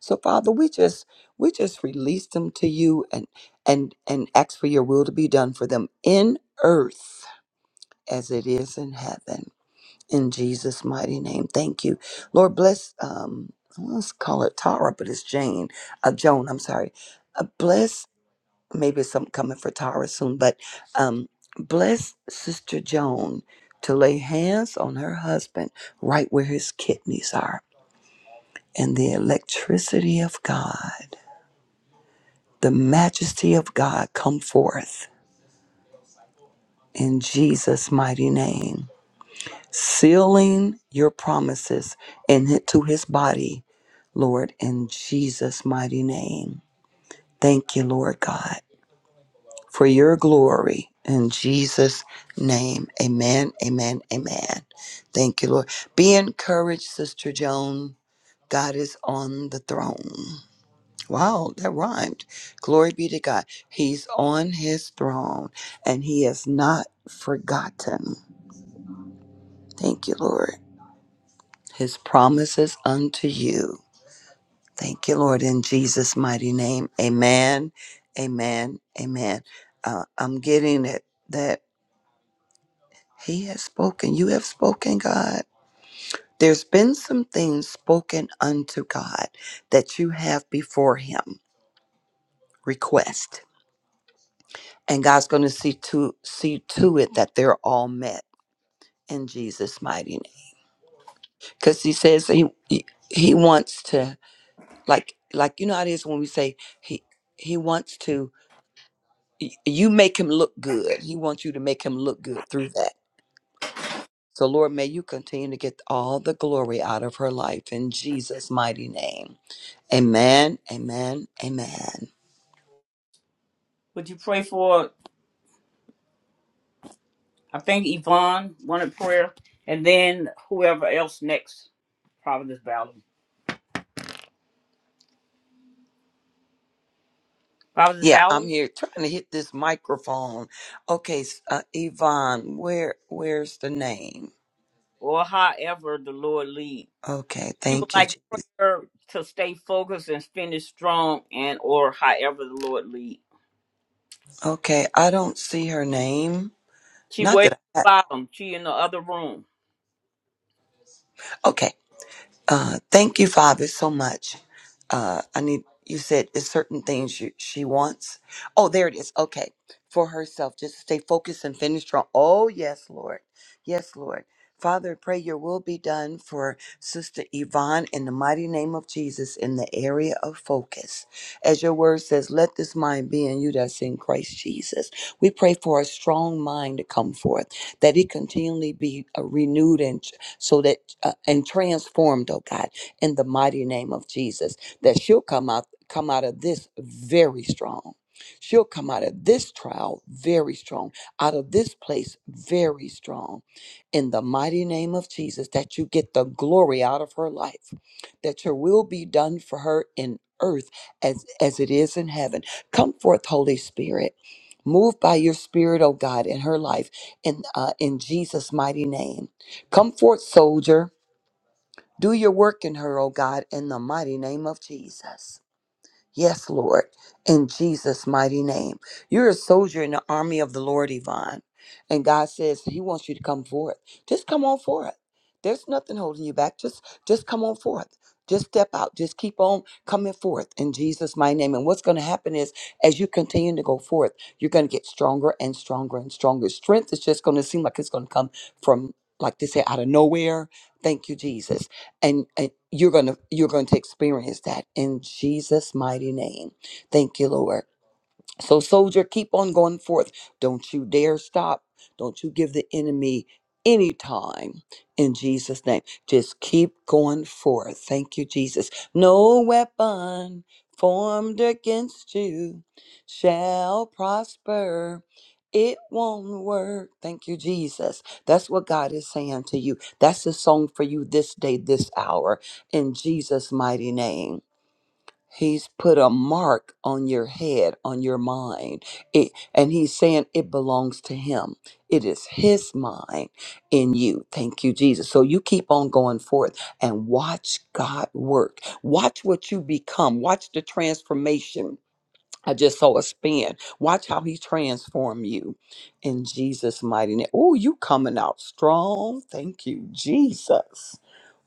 S3: So, Father, we just we just release them to you, and and and ask for your will to be done for them in earth as it is in heaven. In Jesus' mighty name, thank you, Lord. Bless. Um, let's call it Tara, but it's Jane. Uh, Joan. I'm sorry. Uh, bless maybe something coming for Tara soon, but um, bless Sister Joan to lay hands on her husband right where his kidneys are. And the electricity of God, the majesty of God come forth in Jesus' mighty name, sealing your promises and hi- to his body, Lord, in Jesus' mighty name. Thank you, Lord God. for your glory. In Jesus' name, amen, amen, amen. Thank you, Lord. Be encouraged, Sister Joan. God is on the throne. Wow, that rhymed. Glory be to God. He's on his throne and he has not forgotten. Thank you, Lord. His promises unto you. Thank you, Lord, in Jesus' mighty name. Amen, amen, amen. Uh, I'm getting it that He has spoken. You have spoken, God. There's been some things spoken unto God that you have before Him. Request. And God's going to see to see to it that they're all met in Jesus' mighty name. Because He says He He He wants to like like you know how it is when we say He He wants to y- you make Him look good. He wants you to make Him look good through that. So Lord, may you continue to get all the glory out of her life in Jesus' mighty name. Amen, amen, amen.
S1: would you pray for, I think Yvonne wanted prayer, and then whoever else next, Prophetess Valerie. Prophetess
S3: Yeah, I'm
S1: Valerie,
S3: here trying to hit this microphone. Okay, s- uh, Yvonne, where where's the name?
S1: or however the Lord lead.
S3: Okay,
S1: She would
S3: thank you.
S1: like
S3: Je-
S1: prayer to stay focused and finish strong and or however the Lord lead.
S3: Okay, I don't see her name.
S1: She
S3: Not
S1: way at
S3: that
S1: the
S3: I.
S1: bottom. She in the other room.
S3: Okay, Uh, thank you, Father, so much. Uh, I need, you said there's certain things you, she wants. Oh, there it is. Okay. For herself, just stay focused and finish strong. Oh, yes, Lord. Yes, Lord. Father, I pray your will be done for Sister Yvonne in the mighty name of Jesus in the area of focus. As your word says, let this mind be in you that's in Christ Jesus. We pray for a strong mind to come forth, that it continually be uh, renewed and so that uh, and transformed, oh God, in the mighty name of Jesus, that she'll come out come out of this very strong. She'll come out of this trial very strong, out of this place very strong. In the mighty name of Jesus, that you get the glory out of her life, that your will be done for her in earth as, as it is in heaven. Come forth, Holy Spirit. Move by your spirit, oh God, in her life in uh, in Jesus' mighty name Come forth, soldier. Do your work in her, O God, in the mighty name of Jesus. Yes, Lord, in Jesus' mighty name. You're a soldier in the army of the Lord, Yvonne. And God says He wants you to come forth. Just come on forth. There's nothing holding you back. Just just come on forth. Just step out. Just keep on coming forth in Jesus' mighty name. And what's going to happen is as you continue to go forth, you're going to get stronger and stronger and stronger. Strength is just going to seem like it's going to come from, like they say, out of nowhere. Thank you, Jesus and, and you're gonna you're going to experience that in jesus mighty name thank you lord so, soldier, keep on going forth. Don't you dare stop. Don't you give the enemy any time in Jesus' name. Just keep going forth. Thank you, Jesus. No weapon formed against you shall prosper. It won't work. Thank you, Jesus. That's what God is saying to you. That's the song for you this day, this hour, in Jesus' mighty name. He's put a mark on your head, on your mind. It, and he's saying it belongs to him. It is his mind in you. Thank you, Jesus. So you keep on going forth and watch God work. Watch what you become. Watch the transformation I just saw a spin. Watch how he transform you in Jesus' mighty name. Oh, you coming out strong. Thank you, Jesus.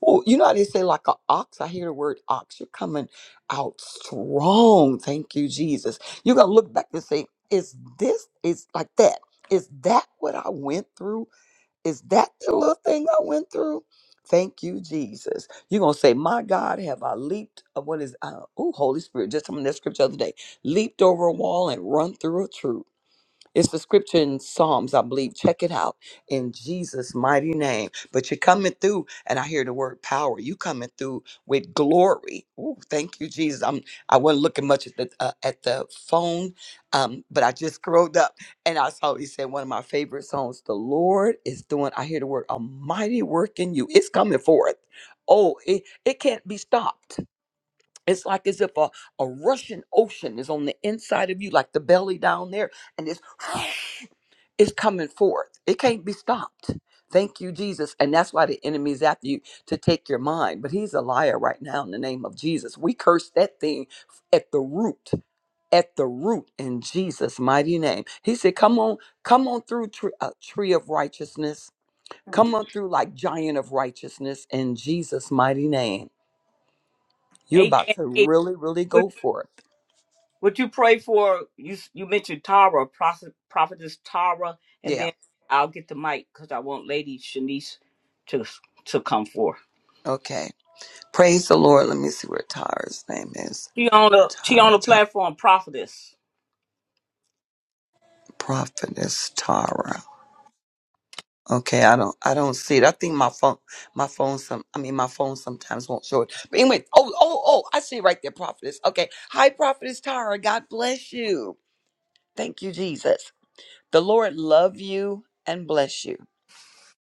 S3: Oh, you know how they say like an ox? I hear the word ox. You're coming out strong. Thank you, Jesus. You're gonna look back and say, is this is like that? Is that what I went through? Is that the little thing I went through? Thank you, Jesus. You're gonna say, My God, have I leaped? uh, What is uh, oh Holy Spirit, just from this scripture the other day, leaped over a wall and run through a troop. It's the scripture in Psalms, I believe. Check it out in Jesus' mighty name. But you're coming through, and I hear the word power. You coming through with glory. Ooh, thank you, Jesus. I'm. I wasn't looking much at the uh, at the phone, um, but I just scrolled up and I saw he said one of my favorite songs. The Lord is doing. I hear the word a mighty work in you. It's coming forth. Oh, it, it can't be stopped. It's like as if a, a Russian ocean is on the inside of you, like the belly down there, and it's it's coming forth. It can't be stopped. Thank you, Jesus. And that's why the enemy is after you to take your mind. But he's a liar right now in the name of Jesus. We curse that thing at the root, at the root in Jesus' mighty name. He said, Come on, come on through tree, uh, tree of righteousness.
S1: Hmm.
S3: Come on through like giant of righteousness in Jesus' mighty name. You're
S1: Amen.
S3: about to
S1: Amen.
S3: really, really
S1: Would,
S3: go for it.
S1: would you pray for you? You mentioned Tara, prophet, prophetess Tara, and
S3: Yeah.
S1: then I'll get the mic because I want Lady Shanice to to come forth.
S3: Okay. Praise the Lord. Let me see where Tara's name is.
S1: She on the she
S3: Tara,
S1: on the
S3: Tara.
S1: platform, prophetess.
S3: Prophetess Tara. Okay, I don't I don't see it. I think my phone my phone some I mean my phone sometimes won't show it. But anyway, oh oh oh I see it right there, prophetess. Okay. Hi, prophetess Tara. God bless you. Thank you, Jesus. The Lord love you and bless you.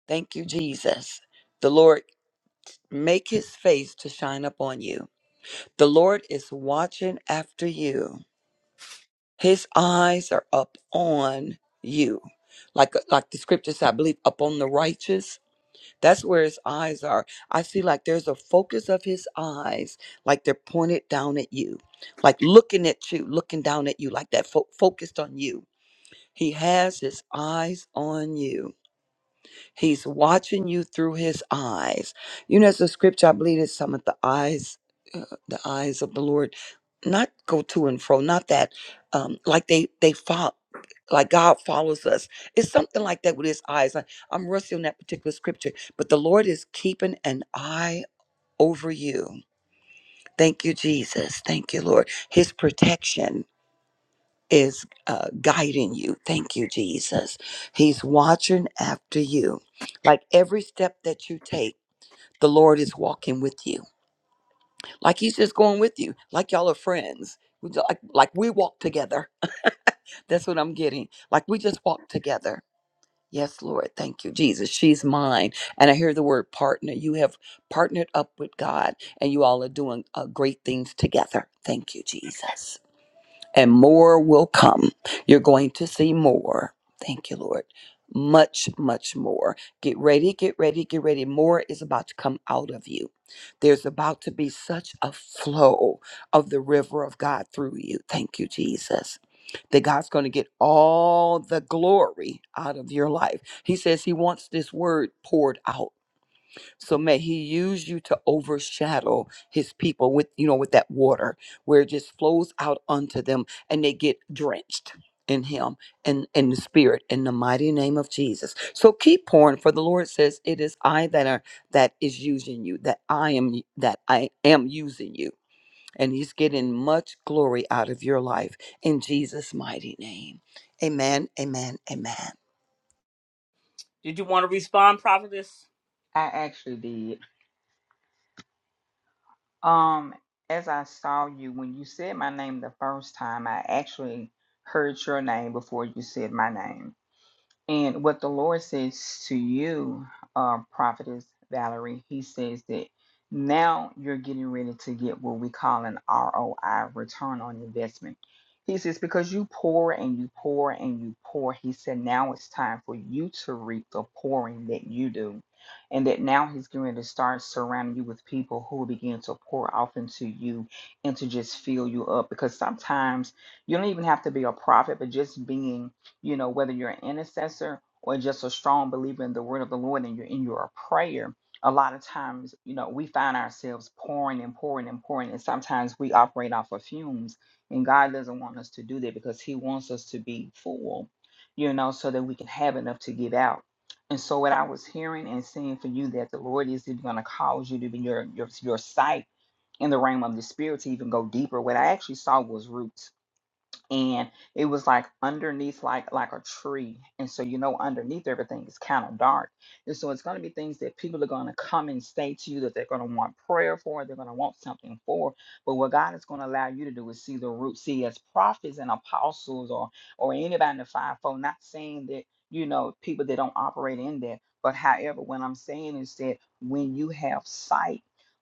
S3: Thank you, Jesus. The Lord make his face to shine upon you. The Lord is watching after you. His eyes are up on you. Like like the scriptures, I believe, upon the righteous That's where his eyes are. I see like there's a focus of his eyes, like they're pointed down at you, like looking at you, looking down at you, like that fo- focused on you. He has his eyes on you He's watching you through his eyes. You know, it's a scripture, I believe it's some of the eyes, uh, the eyes of the Lord, not go to and fro, not that, um, like they, they follow, like God follows us. It's something like that with his eyes. I, I'm rusty on that particular scripture, but the Lord is keeping an eye over you. Thank you, Jesus. Thank you, Lord. His protection is uh, guiding you. Thank you, Jesus. He's watching after you. Like every step that you take, the Lord is walking with you. Like He's just going with you. Like y'all are friends. We ju- Like, like we walk together. That's what I'm getting. Like we just walk together. Yes, Lord. Thank you, Jesus. She's mine. And I hear the word partner. You have partnered up with God, and you all are doing uh, great things together. Thank you, Jesus. and more will come. You're going to see more. Thank you, Lord. Much, much more. Get ready, get ready, get ready. More is about to come out of you. There's about to be such a flow of the river of God through you. Thank you, Jesus. That God's going to get all the glory out of your life. He says He wants this word poured out. So may he use you to overshadow his people with, you know, with that water where it just flows out unto them and they get drenched in him and in the spirit in the mighty name of Jesus. So keep pouring for the Lord says it is I that are that is using you, that I am y- that I am using you. And he's getting much glory out of your life in Jesus' mighty name. Amen. Amen. Amen.
S1: Did you want to respond, prophetess?
S8: I actually did. Um as I saw you when you said my name the first time, I actually heard your name before you said my name And what the Lord says to you, uh, Prophetess Valerie, He says that now you're getting ready to get what we call an ROI, return on investment. He says, because you pour and you pour and you pour, He said, now it's time for you to reap the pouring that you do. And that now He's going to start surrounding you with people who will begin to pour off into you and to just fill you up. Because sometimes you don't even have to be a prophet, but just being you know, whether you're an intercessor or just a strong believer in the word of the Lord and you're in your prayer, a lot of times, you know, we find ourselves pouring and pouring and pouring, and sometimes we operate off of fumes. And God doesn't want us to do that because He wants us to be full, you know, so that we can have enough to give out. And so, what I was hearing and seeing for you that the Lord is even going to cause you to be your your your sight in the realm of the spirit to even go deeper. What I actually saw was roots and it was like underneath like like a tree and so you know underneath everything is kind of dark and so it's going to be things that people are going to come and say to you that they're going to want prayer for they're going to want something for but what god is going to allow you to do is see the root see as prophets and apostles or or anybody in the fivefold not saying that you know people that don't operate in that but however what i'm saying is that when you have sight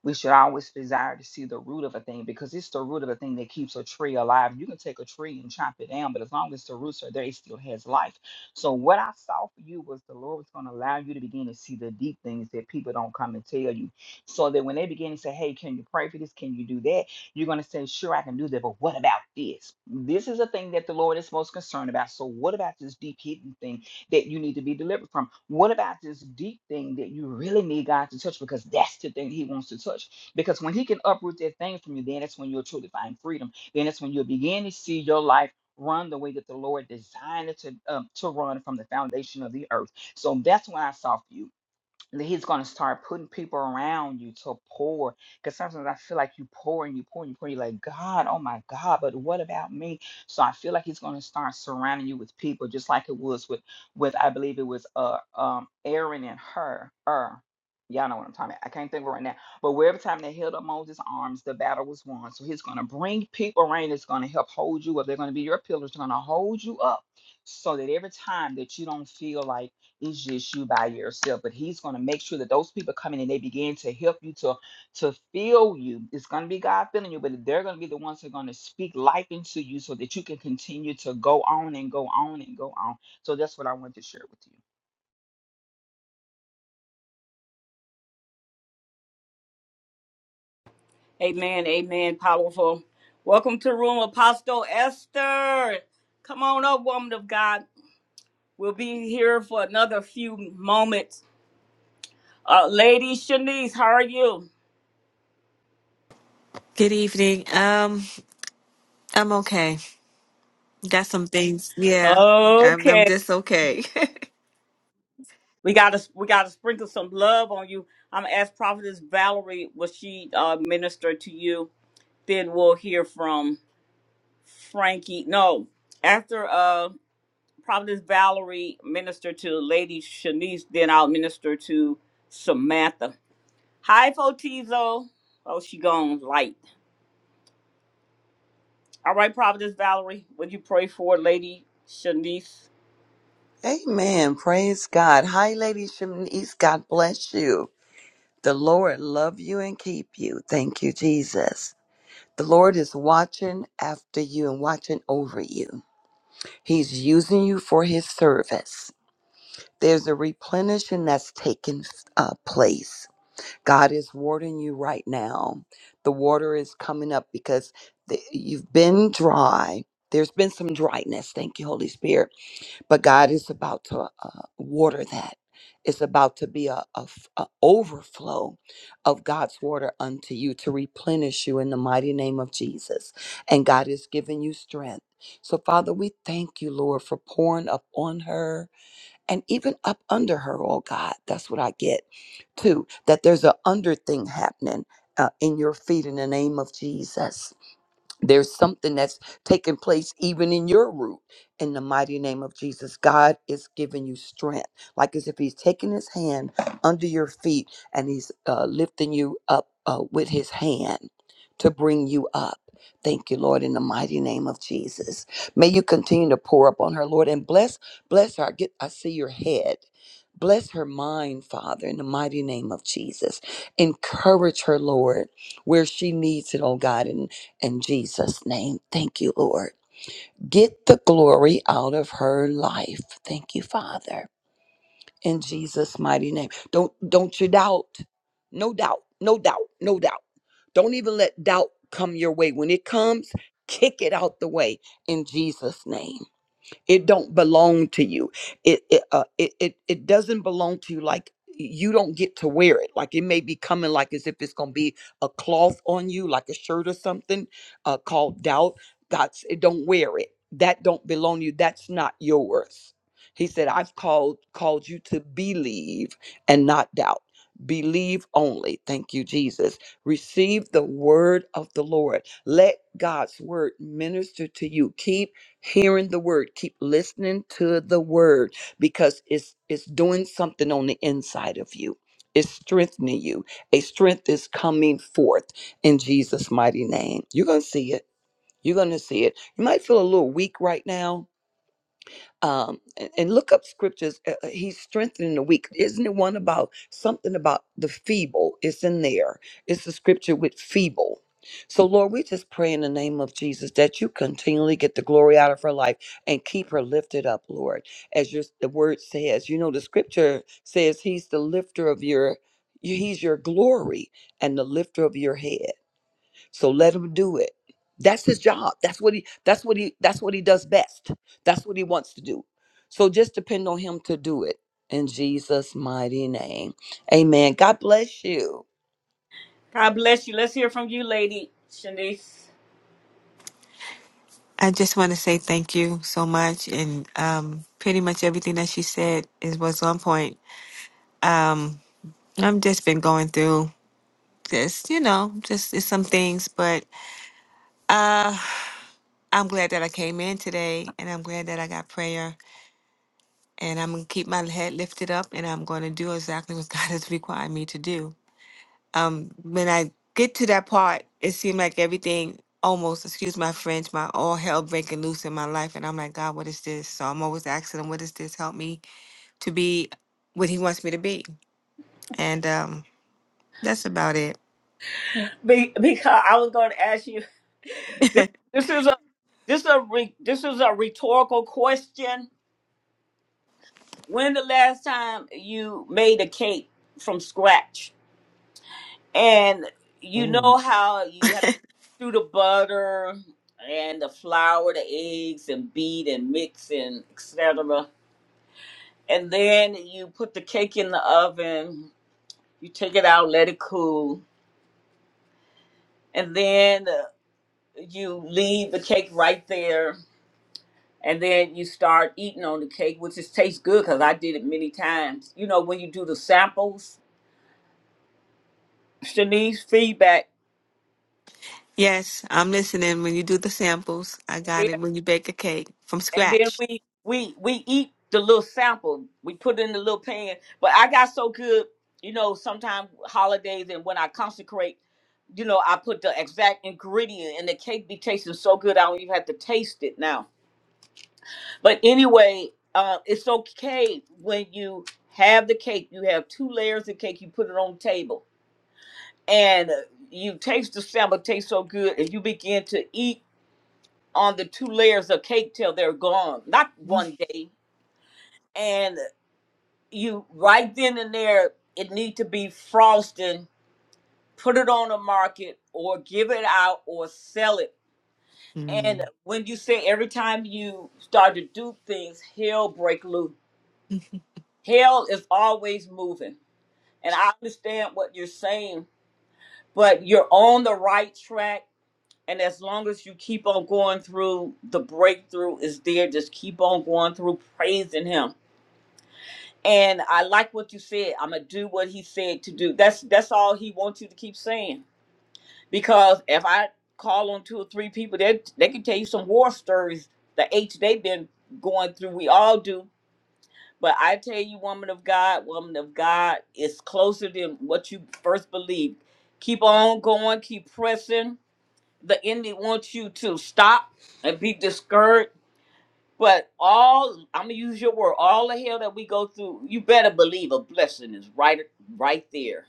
S8: we should always desire to see the root of a thing because it's the root of a thing that keeps a tree alive. You can take a tree and chop it down, but as long as the roots are there, it still has life. So what I saw for you was the Lord was going to allow you to begin to see the deep things that people don't come and tell you. So that when they begin to say, Hey, can you pray for this? Can you do that? You're going to say, Sure, I can do that, but what about this? This is a thing that the Lord is most concerned about. So what about this deep hidden thing? that you need to be delivered from? What about this deep thing that you really need God to touch? Because that's the thing He wants to touch. Because when He can uproot that thing from you, then that's when you'll truly find freedom. Then that's when you'll begin to see your life run the way that the Lord designed it to um, to run from the foundation of the earth. So that's what I saw for you that he's going to start putting people around you to pour. Because sometimes I feel like you pour and you pour and you pour. You're like, God, oh my God, but what about me? So I feel like he's going to start surrounding you with people, just like it was with, with I believe it was uh um Aaron and her, her. Y'all know what I'm talking about. I can't think of it right now. But wherever time they held up Moses' arms, the battle was won. So he's going to bring people around that's going to help hold you up. They're going to be your pillars. They're going to hold you up so that every time that you don't feel like it's just you by yourself. But he's gonna make sure that those people come in and they begin to help you to to feel you. It's gonna be God filling you, but they're gonna be the ones that are gonna speak life into you so that you can continue to go on and go on and go on. So that's what I want to share with you.
S1: Amen. Amen. Powerful. Welcome to the room, Apostle Esther. Come on up, woman of God. We'll be here for another few moments. Uh, Lady Shanice, how are you?
S10: Good evening. Um, I'm okay. Got some things. Yeah, I'm, I'm
S1: Okay.
S10: just okay.
S1: We gotta we gotta sprinkle some love on you. I'm gonna ask Prophetess Valerie will she uh, minister to you. Then we'll hear from Frankie. No, after uh Prophetess Valerie minister to Lady Shanice, then I'll minister to Samantha. Hi, Fotizo. Oh, she gone light. All right, Prophetess Valerie, would you pray for Lady Shanice?
S3: Amen. Praise God. Hi, Lady Shanice. God bless you. The Lord love you and keep you. Thank you, Jesus. The Lord is watching after you and watching over you. He's using you for his service. There's a replenishing that's taking uh, place. God is watering you right now. The water is coming up because the, you've been dry. There's been some dryness. Thank you, Holy Spirit but God is about to uh, water that. It's about to be a, a f- a overflow of God's water unto you to replenish you in the mighty name of Jesus. And God is giving you strength. So, Father, we thank you, Lord, for pouring up on her and even up under her. Oh God, that's what I get too. That there's an under thing happening uh, in your feet in the name of Jesus there's something that's taking place even in your root in the mighty name of jesus god is giving you strength like as if he's taking his hand under your feet and he's uh, lifting you up uh, with his hand to bring you up thank you lord in the mighty name of jesus may you continue to pour upon her lord and bless bless her i get i see your head Bless her mind, Father, in the mighty name of Jesus. Encourage her, Lord, where she needs it, oh God, in in Jesus' name, thank you, Lord. Get the glory out of her life. Thank you, Father. In Jesus' mighty name. Don't don't you doubt. No doubt. No doubt. No doubt. Don't even let doubt come your way. When it comes, kick it out the way in Jesus' name it don't belong to you it it, uh, it it it doesn't belong to you like you don't get to wear it like it may be coming like as if it's gonna be a cloth on you like a shirt or something uh called doubt god's it don't wear it that don't belong to you that's not yours he said i've called called you to believe and not doubt believe only thank you jesus receive the word of the lord let god's word minister to you keep hearing the word keep listening to the word because it's it's doing something on the inside of you it's strengthening you a strength is coming forth in jesus mighty name you're gonna see it you're gonna see it you might feel a little weak right now um, and, and look up scriptures. Uh, uh, he's strengthening the weak. Isn't it one about something about the feeble? It's in there. It's the scripture with feeble. So, Lord, we just pray in the name of Jesus that you continually get the glory out of her life and keep her lifted up, Lord. As your, the word says, you know, the scripture says he's the lifter of your, he's your glory and the lifter of your head. So let him do it. That's his job. That's what he that's what he that's what he does best. That's what he wants to do. So just depend on him to do it in Jesus mighty name. Amen. God bless you.
S1: God bless you. Let's hear from you, Lady Shanice.
S10: I just want to say thank you so much, and um, pretty much everything that she said is was on point. Um, I'm just been going through this, you know, just it's some things, but uh, I'm glad that I came in today, and I'm glad that I got prayer, and I'm gonna keep my head lifted up, and I'm gonna do exactly what God has required me to do. Um, when I get to that part, it seemed like everything almost, excuse my French, my all hell breaking loose in my life. And I'm like, God, what is this? So I'm always asking him, what is this? Help me to be what he wants me to be. And um, that's about it.
S1: Be- because I was going to ask you. This, this is a This is a re- this is a rhetorical question. When the last time you made a cake from scratch? And you know
S10: Mm.
S1: how you have to do the butter and the flour, the eggs, and beat and mix and etc. And then you put the cake in the oven. You take it out, let it cool, and then uh, you leave the cake right there and then you start eating on the cake, which is tastes good because I did it many times. You know, when you do the samples, Shanice feedback.
S10: Yes, I'm listening. When you do the samples, I got
S1: Yeah,
S10: it. When you bake a cake from
S1: and then
S10: scratch.
S1: we we we eat the little sample. We put it in the little pan. But I got so good, you know. Sometimes holidays and when I consecrate, you know, I put the exact ingredient, and the cake be tasting so good I don't even have to taste it now. But anyway, uh, it's okay when you have the cake. You have two layers of cake. You put it on the table and uh, you taste the salmon tastes so good and you begin to eat on the two layers of cake till they're gone not one day and you right then and there it need to be frosting put it on the market or give it out or sell it
S10: Mm.
S1: and when you say every time you start to do things hell break loose hell is always moving and i understand what you're saying but you're on the right track And as long as you keep on going through, the breakthrough is there. Just keep on going through, praising him. And I like what you said. I'm gonna do what he said to do. That's that's all he wants you to keep saying. Because if I call on two or three people, they they can tell you some war stories the H they've been going through. We all do. But I tell you, woman of God, woman of God, it's closer than what you first believed. Keep on going, keep pressing the enemy wants you to stop and be discouraged. But all I'm gonna use your word, all the hell that we go through, you better believe a blessing is right right there.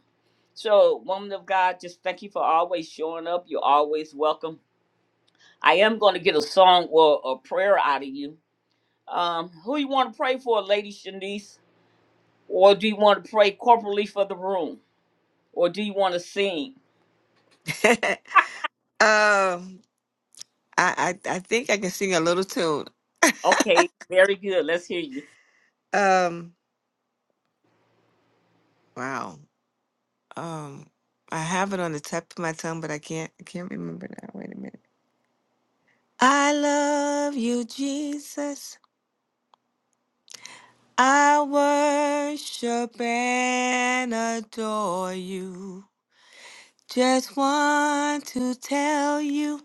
S1: So, woman of God, just thank you for always showing up. You're always welcome. I am gonna get a song or a prayer out of you. Um, who you want to pray for, Lady Shanice, or do you want to pray corporately for the room, or do you want to sing?
S10: um, I, I I think I can sing a little tune.
S1: Okay, very good. Let's hear you.
S10: Um, wow. Um, I have it on the tip of my tongue, but I can't. I can't remember now. Wait a minute. I love you, Jesus. I worship and adore you. Just want to tell you,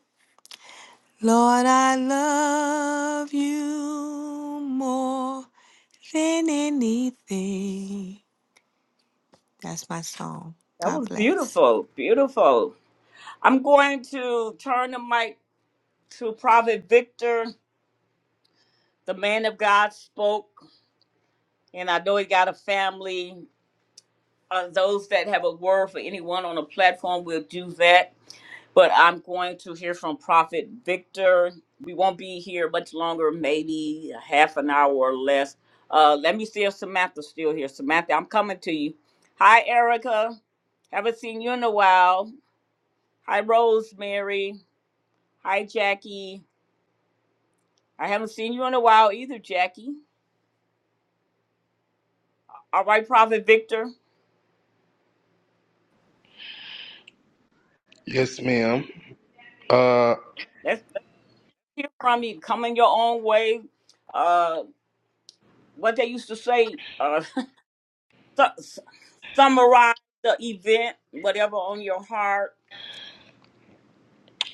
S10: Lord, I love you more than anything. That's my song.
S1: That
S10: God
S1: was
S10: bless.
S1: beautiful, beautiful. I'm going to turn the mic to Prophet Victor. The man of God spoke, and I know he got a family. Uh, those that have a word for anyone on the platform will do that. But I'm going to hear from Prophet Victor. We won't be here much longer, maybe a half an hour or less. Uh, let me see if Samantha's still here. Samantha, I'm coming to you. Hi, Erica. Haven't seen you in a while. Hi, Rosemary. Hi, Jackie. I haven't seen you in a while either, Jackie. All right, Prophet Victor.
S2: Yes, ma'am. Uh,
S1: Let's, let's hear from you. Come in your own way. Uh, what they used to say, uh, su- su- summarize the event, whatever on your heart.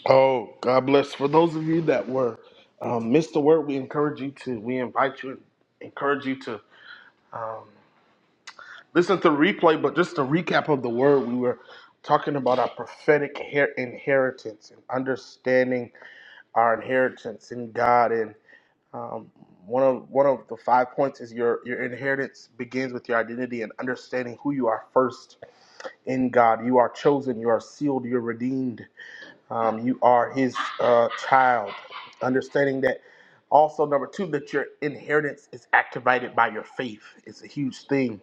S2: Oh, God bless. For those of you that were um, missed the word, we encourage you to, we invite you, encourage you to um, listen to the replay. But just a recap of the word, we were talking about our prophetic her- inheritance and understanding our inheritance in God. And um, one of one of the five points is your your inheritance begins with your identity and understanding who you are first in God. You are chosen, you are sealed, you're redeemed um, you are his uh, child. Understanding that also, number two, that your inheritance is activated by your faith. It's a huge thing.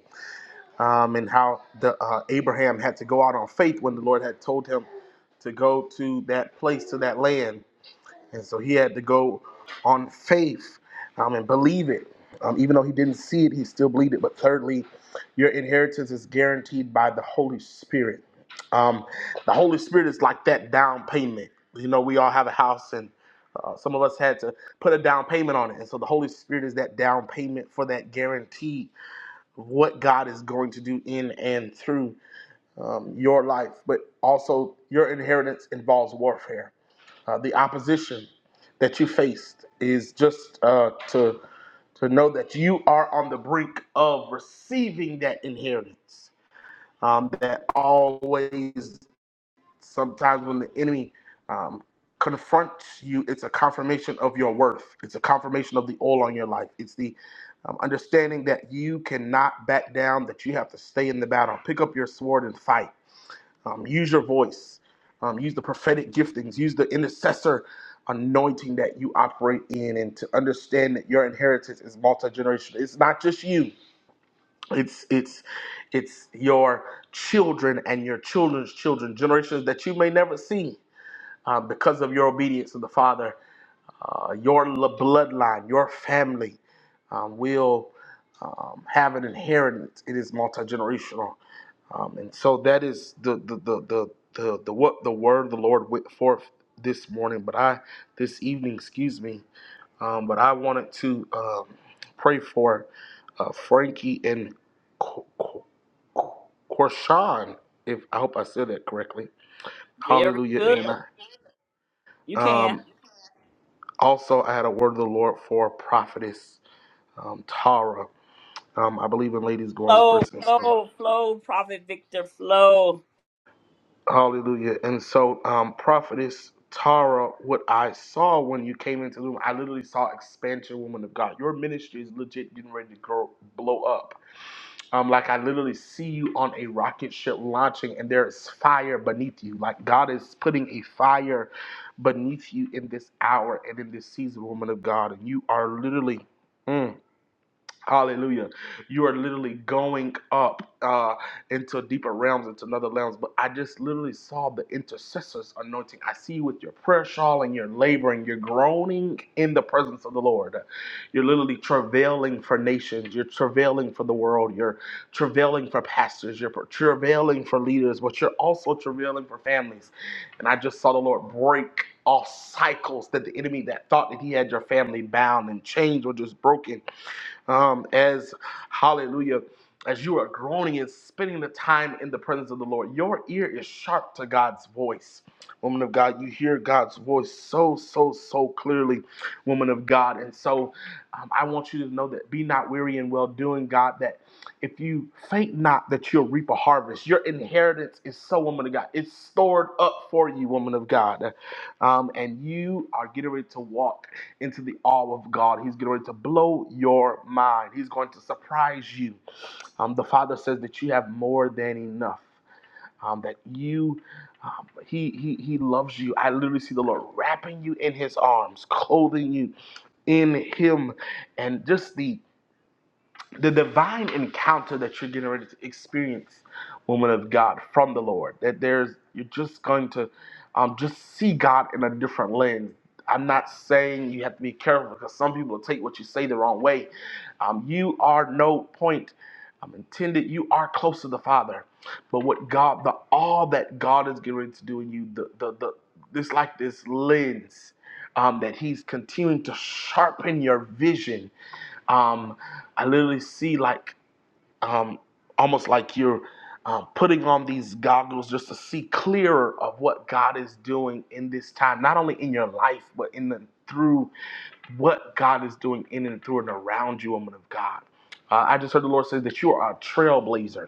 S2: Um, and how the uh, Abraham had to go out on faith when the Lord had told him to go to that place, to that land. And so he had to go on faith um, and believe it. Um, even though he didn't see it, he still believed it. But thirdly, your inheritance is guaranteed by the Holy Spirit. Um, the Holy Spirit is like that down payment. You know, we all have a house, and uh, some of us had to put a down payment on it. And so the Holy Spirit is that down payment for that guarantee of what God is going to do in and through um, your life, but also your inheritance involves warfare. Uh, the opposition that you faced is just uh, to to know that you are on the brink of receiving that inheritance. Um, that always, sometimes when the enemy um, confronts you, it's a confirmation of your worth. It's a confirmation of the oil on your life. It's the um, understanding that you cannot back down, that you have to stay in the battle, pick up your sword and fight um, use your voice. Um, use the prophetic giftings. Use the intercessor anointing that you operate in, and to understand that your inheritance is multi generational. It's not just you. It's it's it's your children and your children's children, generations that you may never see uh, because of your obedience to the Father. Uh, your l- bloodline, your family um, will um, have an inheritance. It is multi generational. Um, and so that is the the the the the, the what the word of the Lord went forth this morning, but I this evening, excuse me. Um, but I wanted to um, pray for uh, Frankie and Qu- Qu- Qu- Quashan. If I hope I said that correctly,
S1: Very
S2: Hallelujah. And
S1: good.
S2: then I
S1: You
S2: um,
S1: can.
S2: also I had a word of the Lord for prophetess um, Tara. Um, I believe in ladies going
S1: Flow,
S2: first.
S1: flow, flow, Prophet Victor, flow.
S2: Hallelujah. And so, um, prophetess Tara, what I saw when you came into the room, I literally saw expansion, woman of God. Your ministry is legit getting ready to grow, blow up. Um, like I literally see you on a rocket ship launching, and there is fire beneath you. Like God is putting a fire beneath you in this hour and in this season, woman of God, and you are literally. mm, Hallelujah. You are literally going up uh, into deeper realms, into another realms. But I just literally saw the intercessor's anointing. I see you with your prayer shawl and you're laboring, you're groaning in the presence of the Lord. You're literally travailing for nations, you're travailing for the world, you're travailing for pastors, you're travailing for leaders, but you're also travailing for families. And I just saw the Lord break all cycles that the enemy that thought that he had your family bound and chains were just broken um, as hallelujah, as you are groaning and spending the time in the presence of the Lord. Your ear is sharp to God's voice. Woman of God, you hear God's voice so, so, so clearly, woman of God. And so um, I want you to know that be not weary in well doing, God, that if you faint not, that you'll reap a harvest. Your inheritance is so, woman of God. It's stored up for you, woman of God. Um, and you are getting ready to walk into the awe of God. He's going to blow your mind. He's going to surprise you. Um, the Father says that you have more than enough. Um, that you, um, he, he, he loves you. I literally see the Lord wrapping you in His arms, clothing you in Him, and just the the divine encounter that you're getting ready to experience, woman of God, from the Lord. That there's you're just going to um, just see God in a different lens. I'm not saying you have to be careful because some people take what you say the wrong way. Um, you are no point um, intended. You are close to the Father, but what God, the all that God is getting ready to do in you, the the the this like this lens um, that He's continuing to sharpen your vision um, I literally see like um, almost like you're um, putting on these goggles just to see clearer of what God is doing in this time, not only in your life but in the through what God is doing in and through and around you, woman of God. Uh, I just heard the Lord say that you are a trailblazer.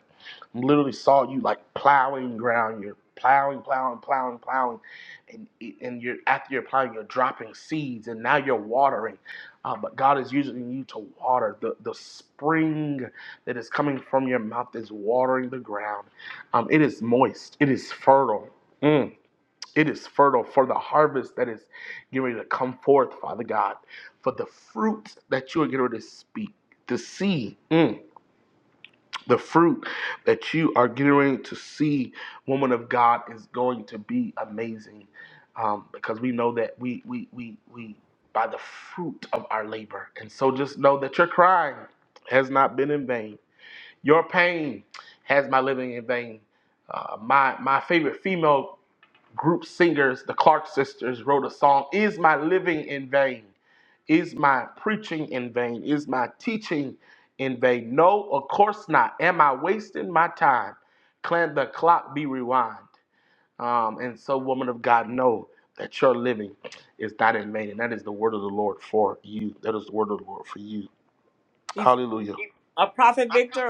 S2: I literally saw you like plowing ground. You're plowing, plowing, plowing, plowing, and and you're after you're plowing, you're dropping seeds, and now you're watering. Uh, but God is using you to water the the spring that is coming from your mouth is watering the ground. Um, it is moist. It is fertile. Mm. It is fertile for the harvest that is getting to come forth, Father God, for the fruit that you are getting to speak, to see. Mm, the fruit that you are getting to see, woman of God, is going to be amazing. Um, because we know that we we we we by the fruit of our labor. And so just know that your crying has not been in vain. Your pain has my living in vain. Uh, my my favorite female group singers, the Clark sisters, wrote a song Is My Living in Vain? Is My Preaching in Vain? Is My Teaching in Vain? No, of course not. Am I wasting my time? Can the clock be rewind? Um, and so, woman of God, know that your living is not in vain. And that is the word of the Lord for you. That is the word of the Lord for you.
S1: He's
S2: Hallelujah.
S1: a Prophet Victor.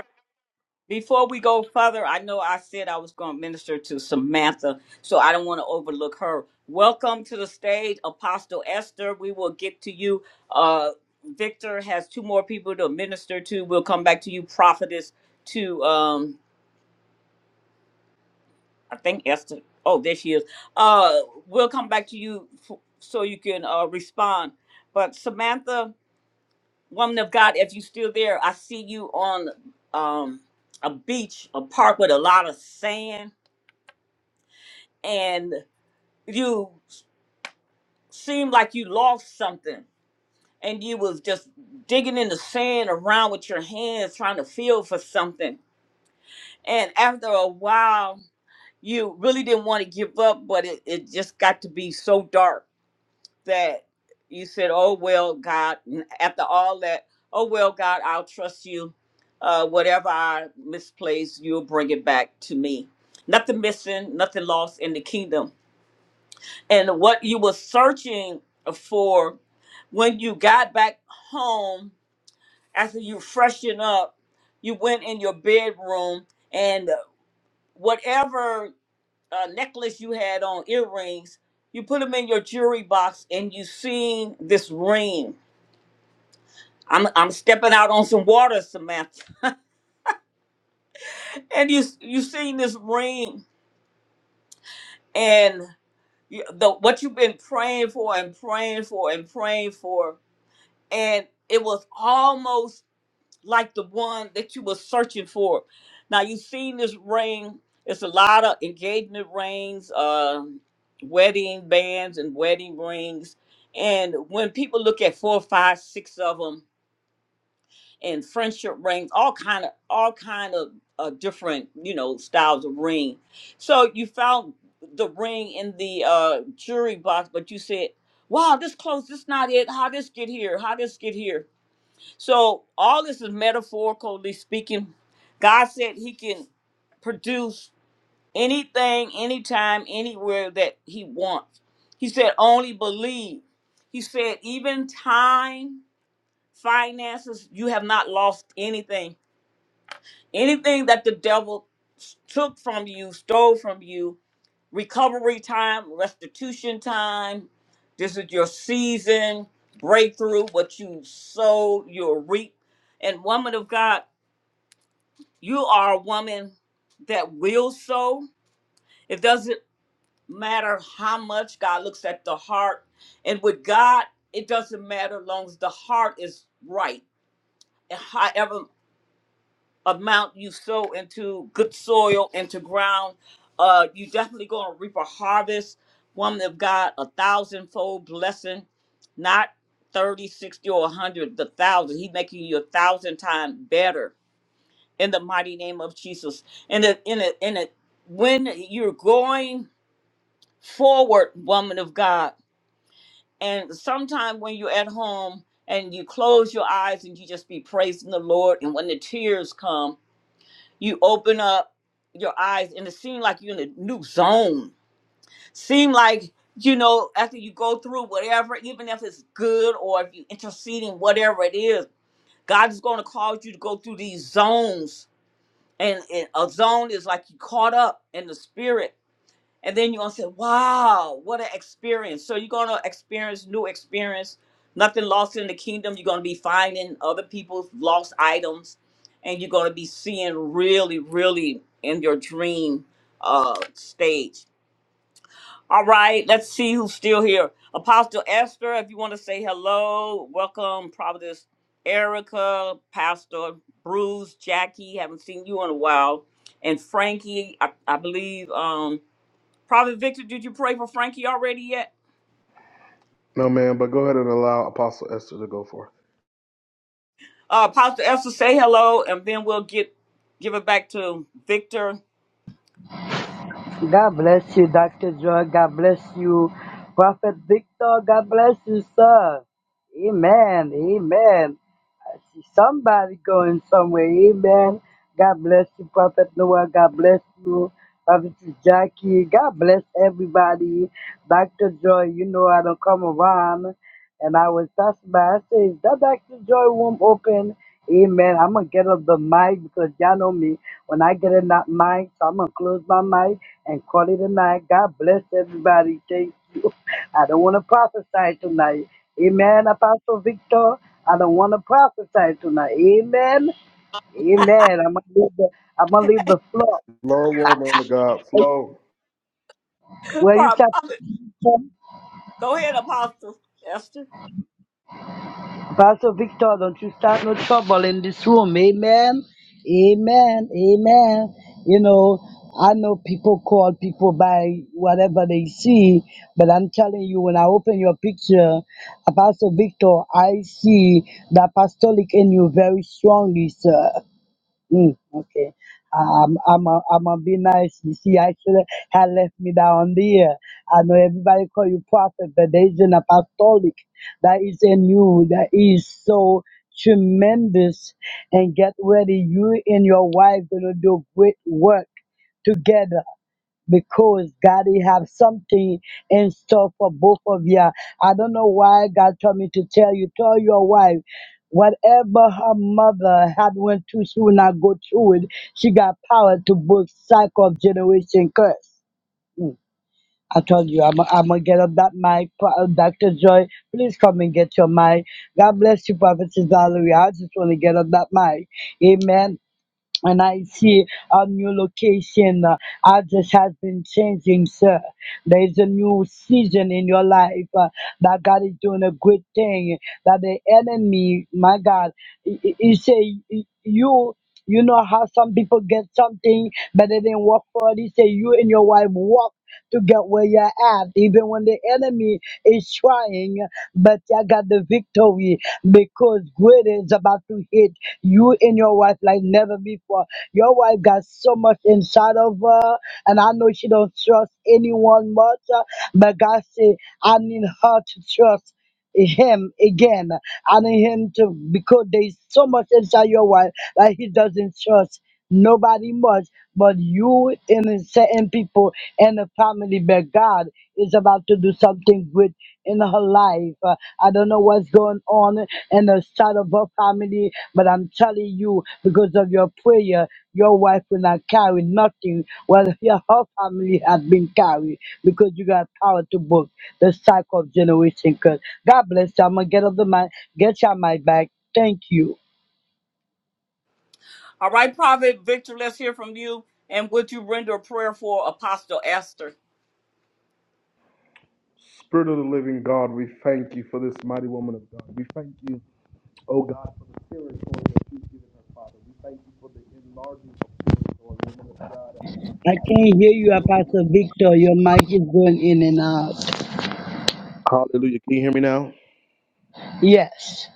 S1: Before we go further, I know I said I was going to minister to Samantha, so I don't want to overlook her. Welcome to the stage, Apostle Esther. We will get to you. Uh, Victor has two more people to minister to. We'll come back to you, Prophetess, to, um, I think Esther. Oh, there she is. Uh, we'll come back to you f- so you can uh, respond. But Samantha, woman of God, if you're still there, I see you on um, a beach, a park with a lot of sand and you seemed like you lost something and you was just digging in the sand around with your hands trying to feel for something and after a while you really didn't want to give up but it, it just got to be so dark that you said oh well god and after all that oh well god i'll trust you uh, whatever i misplace you'll bring it back to me nothing missing nothing lost in the kingdom and what you were searching for when you got back home after you freshened up you went in your bedroom and whatever uh, necklace you had on earrings you put them in your jewelry box and you seen this ring i'm, I'm stepping out on some water samantha and you you seen this ring and you, the what you've been praying for and praying for and praying for and it was almost like the one that you were searching for. Now you've seen this ring. It's a lot of engagement rings, um, wedding bands, and wedding rings. And when people look at four, five, six of them, and friendship rings, all kind of, all kind of uh, different, you know, styles of ring. So you found the ring in the uh, jury box, but you said, "Wow, this close. This not it. How this get here? How this get here?" So all this is metaphorically speaking. God said he can produce anything, anytime, anywhere that he wants. He said only believe. He said even time, finances, you have not lost anything. Anything that the devil s- took from you, stole from you, recovery time, restitution time. This is your season, breakthrough, what you sow, you'll reap. And woman of God, you are a woman that will sow. It doesn't matter how much God looks at the heart. And with God, it doesn't matter as long as the heart is right. And However. amount you sow into good soil, into ground, uh, you definitely gonna reap a harvest. Woman of God, a thousandfold blessing, not thirty, sixty, 60, or 100, the thousand. He making you a thousand times better in the mighty name of Jesus. And it, in it, in it, when you're going forward, woman of God, and sometime when you're at home and you close your eyes and you just be praising the Lord, and when the tears come, you open up your eyes and it seems like you're in a new zone seem like you know after you go through whatever even if it's good or if you interceding whatever it is god is going to cause you to go through these zones and, and a zone is like you caught up in the spirit and then you're gonna say, Wow, what an experience. So you're gonna experience new experience, nothing lost in the kingdom. You're gonna be finding other people's lost items, and you're gonna be seeing really, really in your dream uh stage. All right, let's see who's still here. Apostle Esther, if you want to say hello, welcome, Providence Erica, Pastor Bruce, Jackie, haven't seen you in a while. And Frankie, I, I believe um, Prophet Victor, did you pray for Frankie already yet?
S2: No, man, but go ahead and allow Apostle Esther to go forth.
S1: Uh, Pastor Esther, say hello, and then we'll get give it back to Victor.
S11: God bless you, Dr. Joy. God bless you, Prophet Victor. God bless you, sir. Amen. Amen. I see somebody going somewhere. Amen. God bless you, Prophet Noah. God bless you, Prophet Jackie. God bless everybody. Dr. Joy, you know I don't come around. And I was passing by. I said, that Dr. Joy room open. Amen. I'm going to get up the mic because y'all know me. When I get in that mic, so I'm going to close my mic and call it a night. God bless everybody. Thank you. I don't want to prophesy tonight. Amen, Apostle Victor. I don't want to prophesy tonight. Amen. Amen. I'm going to leave the, I'm gonna leave the floor.
S2: Flow, woman of God, flow.
S11: Where you
S1: Pro-
S11: shall.
S1: Go ahead, Apostle Esther.
S11: Pastor Victor, don't you start no trouble in this room. Amen. Amen. Amen. You know, I know people call people by whatever they see, but I'm telling you, when I open your picture, Pastor Victor, I see the apostolic in you very strongly, sir. Mm, okay. Um, I'm a, I'm gonna be nice. You see, actually, should have left me down there. I know everybody call you prophet, but there is an apostolic that is in you that is so tremendous. And get ready, you and your wife gonna do great work together because God he have something in store for both of you. I don't know why God told me to tell you, tell your wife, whatever her mother had went through, she will not go through it. She got power to break cycle of generation curse. I told you, I'm, I'm gonna get up that mic, Pro- uh, Dr. Joy. Please come and get your mic. God bless you, Prophet Valerie. I just want to get up that mic. Amen and I see a new location. Uh, Others has been changing, sir. There is a new season in your life uh, that God is doing a good thing. That the enemy, my God, he, he he say "Y- you. You know how some people get something, but they didn't work for it. He say you and your wife work to get where you're at, even when the enemy is trying. But I got the victory because greater is about to hit you and your wife like never before. Your wife got so much inside of her, and I know she don't trust anyone much, uh, but God said, I need her to trust him again. I need him to because there's so much inside your wife that he doesn't trust nobody much but you and the certain people and the family but God is about to do something good in her life. Uh, I don't know what's going on in the side of her family. But I'm telling you, because of your prayer, your wife will not carry nothing. Well, your whole family has been carried because you got power to book the cycle of generation. Cause God bless you. I'm gonna get off the mic. Get your mic back. Thank you.
S1: All right, Prophet Victor, let's hear from you. And would you render a prayer for Apostle Esther?
S2: Spirit of the living God, we thank you for this mighty woman of God. We thank you, oh God, for the territory that you've given her, Father. We thank you for the enlarging of the territory, woman of God.
S11: I
S2: I
S11: can't
S2: really
S11: hear
S2: see
S11: you, Apostle
S2: the Lord.
S11: Victor. Your mic is going in and out.
S2: Hallelujah. Can you hear me now?
S11: Yes.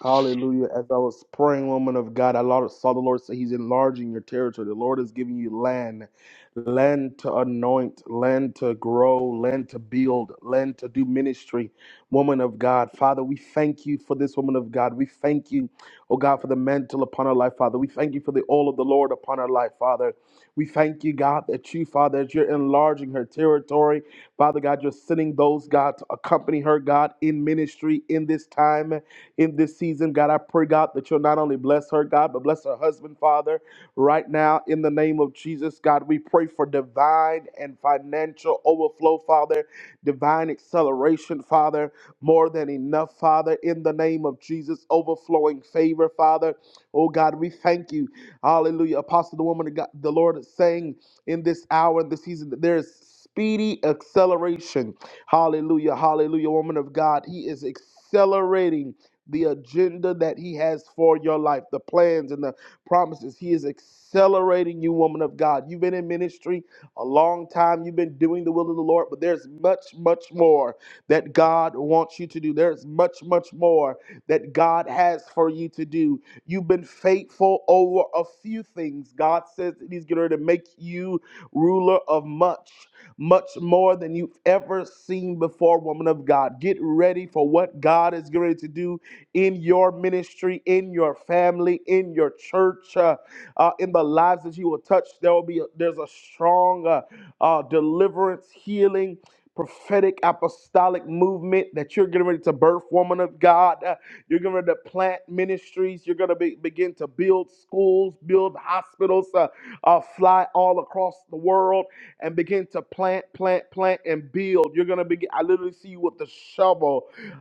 S2: Hallelujah. As I was praying, woman of God, I lo- saw the Lord say He's enlarging your territory. The Lord is giving you land, land to anoint, land to grow, land to build, land to do ministry. Woman of God, Father, we thank you for this woman of God. We thank you, oh God, for the mantle upon her life, Father. We thank you for the oil of the Lord upon her life, Father. We thank you, God, that you, Father, as you're enlarging her territory, Father God, you're sending those, God, to accompany her, God, in ministry in this time in this season. God, I pray, God, that you'll not only bless her, God, but bless her husband, Father, right now in the name of Jesus. God, we pray for divine and financial overflow, Father, divine acceleration, Father, more than enough, Father, in the name of Jesus, overflowing favor, Father. Oh, God, we thank you. Hallelujah. Apostle, the woman of God, the Lord is saying in this hour, in this season, that there is speedy acceleration. Hallelujah. Hallelujah. Woman of God, He is accelerating the agenda that He has for your life, the plans and the promises. He is accelerating you, woman of God. You've been in ministry a long time, you've been doing the will of the Lord, but there's much, much more that God wants you to do. There's much, much more that God has for you to do. You've been faithful over a few things. God says that He's going to make you ruler of much much more than you've ever seen before, woman of God. Get ready for what God is going to do in your ministry, in your family, in your church, uh, uh, in the lives that you will touch. There will be a, there's a strong uh, uh, deliverance, healing. Prophetic apostolic movement that you're getting ready to birth, woman of God. Uh, you're getting ready to plant ministries. You're going to be, begin to build schools, build hospitals, uh, uh, fly all across the world and begin to plant, plant, plant, and build. You're going to begin. I literally see you with the shovel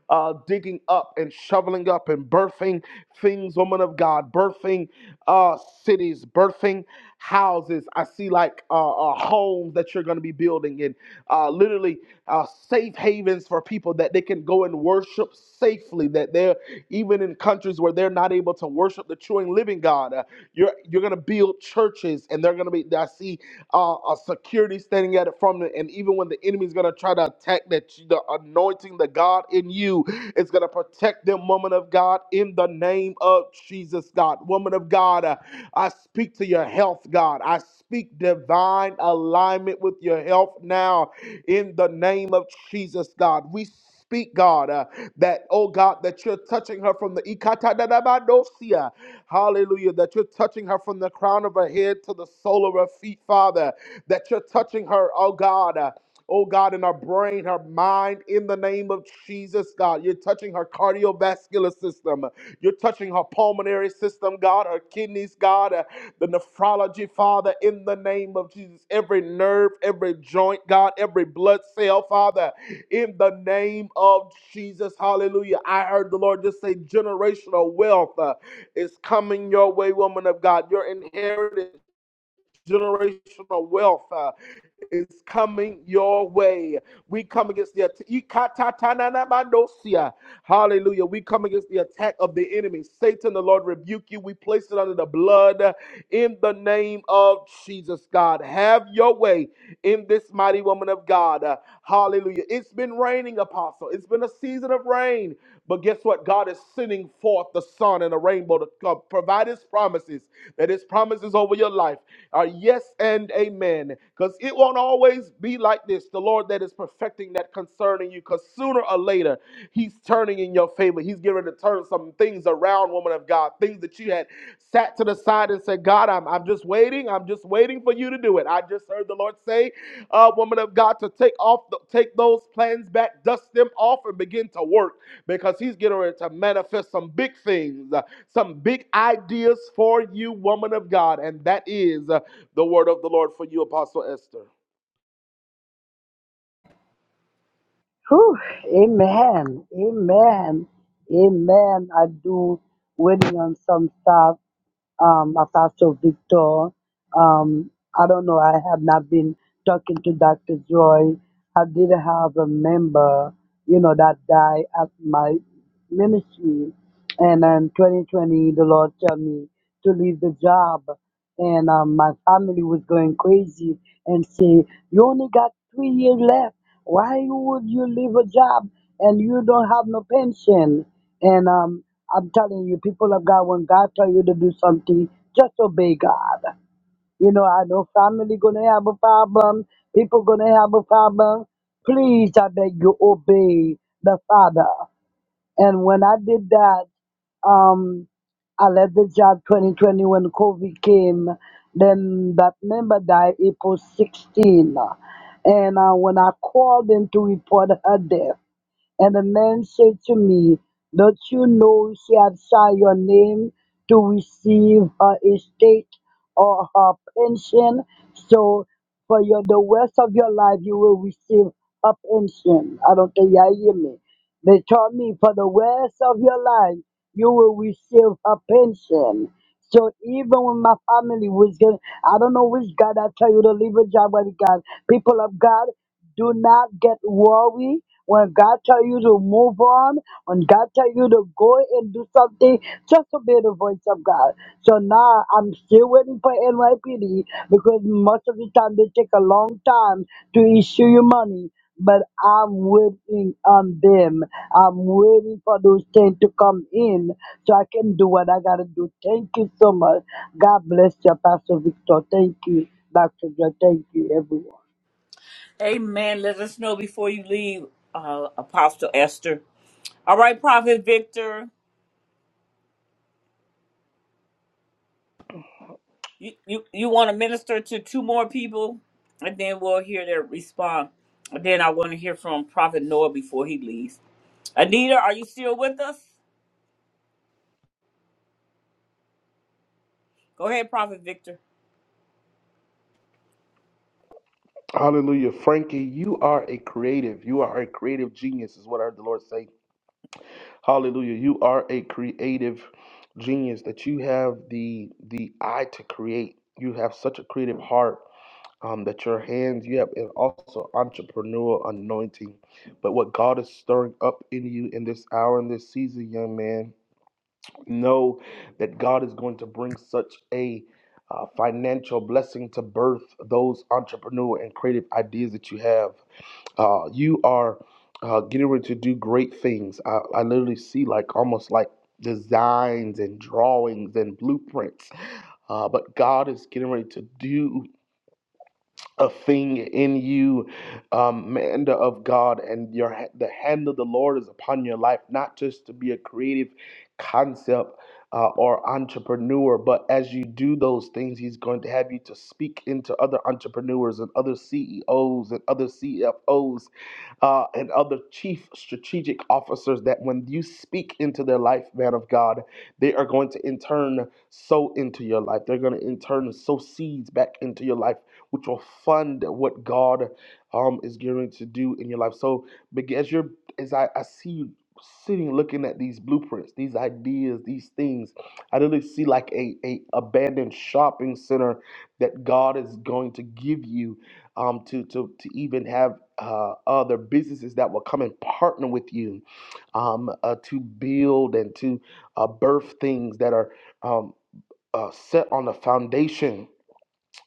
S2: uh, digging up and shoveling up and birthing things, woman of God, birthing uh, cities, birthing houses. I see like uh, uh, homes that you're going to be building and uh, literally uh, safe havens for people that they can go and worship safely. That they're even in countries where they're not able to worship the true and living God. Uh, you're you're going to build churches and they're going to be. I see uh, a security standing at it from it. And even when the enemy is going to try to attack that, the anointing, the God in you is going to protect them, woman of God, in the name of Jesus, God. Woman of God, uh, I speak to your health, God. I speak divine alignment with your health now in the name of Jesus, God. We Speak, God, uh, that, oh God, that you're touching her from the ikatadadabadosia. Hallelujah. That you're touching her from the crown of her head to the sole of her feet, Father. That you're touching her, oh God. uh, Oh God, in her brain, her mind, in the name of Jesus, God. You're touching her cardiovascular system. You're touching her pulmonary system, God, her kidneys, God, uh, the nephrology, Father, in the name of Jesus. Every nerve, every joint, God, every blood cell, Father in the name of Jesus. Hallelujah. I heard the Lord just say generational wealth uh, is coming your way, woman of God. Your inheritance, generational wealth. uh, is coming your way. We come against the attack. Hallelujah. We come against the attack of the enemy. Satan, the Lord rebuke you. We place it under the blood in the name of Jesus, God. Have your way in this mighty woman of God. Uh, Hallelujah. It's been raining, apostle. It's been a season of rain. But guess what? God is sending forth the sun and the rainbow to uh, provide his promises, that his promises over your life. Our yes and amen. Because it won't always be like this. The Lord that is perfecting that concerning you, because sooner or later, He's turning in your favor. He's getting ready to turn some things around, woman of God. Things that you had sat to the side and said, God, I'm, I'm just waiting. I'm just waiting for you to do it. I just heard the Lord say, uh, woman of God, to take off, the, take those plans back, dust them off, and begin to work because He's getting ready to manifest some big things, uh, some big ideas for you, woman of God. And that is. uh, the word of the Lord for you, Apostle Esther.
S11: Whew, amen. Amen. Amen. I do waiting on some stuff. Um, of Pastor Victor. Um, I don't know. I have not been talking to Dr. Joy. I did have a member, you know, that died at my ministry, and in 2020, the Lord told me to leave the job, and um, my family was going crazy and say, "You only got three years left." Why would you leave a job and you don't have no pension? And um, I'm telling you, people of God, when God tell you to do something, just obey God. You know, I know family gonna have a problem, people gonna have a problem. Please, I beg you, obey the Father. And when I did that, um, I left the job 2020 when COVID came. Then that member died April 16. And uh, when I called in to report her death, and the man said to me, Don't you know she had signed your name to receive her estate or her pension? So for your, the rest of your life, you will receive a pension. I don't think you hear me. They told me for the rest of your life, you will receive a pension. So even when my family was getting, I don't know which God I tell you to leave a job with God. People of God, do not get worried. When God tell you to move on, when God tell you to go and do something, just obey the voice of God. So now I'm still waiting for NYPD because most of the time they take a long time to issue you money but I'm waiting on them. I'm waiting for those things to come in so I can do what I gotta do. Thank you so much. God bless you, Pastor Victor. Thank you, Dr. Joe. Thank you, everyone.
S1: Amen. Let us know before you leave, uh, Apostle Esther. All right, Prophet Victor, you, you, you want to minister to two more people, and then we'll hear their response. And then I want to hear from Prophet Noah before he leaves. Anita, are you still with us? Go ahead, Prophet Victor.
S2: Hallelujah. Frankie, you are a creative. You are a creative genius, is what I heard the Lord say. Hallelujah. You are a creative genius that you have the the eye to create. You have such a creative heart um, that your hands, you have an also entrepreneurial anointing. But what God is stirring up in you in this hour, in this season, young man, know that God is going to bring such a uh, financial blessing to birth those entrepreneur and creative ideas that you have. Uh, you are uh, getting ready to do great things. I, I literally see like almost like designs and drawings and blueprints. Uh, but God is getting ready to do a thing in you, um, man of God, and your ha- the hand of the Lord is upon your life, not just to be a creative concept uh, or entrepreneur, but as you do those things, He's going to have you to speak into other entrepreneurs and other CEOs and other CFOs uh, and other chief strategic officers. That when you speak into their life, man of God, they are going to in turn sow into your life. They're going to in turn sow seeds back into your life which will fund what God um, is going to do in your life. So, beg- as you're, as I, I see you sitting looking at these blueprints, these ideas, these things, I really see like a, a abandoned shopping center that God is going to give you um, to, to, to even have uh, other businesses that will come and partner with you um, uh, to build and to uh, birth things that are um, uh, set on the foundation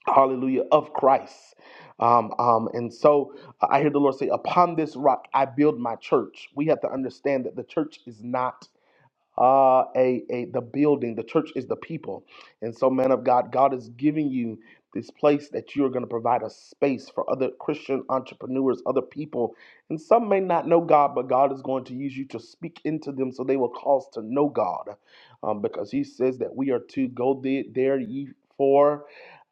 S2: hallelujah, of Christ. Um, um, and so I hear the Lord say, Upon this rock I build my church. We have to understand that the church is not uh, a, a the building. The church is the people. And so, man of God, God is giving you this place that you're going to provide a space for other Christian entrepreneurs, other people. And some may not know God, but God is going to use you to speak into them so they will cause to know God. Um, because he says that we are to go the- there ye for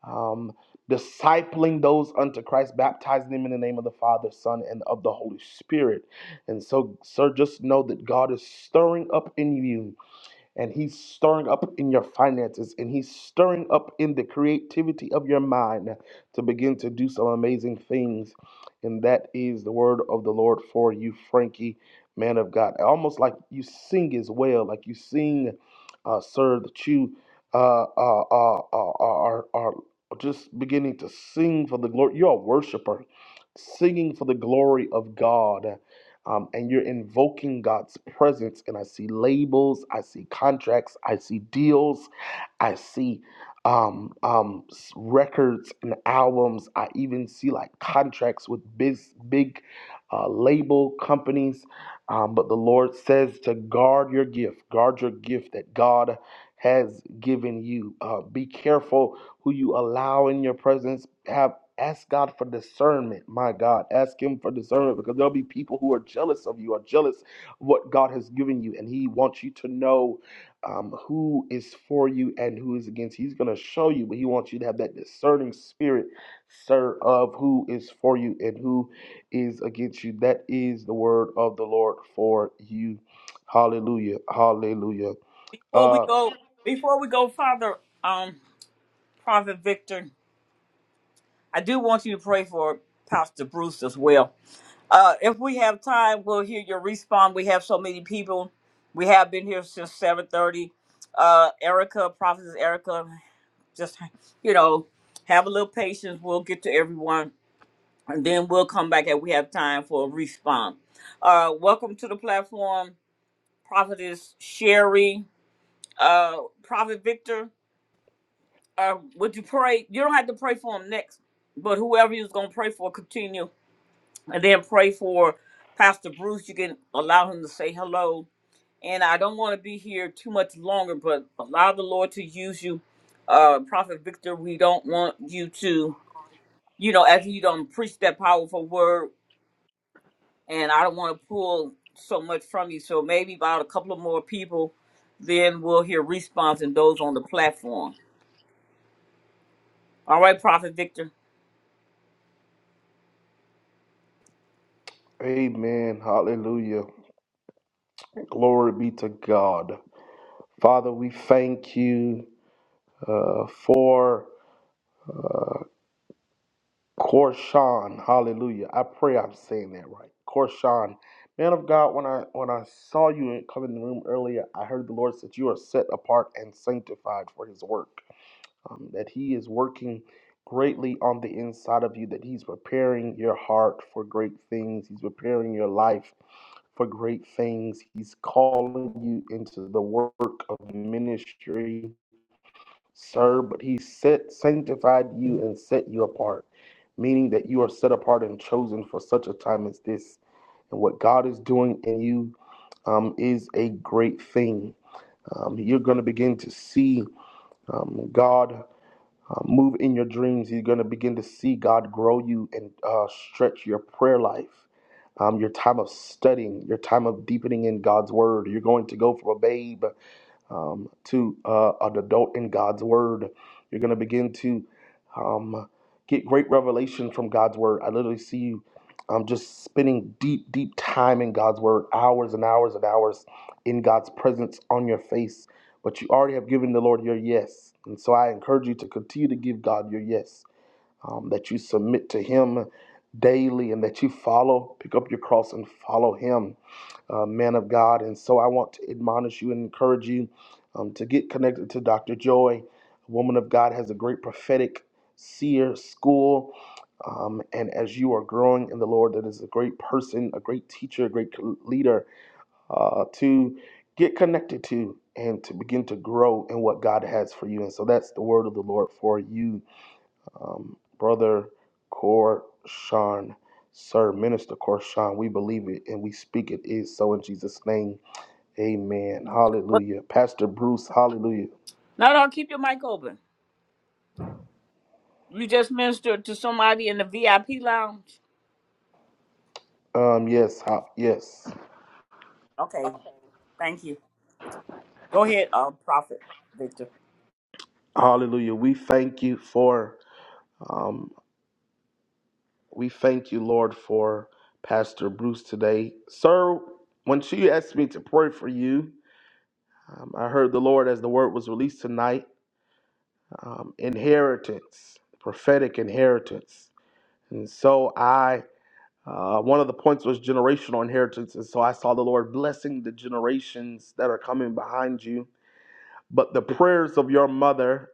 S2: um, discipling those unto Christ, baptizing them in the name of the Father, Son, and of the Holy Spirit. And so, sir, just know that God is stirring up in you, and He's stirring up in your finances, and He's stirring up in the creativity of your mind to begin to do some amazing things. And that is the word of the Lord for you, Frankie, man of God. Almost like you sing as well, like you sing, uh, sir, that you uh, uh, uh, uh, are, are just beginning to sing for the glory. You're a worshiper, singing for the glory of God um, and you're invoking God's presence. And I see labels, I see contracts, I see deals, I see um, um, records and albums. I even see like contracts with big, big uh, label companies. Um, but the Lord says to guard your gift, guard your gift that God has given you. Uh, be careful who you allow in your presence. Have ask God for discernment. My God, ask Him for discernment because there'll be people who are jealous of you, are jealous of what God has given you, and He wants you to know um, who is for you and who is against you. He's going to show you, but he wants you to have that discerning spirit, sir, of who is for you and who is against you. That is the word of the Lord for you. Hallelujah. Hallelujah.
S1: Before we
S2: Uh,
S1: go, before we go, Father, um, Prophet Victor, I do want you to pray for Pastor Bruce as well. Uh, if we have time, we'll hear your response. We have so many people. We have been here since seven thirty. Uh, Erica, Prophetess Erica, just you know, have a little patience. We'll get to everyone, and then we'll come back if we have time for a response. Uh, welcome to the platform. Prophetess Sherry, uh, Prophet Victor. Uh, would you pray? You don't have to pray for him next, but whoever you're going to pray for, continue. And then pray for Pastor Bruce. You can allow him to say hello. And I don't want to be here too much longer, but allow the Lord to use you. Uh, Prophet Victor, we don't want you to, you know, after you don't preach that powerful word, and I don't want to pull so much from you. So maybe about a couple of more people, then we'll hear response and those on the platform. All right, Prophet Victor.
S2: amen. Hallelujah. Glory be to God. Father, we thank you uh, for. Korshan, hallelujah. I pray I'm saying that right. Korshan, man of God, when I when I saw you come in the room earlier, I heard the Lord said you are set apart and sanctified for His work. Um, that He is working greatly on the inside of you. That He's preparing your heart for great things. He's preparing your life for great things. He's calling you into the work of ministry sir, but he set, sanctified you and set you apart, meaning that you are set apart and chosen for such a time as this. And what God is doing in you um, is a great thing. Um, you're going to begin to see um, God uh, move in your dreams. You're going to begin to see God grow you and uh, stretch your prayer life. Um, your time of studying, your time of deepening in God's word. You're going to go from a babe um, to uh, an adult in God's Word. You're going to begin to um, get great revelation from God's Word. I literally see you um, just spending deep, deep time in God's Word, hours and hours and hours in God's presence on your face. But you already have given the Lord your yes. And so I encourage you to continue to give God your yes um, that you submit to Him daily and that you follow, pick up your cross and follow Him, uh, man of God. And so I want to admonish you and encourage you um, to get connected to Dr. Joy. Woman of God has a great prophetic seer school. Um, and as you are growing in the Lord, that is a great person, a great teacher, a great leader uh, to get connected to and to begin to grow in what God has for you. And so that's the word of the Lord for you um, Brother Korshan, Sir Minister Korshan, we believe it and we speak it is so in Jesus' name. Amen.
S1: What?
S2: Hallelujah. Pastor Bruce, hallelujah.
S1: No, no, keep your mic open. You just ministered to somebody in the VIP lounge.
S2: Um, yes, ha- yes.
S1: Okay, thank you. Go ahead, uh, Prophet Victor.
S2: Hallelujah. We thank you for, um, we thank you, Lord, for Pastor Bruce today. Sir, when she asked me to pray for you, um, I heard the Lord as the word was released tonight um, inheritance, prophetic inheritance. And so I, uh, one of the points was generational inheritance. And so I saw the Lord blessing the generations that are coming behind you. But the prayers of your mother,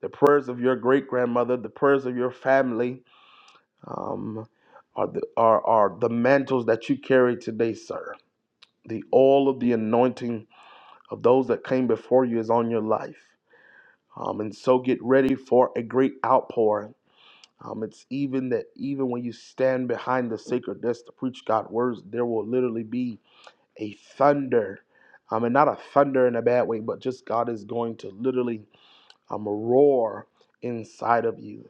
S2: the prayers of your great grandmother, the prayers of your family um, are, the, are, are the mantles that you carry today, sir. The all of the anointing of those that came before you is on your life. Um, and so get ready for a great outpouring Um, it's even that even when you stand behind the sacred desk to preach God's words, there will literally be a thunder. Um, and not a thunder in a bad way, but just God is going to literally um, roar inside of you.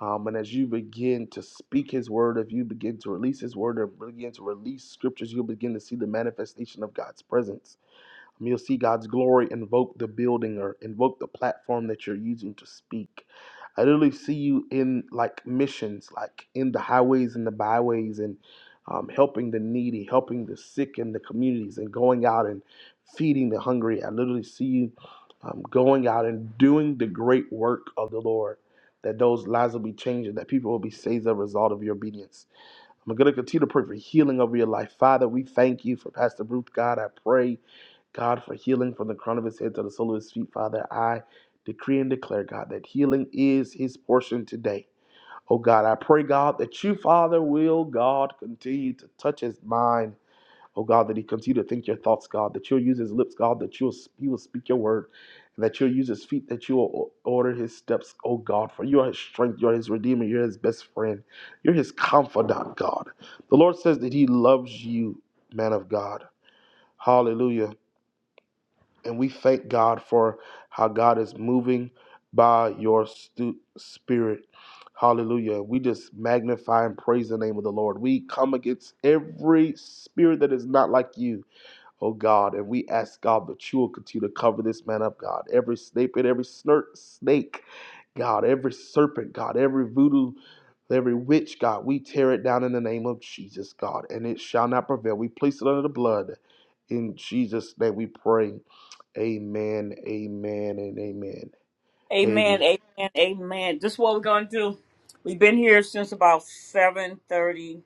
S2: Um, and as you begin to speak His word, if you begin to release His word or begin to release scriptures, you'll begin to see the manifestation of God's presence um, you'll see God's glory invoke the building or invoke the platform that you're using to speak. I literally see you in like missions, like in the highways and the byways, and um, helping the needy, helping the sick in the communities, and going out and feeding the hungry. I literally see you um, going out and doing the great work of the Lord. That those lives will be changed, and that people will be saved as a result of your obedience. I'm going to continue to pray for healing over your life. Father, we thank you for Pastor Ruth. God, I pray, God, for healing from the crown of his head to the sole of his feet. Father, I decree and declare, God, that healing is his portion today. Oh, God, I pray, God, that you, Father, will, God, continue to touch his mind. Oh God, that he continue to think your thoughts, God, that you'll use his lips, God, that you'll he will speak your word, and that you'll use his feet, that you will order his steps, oh God, for you are his strength, you are his redeemer, you're his best friend, you're his confidant, God. The Lord says that he loves you, man of God. Hallelujah. And we thank God for how God is moving by your stu- spirit. Hallelujah. We just magnify and praise the name of the Lord. We come against every spirit that is not like you oh God. And we ask God that you will continue to cover this man up, God. Every snake and every snir- snake, God, every serpent, God, every voodoo, every witch, God, we tear it down in the name of Jesus, God, and it shall not prevail. We place it under the blood. In Jesus' name we pray. Amen, amen, and amen. Amen.
S1: Amen, amen, amen. This is what we're gonna do. We've been here since about seven thirty.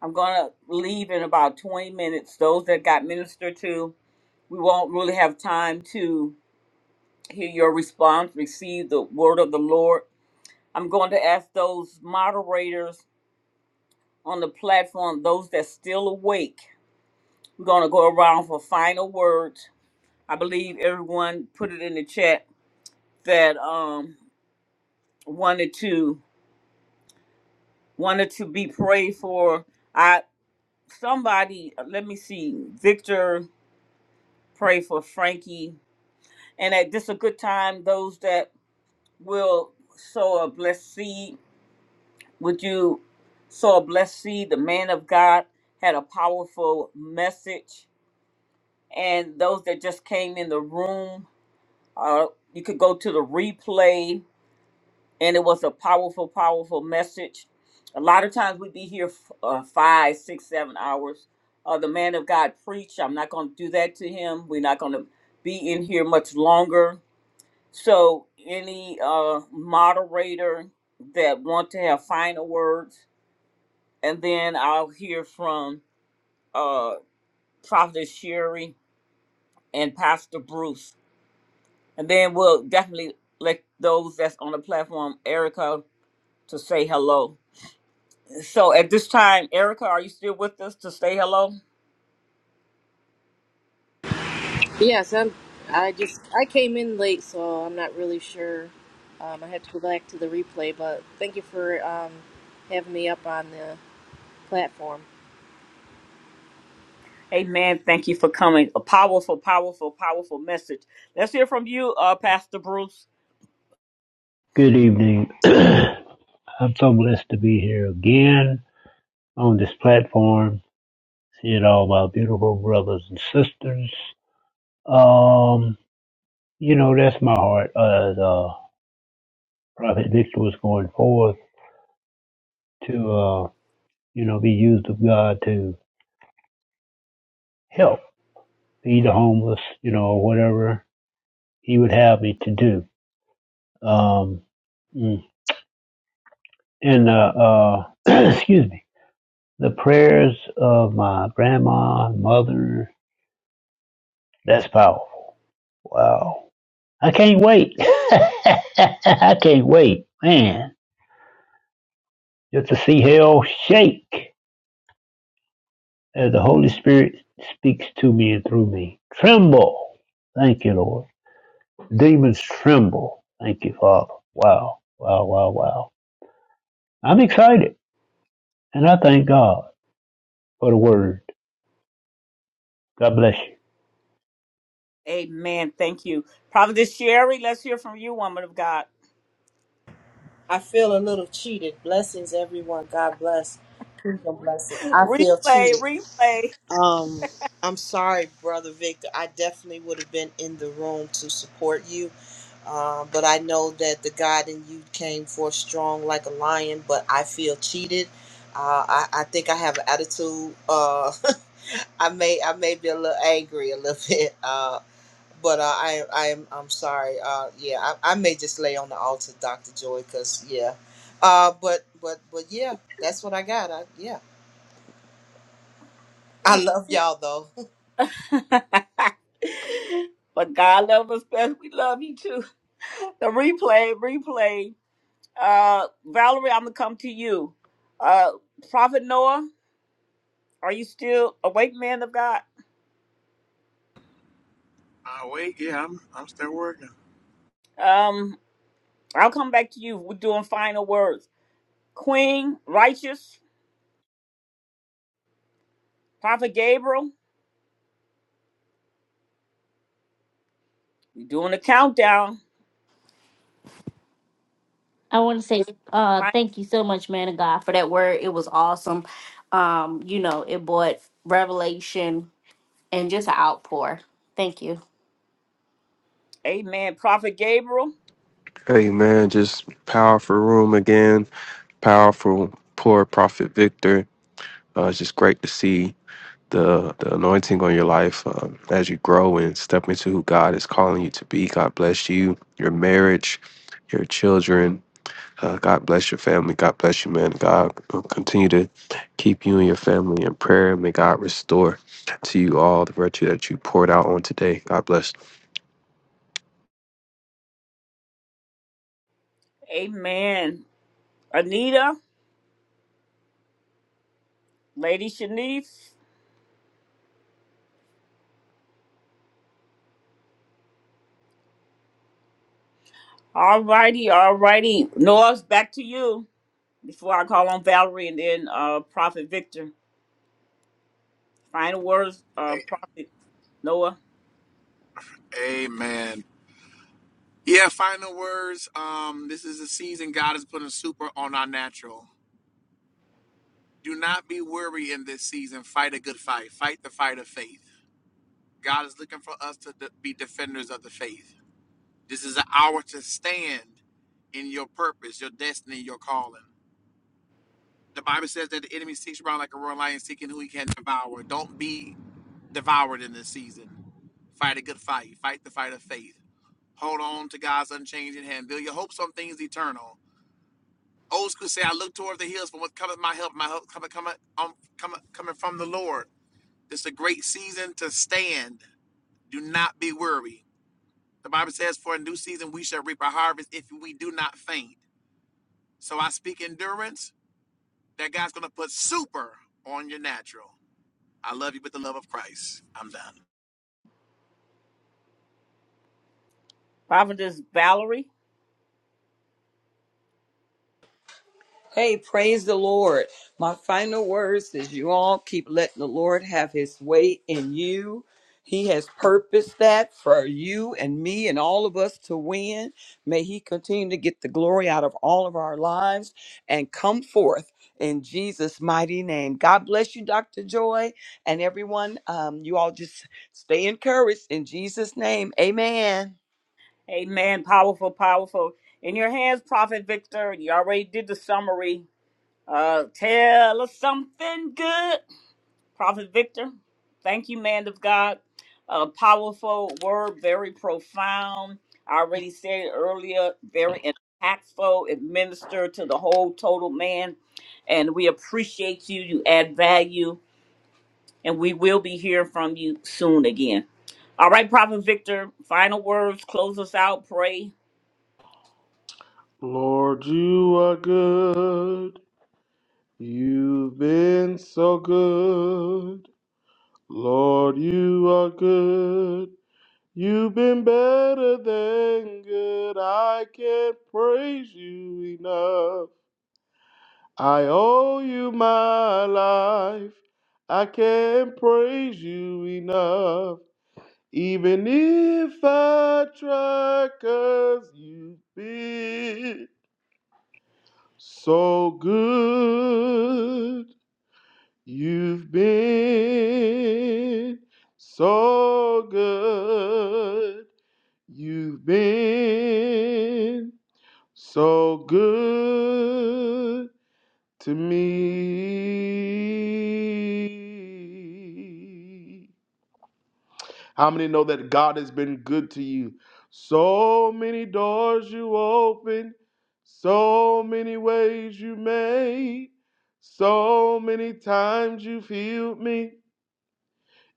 S1: I'm gonna leave in about twenty minutes. Those that got ministered to, we won't really have time to hear your response, receive the word of the Lord. I'm going to ask those moderators on the platform, those that's still awake, we're going to go around for final words. I believe everyone put it in the chat that um wanted to wanted to be prayed for. I somebody let me see Victor pray for Frankie, and at this a good time those that will sow a blessed seed Would you sow a blessed seed? The man of God had a powerful message. And those that just came in the room, uh, you could go to the replay, and it was a powerful, powerful message. A lot of times we'd be here f- uh, five, six, seven hours. Uh, the man of God preached. I'm not going to do that to him. We're not going to be in here much longer. So, any uh, moderator that want to have final words, and then I'll hear from uh Prophet Sherry and Pastor Bruce. And then we'll definitely let those that's on the platform, Erica, to say hello. So at this time, Erica, are you still with us to say hello?
S12: Yes, I'm. I just I came in late, so I'm not really sure. Um, I had to go back to the replay, but thank you for um, having me up on the platform.
S1: Amen. Thank you for coming. A powerful, powerful, powerful message. Let's hear from you, uh, Pastor Bruce.
S13: Good evening. I'm so blessed to be here again on this platform, seeing all my beautiful brothers and sisters. Um, you know, that's my heart uh, as uh, Prophet Victor was going forth to, uh, you know, be used of God to help feed the homeless, you know, whatever he would have me to do. Um, mm. and, uh, uh, excuse me, the prayers of my grandma, mother, that's powerful. Wow I can't wait. I can't wait, man, just to see hell shake as the Holy Spirit speaks to me and through me. Tremble. Thank you, Lord. Demons tremble. Thank you, Father. Wow, wow, wow, wow. I'm excited, and I thank God for the word. God bless you.
S1: Amen. Thank you. Prophet Sherry, let's hear from you, woman of God.
S14: I feel a little cheated. Blessings, everyone. God bless. Kingdom blessings. I feel
S1: Replay,
S14: cheated.
S1: replay.
S14: Um, I'm sorry, brother Victor. I definitely would have been in the room to support you, um, but I know that the God in you came forth strong like a lion. But I feel cheated. Uh, I, I think I have an attitude. Uh, I may I may be a little angry a little bit. uh, but uh, I, I'm, I'm sorry. Uh, yeah, I, I may just lay on the altar, Doctor Joy, because yeah. Uh, but, but, but yeah, that's what I got. I, yeah, I love y'all though.
S1: but God love us best. We love you too. The replay, replay. Uh, Valerie, I'm gonna come to you. Uh, Prophet Noah, are you still awake, man of God?
S4: Ah, wait, yeah, I'm I'm still working.
S1: Um, I'll come back to you. We're doing final words. Queen, righteous, Prophet Gabriel. We're doing a countdown.
S7: I want to say uh
S1: Fi-
S7: thank you so much, man of God, for that word. It was awesome. Um, you know, it brought revelation and just an outpour. Thank you.
S1: Amen. Prophet Gabriel.
S6: Amen. Just powerful room again. Powerful, poor prophet Victor. Uh, it's just great to see the the anointing on your life um, as you grow and step into who God is calling you to be. God bless you, your marriage, your children. Uh, God bless your family. God bless you, man. God will continue to keep you and your family in prayer. May God restore to you all the virtue that you poured out on today. God bless.
S1: Amen. Anita, Lady Shanice. All righty, all righty. Noah's back to you. before I call on Valerie and then uh, Prophet Victor. Final words, uh,
S4: A-
S1: Prophet Noah.
S4: Amen. Yeah, final words. Um, this is the season God is putting super on our natural. Do not be weary in this season. Fight a good fight. Fight the fight of faith. God is looking for us to de- be defenders of the faith. This is an hour to stand in your purpose, your destiny, your calling. The Bible says that the enemy seeks around like a roaring lion seeking who he can devour. Don't be devoured in this season. Fight a good fight. Fight the fight of faith. Hold on to God's unchanging hand. Build your hopes on things eternal. Old school say, I look toward the hills from what cometh my help. My help cometh, cometh, um, cometh, coming from the Lord. This is a great season to stand. Do not be weary. The Bible says, for a new season we shall reap a harvest if we do not faint. So I speak endurance. That God's going to put super on your natural. I love you with the love of Christ. I'm done.
S1: Prophetess Valerie.
S3: Hey, praise the Lord. My final words is you all keep letting the Lord have his way in you. He has purposed that for you and me and all of us to win. May he continue to get the glory out of all of our lives and come forth in Jesus' mighty name. God bless you, Dr. Joy, and everyone. Um, you all just stay encouraged in Jesus' name. Amen.
S1: Amen. Powerful, powerful. In your hands, Prophet Victor. You already did the summary. Uh, tell us something good, Prophet Victor. Thank you, man of God. A powerful word, very profound. I already said it earlier, very impactful. It ministered to the whole total man. And we appreciate you. You add value and we will be hearing from you soon again. All right, Prophet Victor, final words, close us out, pray.
S2: Lord, you are good. You've been so good. Lord, you are good. You've been better than good. I can't praise you enough. I owe you my life. I can't praise you enough. Even if I try, you you've been so good. You've been so good. You've been So good to me. How many know that God has been good to you? So many doors you opened, so many ways you made, so many times you've healed me.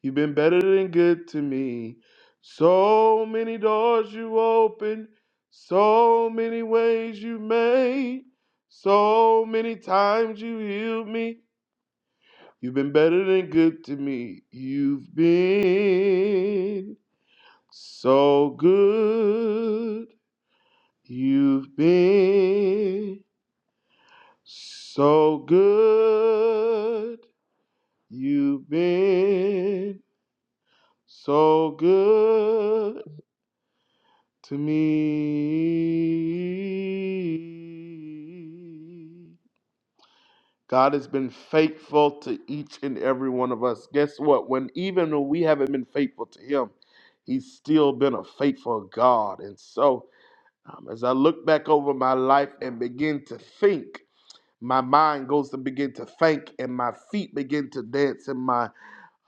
S2: You've been better than good to me. So many doors you opened, so many ways you made, so many times you healed me. You've been better than good to me. You've been so good. You've been so good. You've been so good. to me. God has been faithful to each and every one of us. Guess what? When even when we haven't been faithful to Him, He's still been a faithful God. And so, um, as I look back over my life and begin to think, my mind goes to begin to think, and my feet begin to dance, and my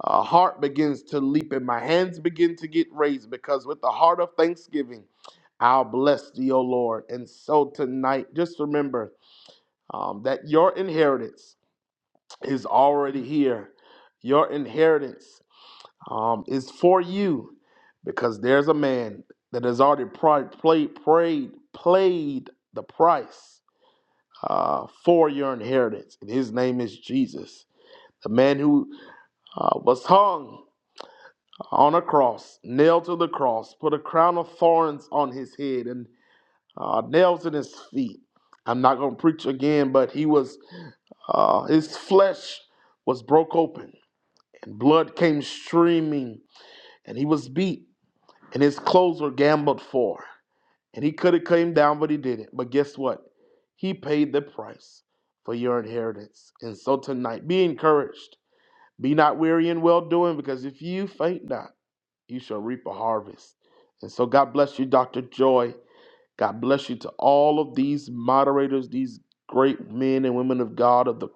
S2: uh, heart begins to leap and my hands begin to get raised because with the heart of thanksgiving I'll bless thee, O Lord. And so tonight, just remember um, that your inheritance is already here. Your inheritance um, is for you because there's a man that has already pri- played, prayed, played the price uh, for your inheritance. And his name is Jesus, the man who uh, was hung on a cross, nailed to the cross, put a crown of thorns on his head and uh, nails in his feet. I'm not going to preach again, but he was, uh, his flesh was broke open and blood came streaming and he was beat and his clothes were gambled for. And he could have came down, but he didn't. But guess what? He paid the price for your inheritance. And so tonight, be encouraged. Be not weary in well doing because if you faint not, you shall reap a harvest. And so, God bless you, Dr. Joy. God bless you to all of these moderators, these great men and women of God of the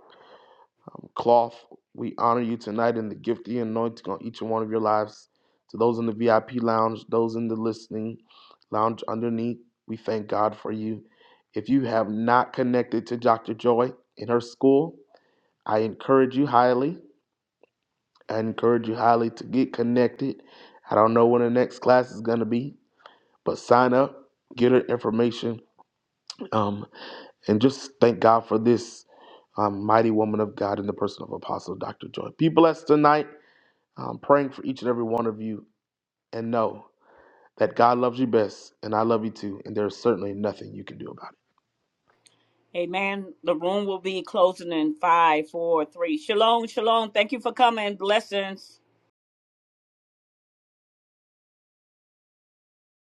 S2: cloth. We honor you tonight in the gift, the anointing on each and one of your lives. To those in the VIP lounge, those in the listening lounge underneath, we thank God for you. If you have not connected to Dr. Joy in her school, I encourage you highly. I encourage you highly to get connected. I don't know when the next class is going to be, But sign up, get her information, um, and just thank God for this um, mighty woman of God in the person of Apostle Dr. Joy. Be blessed tonight. I'm praying for each and every one of you, and know that God loves you best, and I love you too, and there's certainly nothing you can do about it.
S1: Amen. The room will be closing in five, four, three. Shalom, shalom. Thank you for coming. Blessings.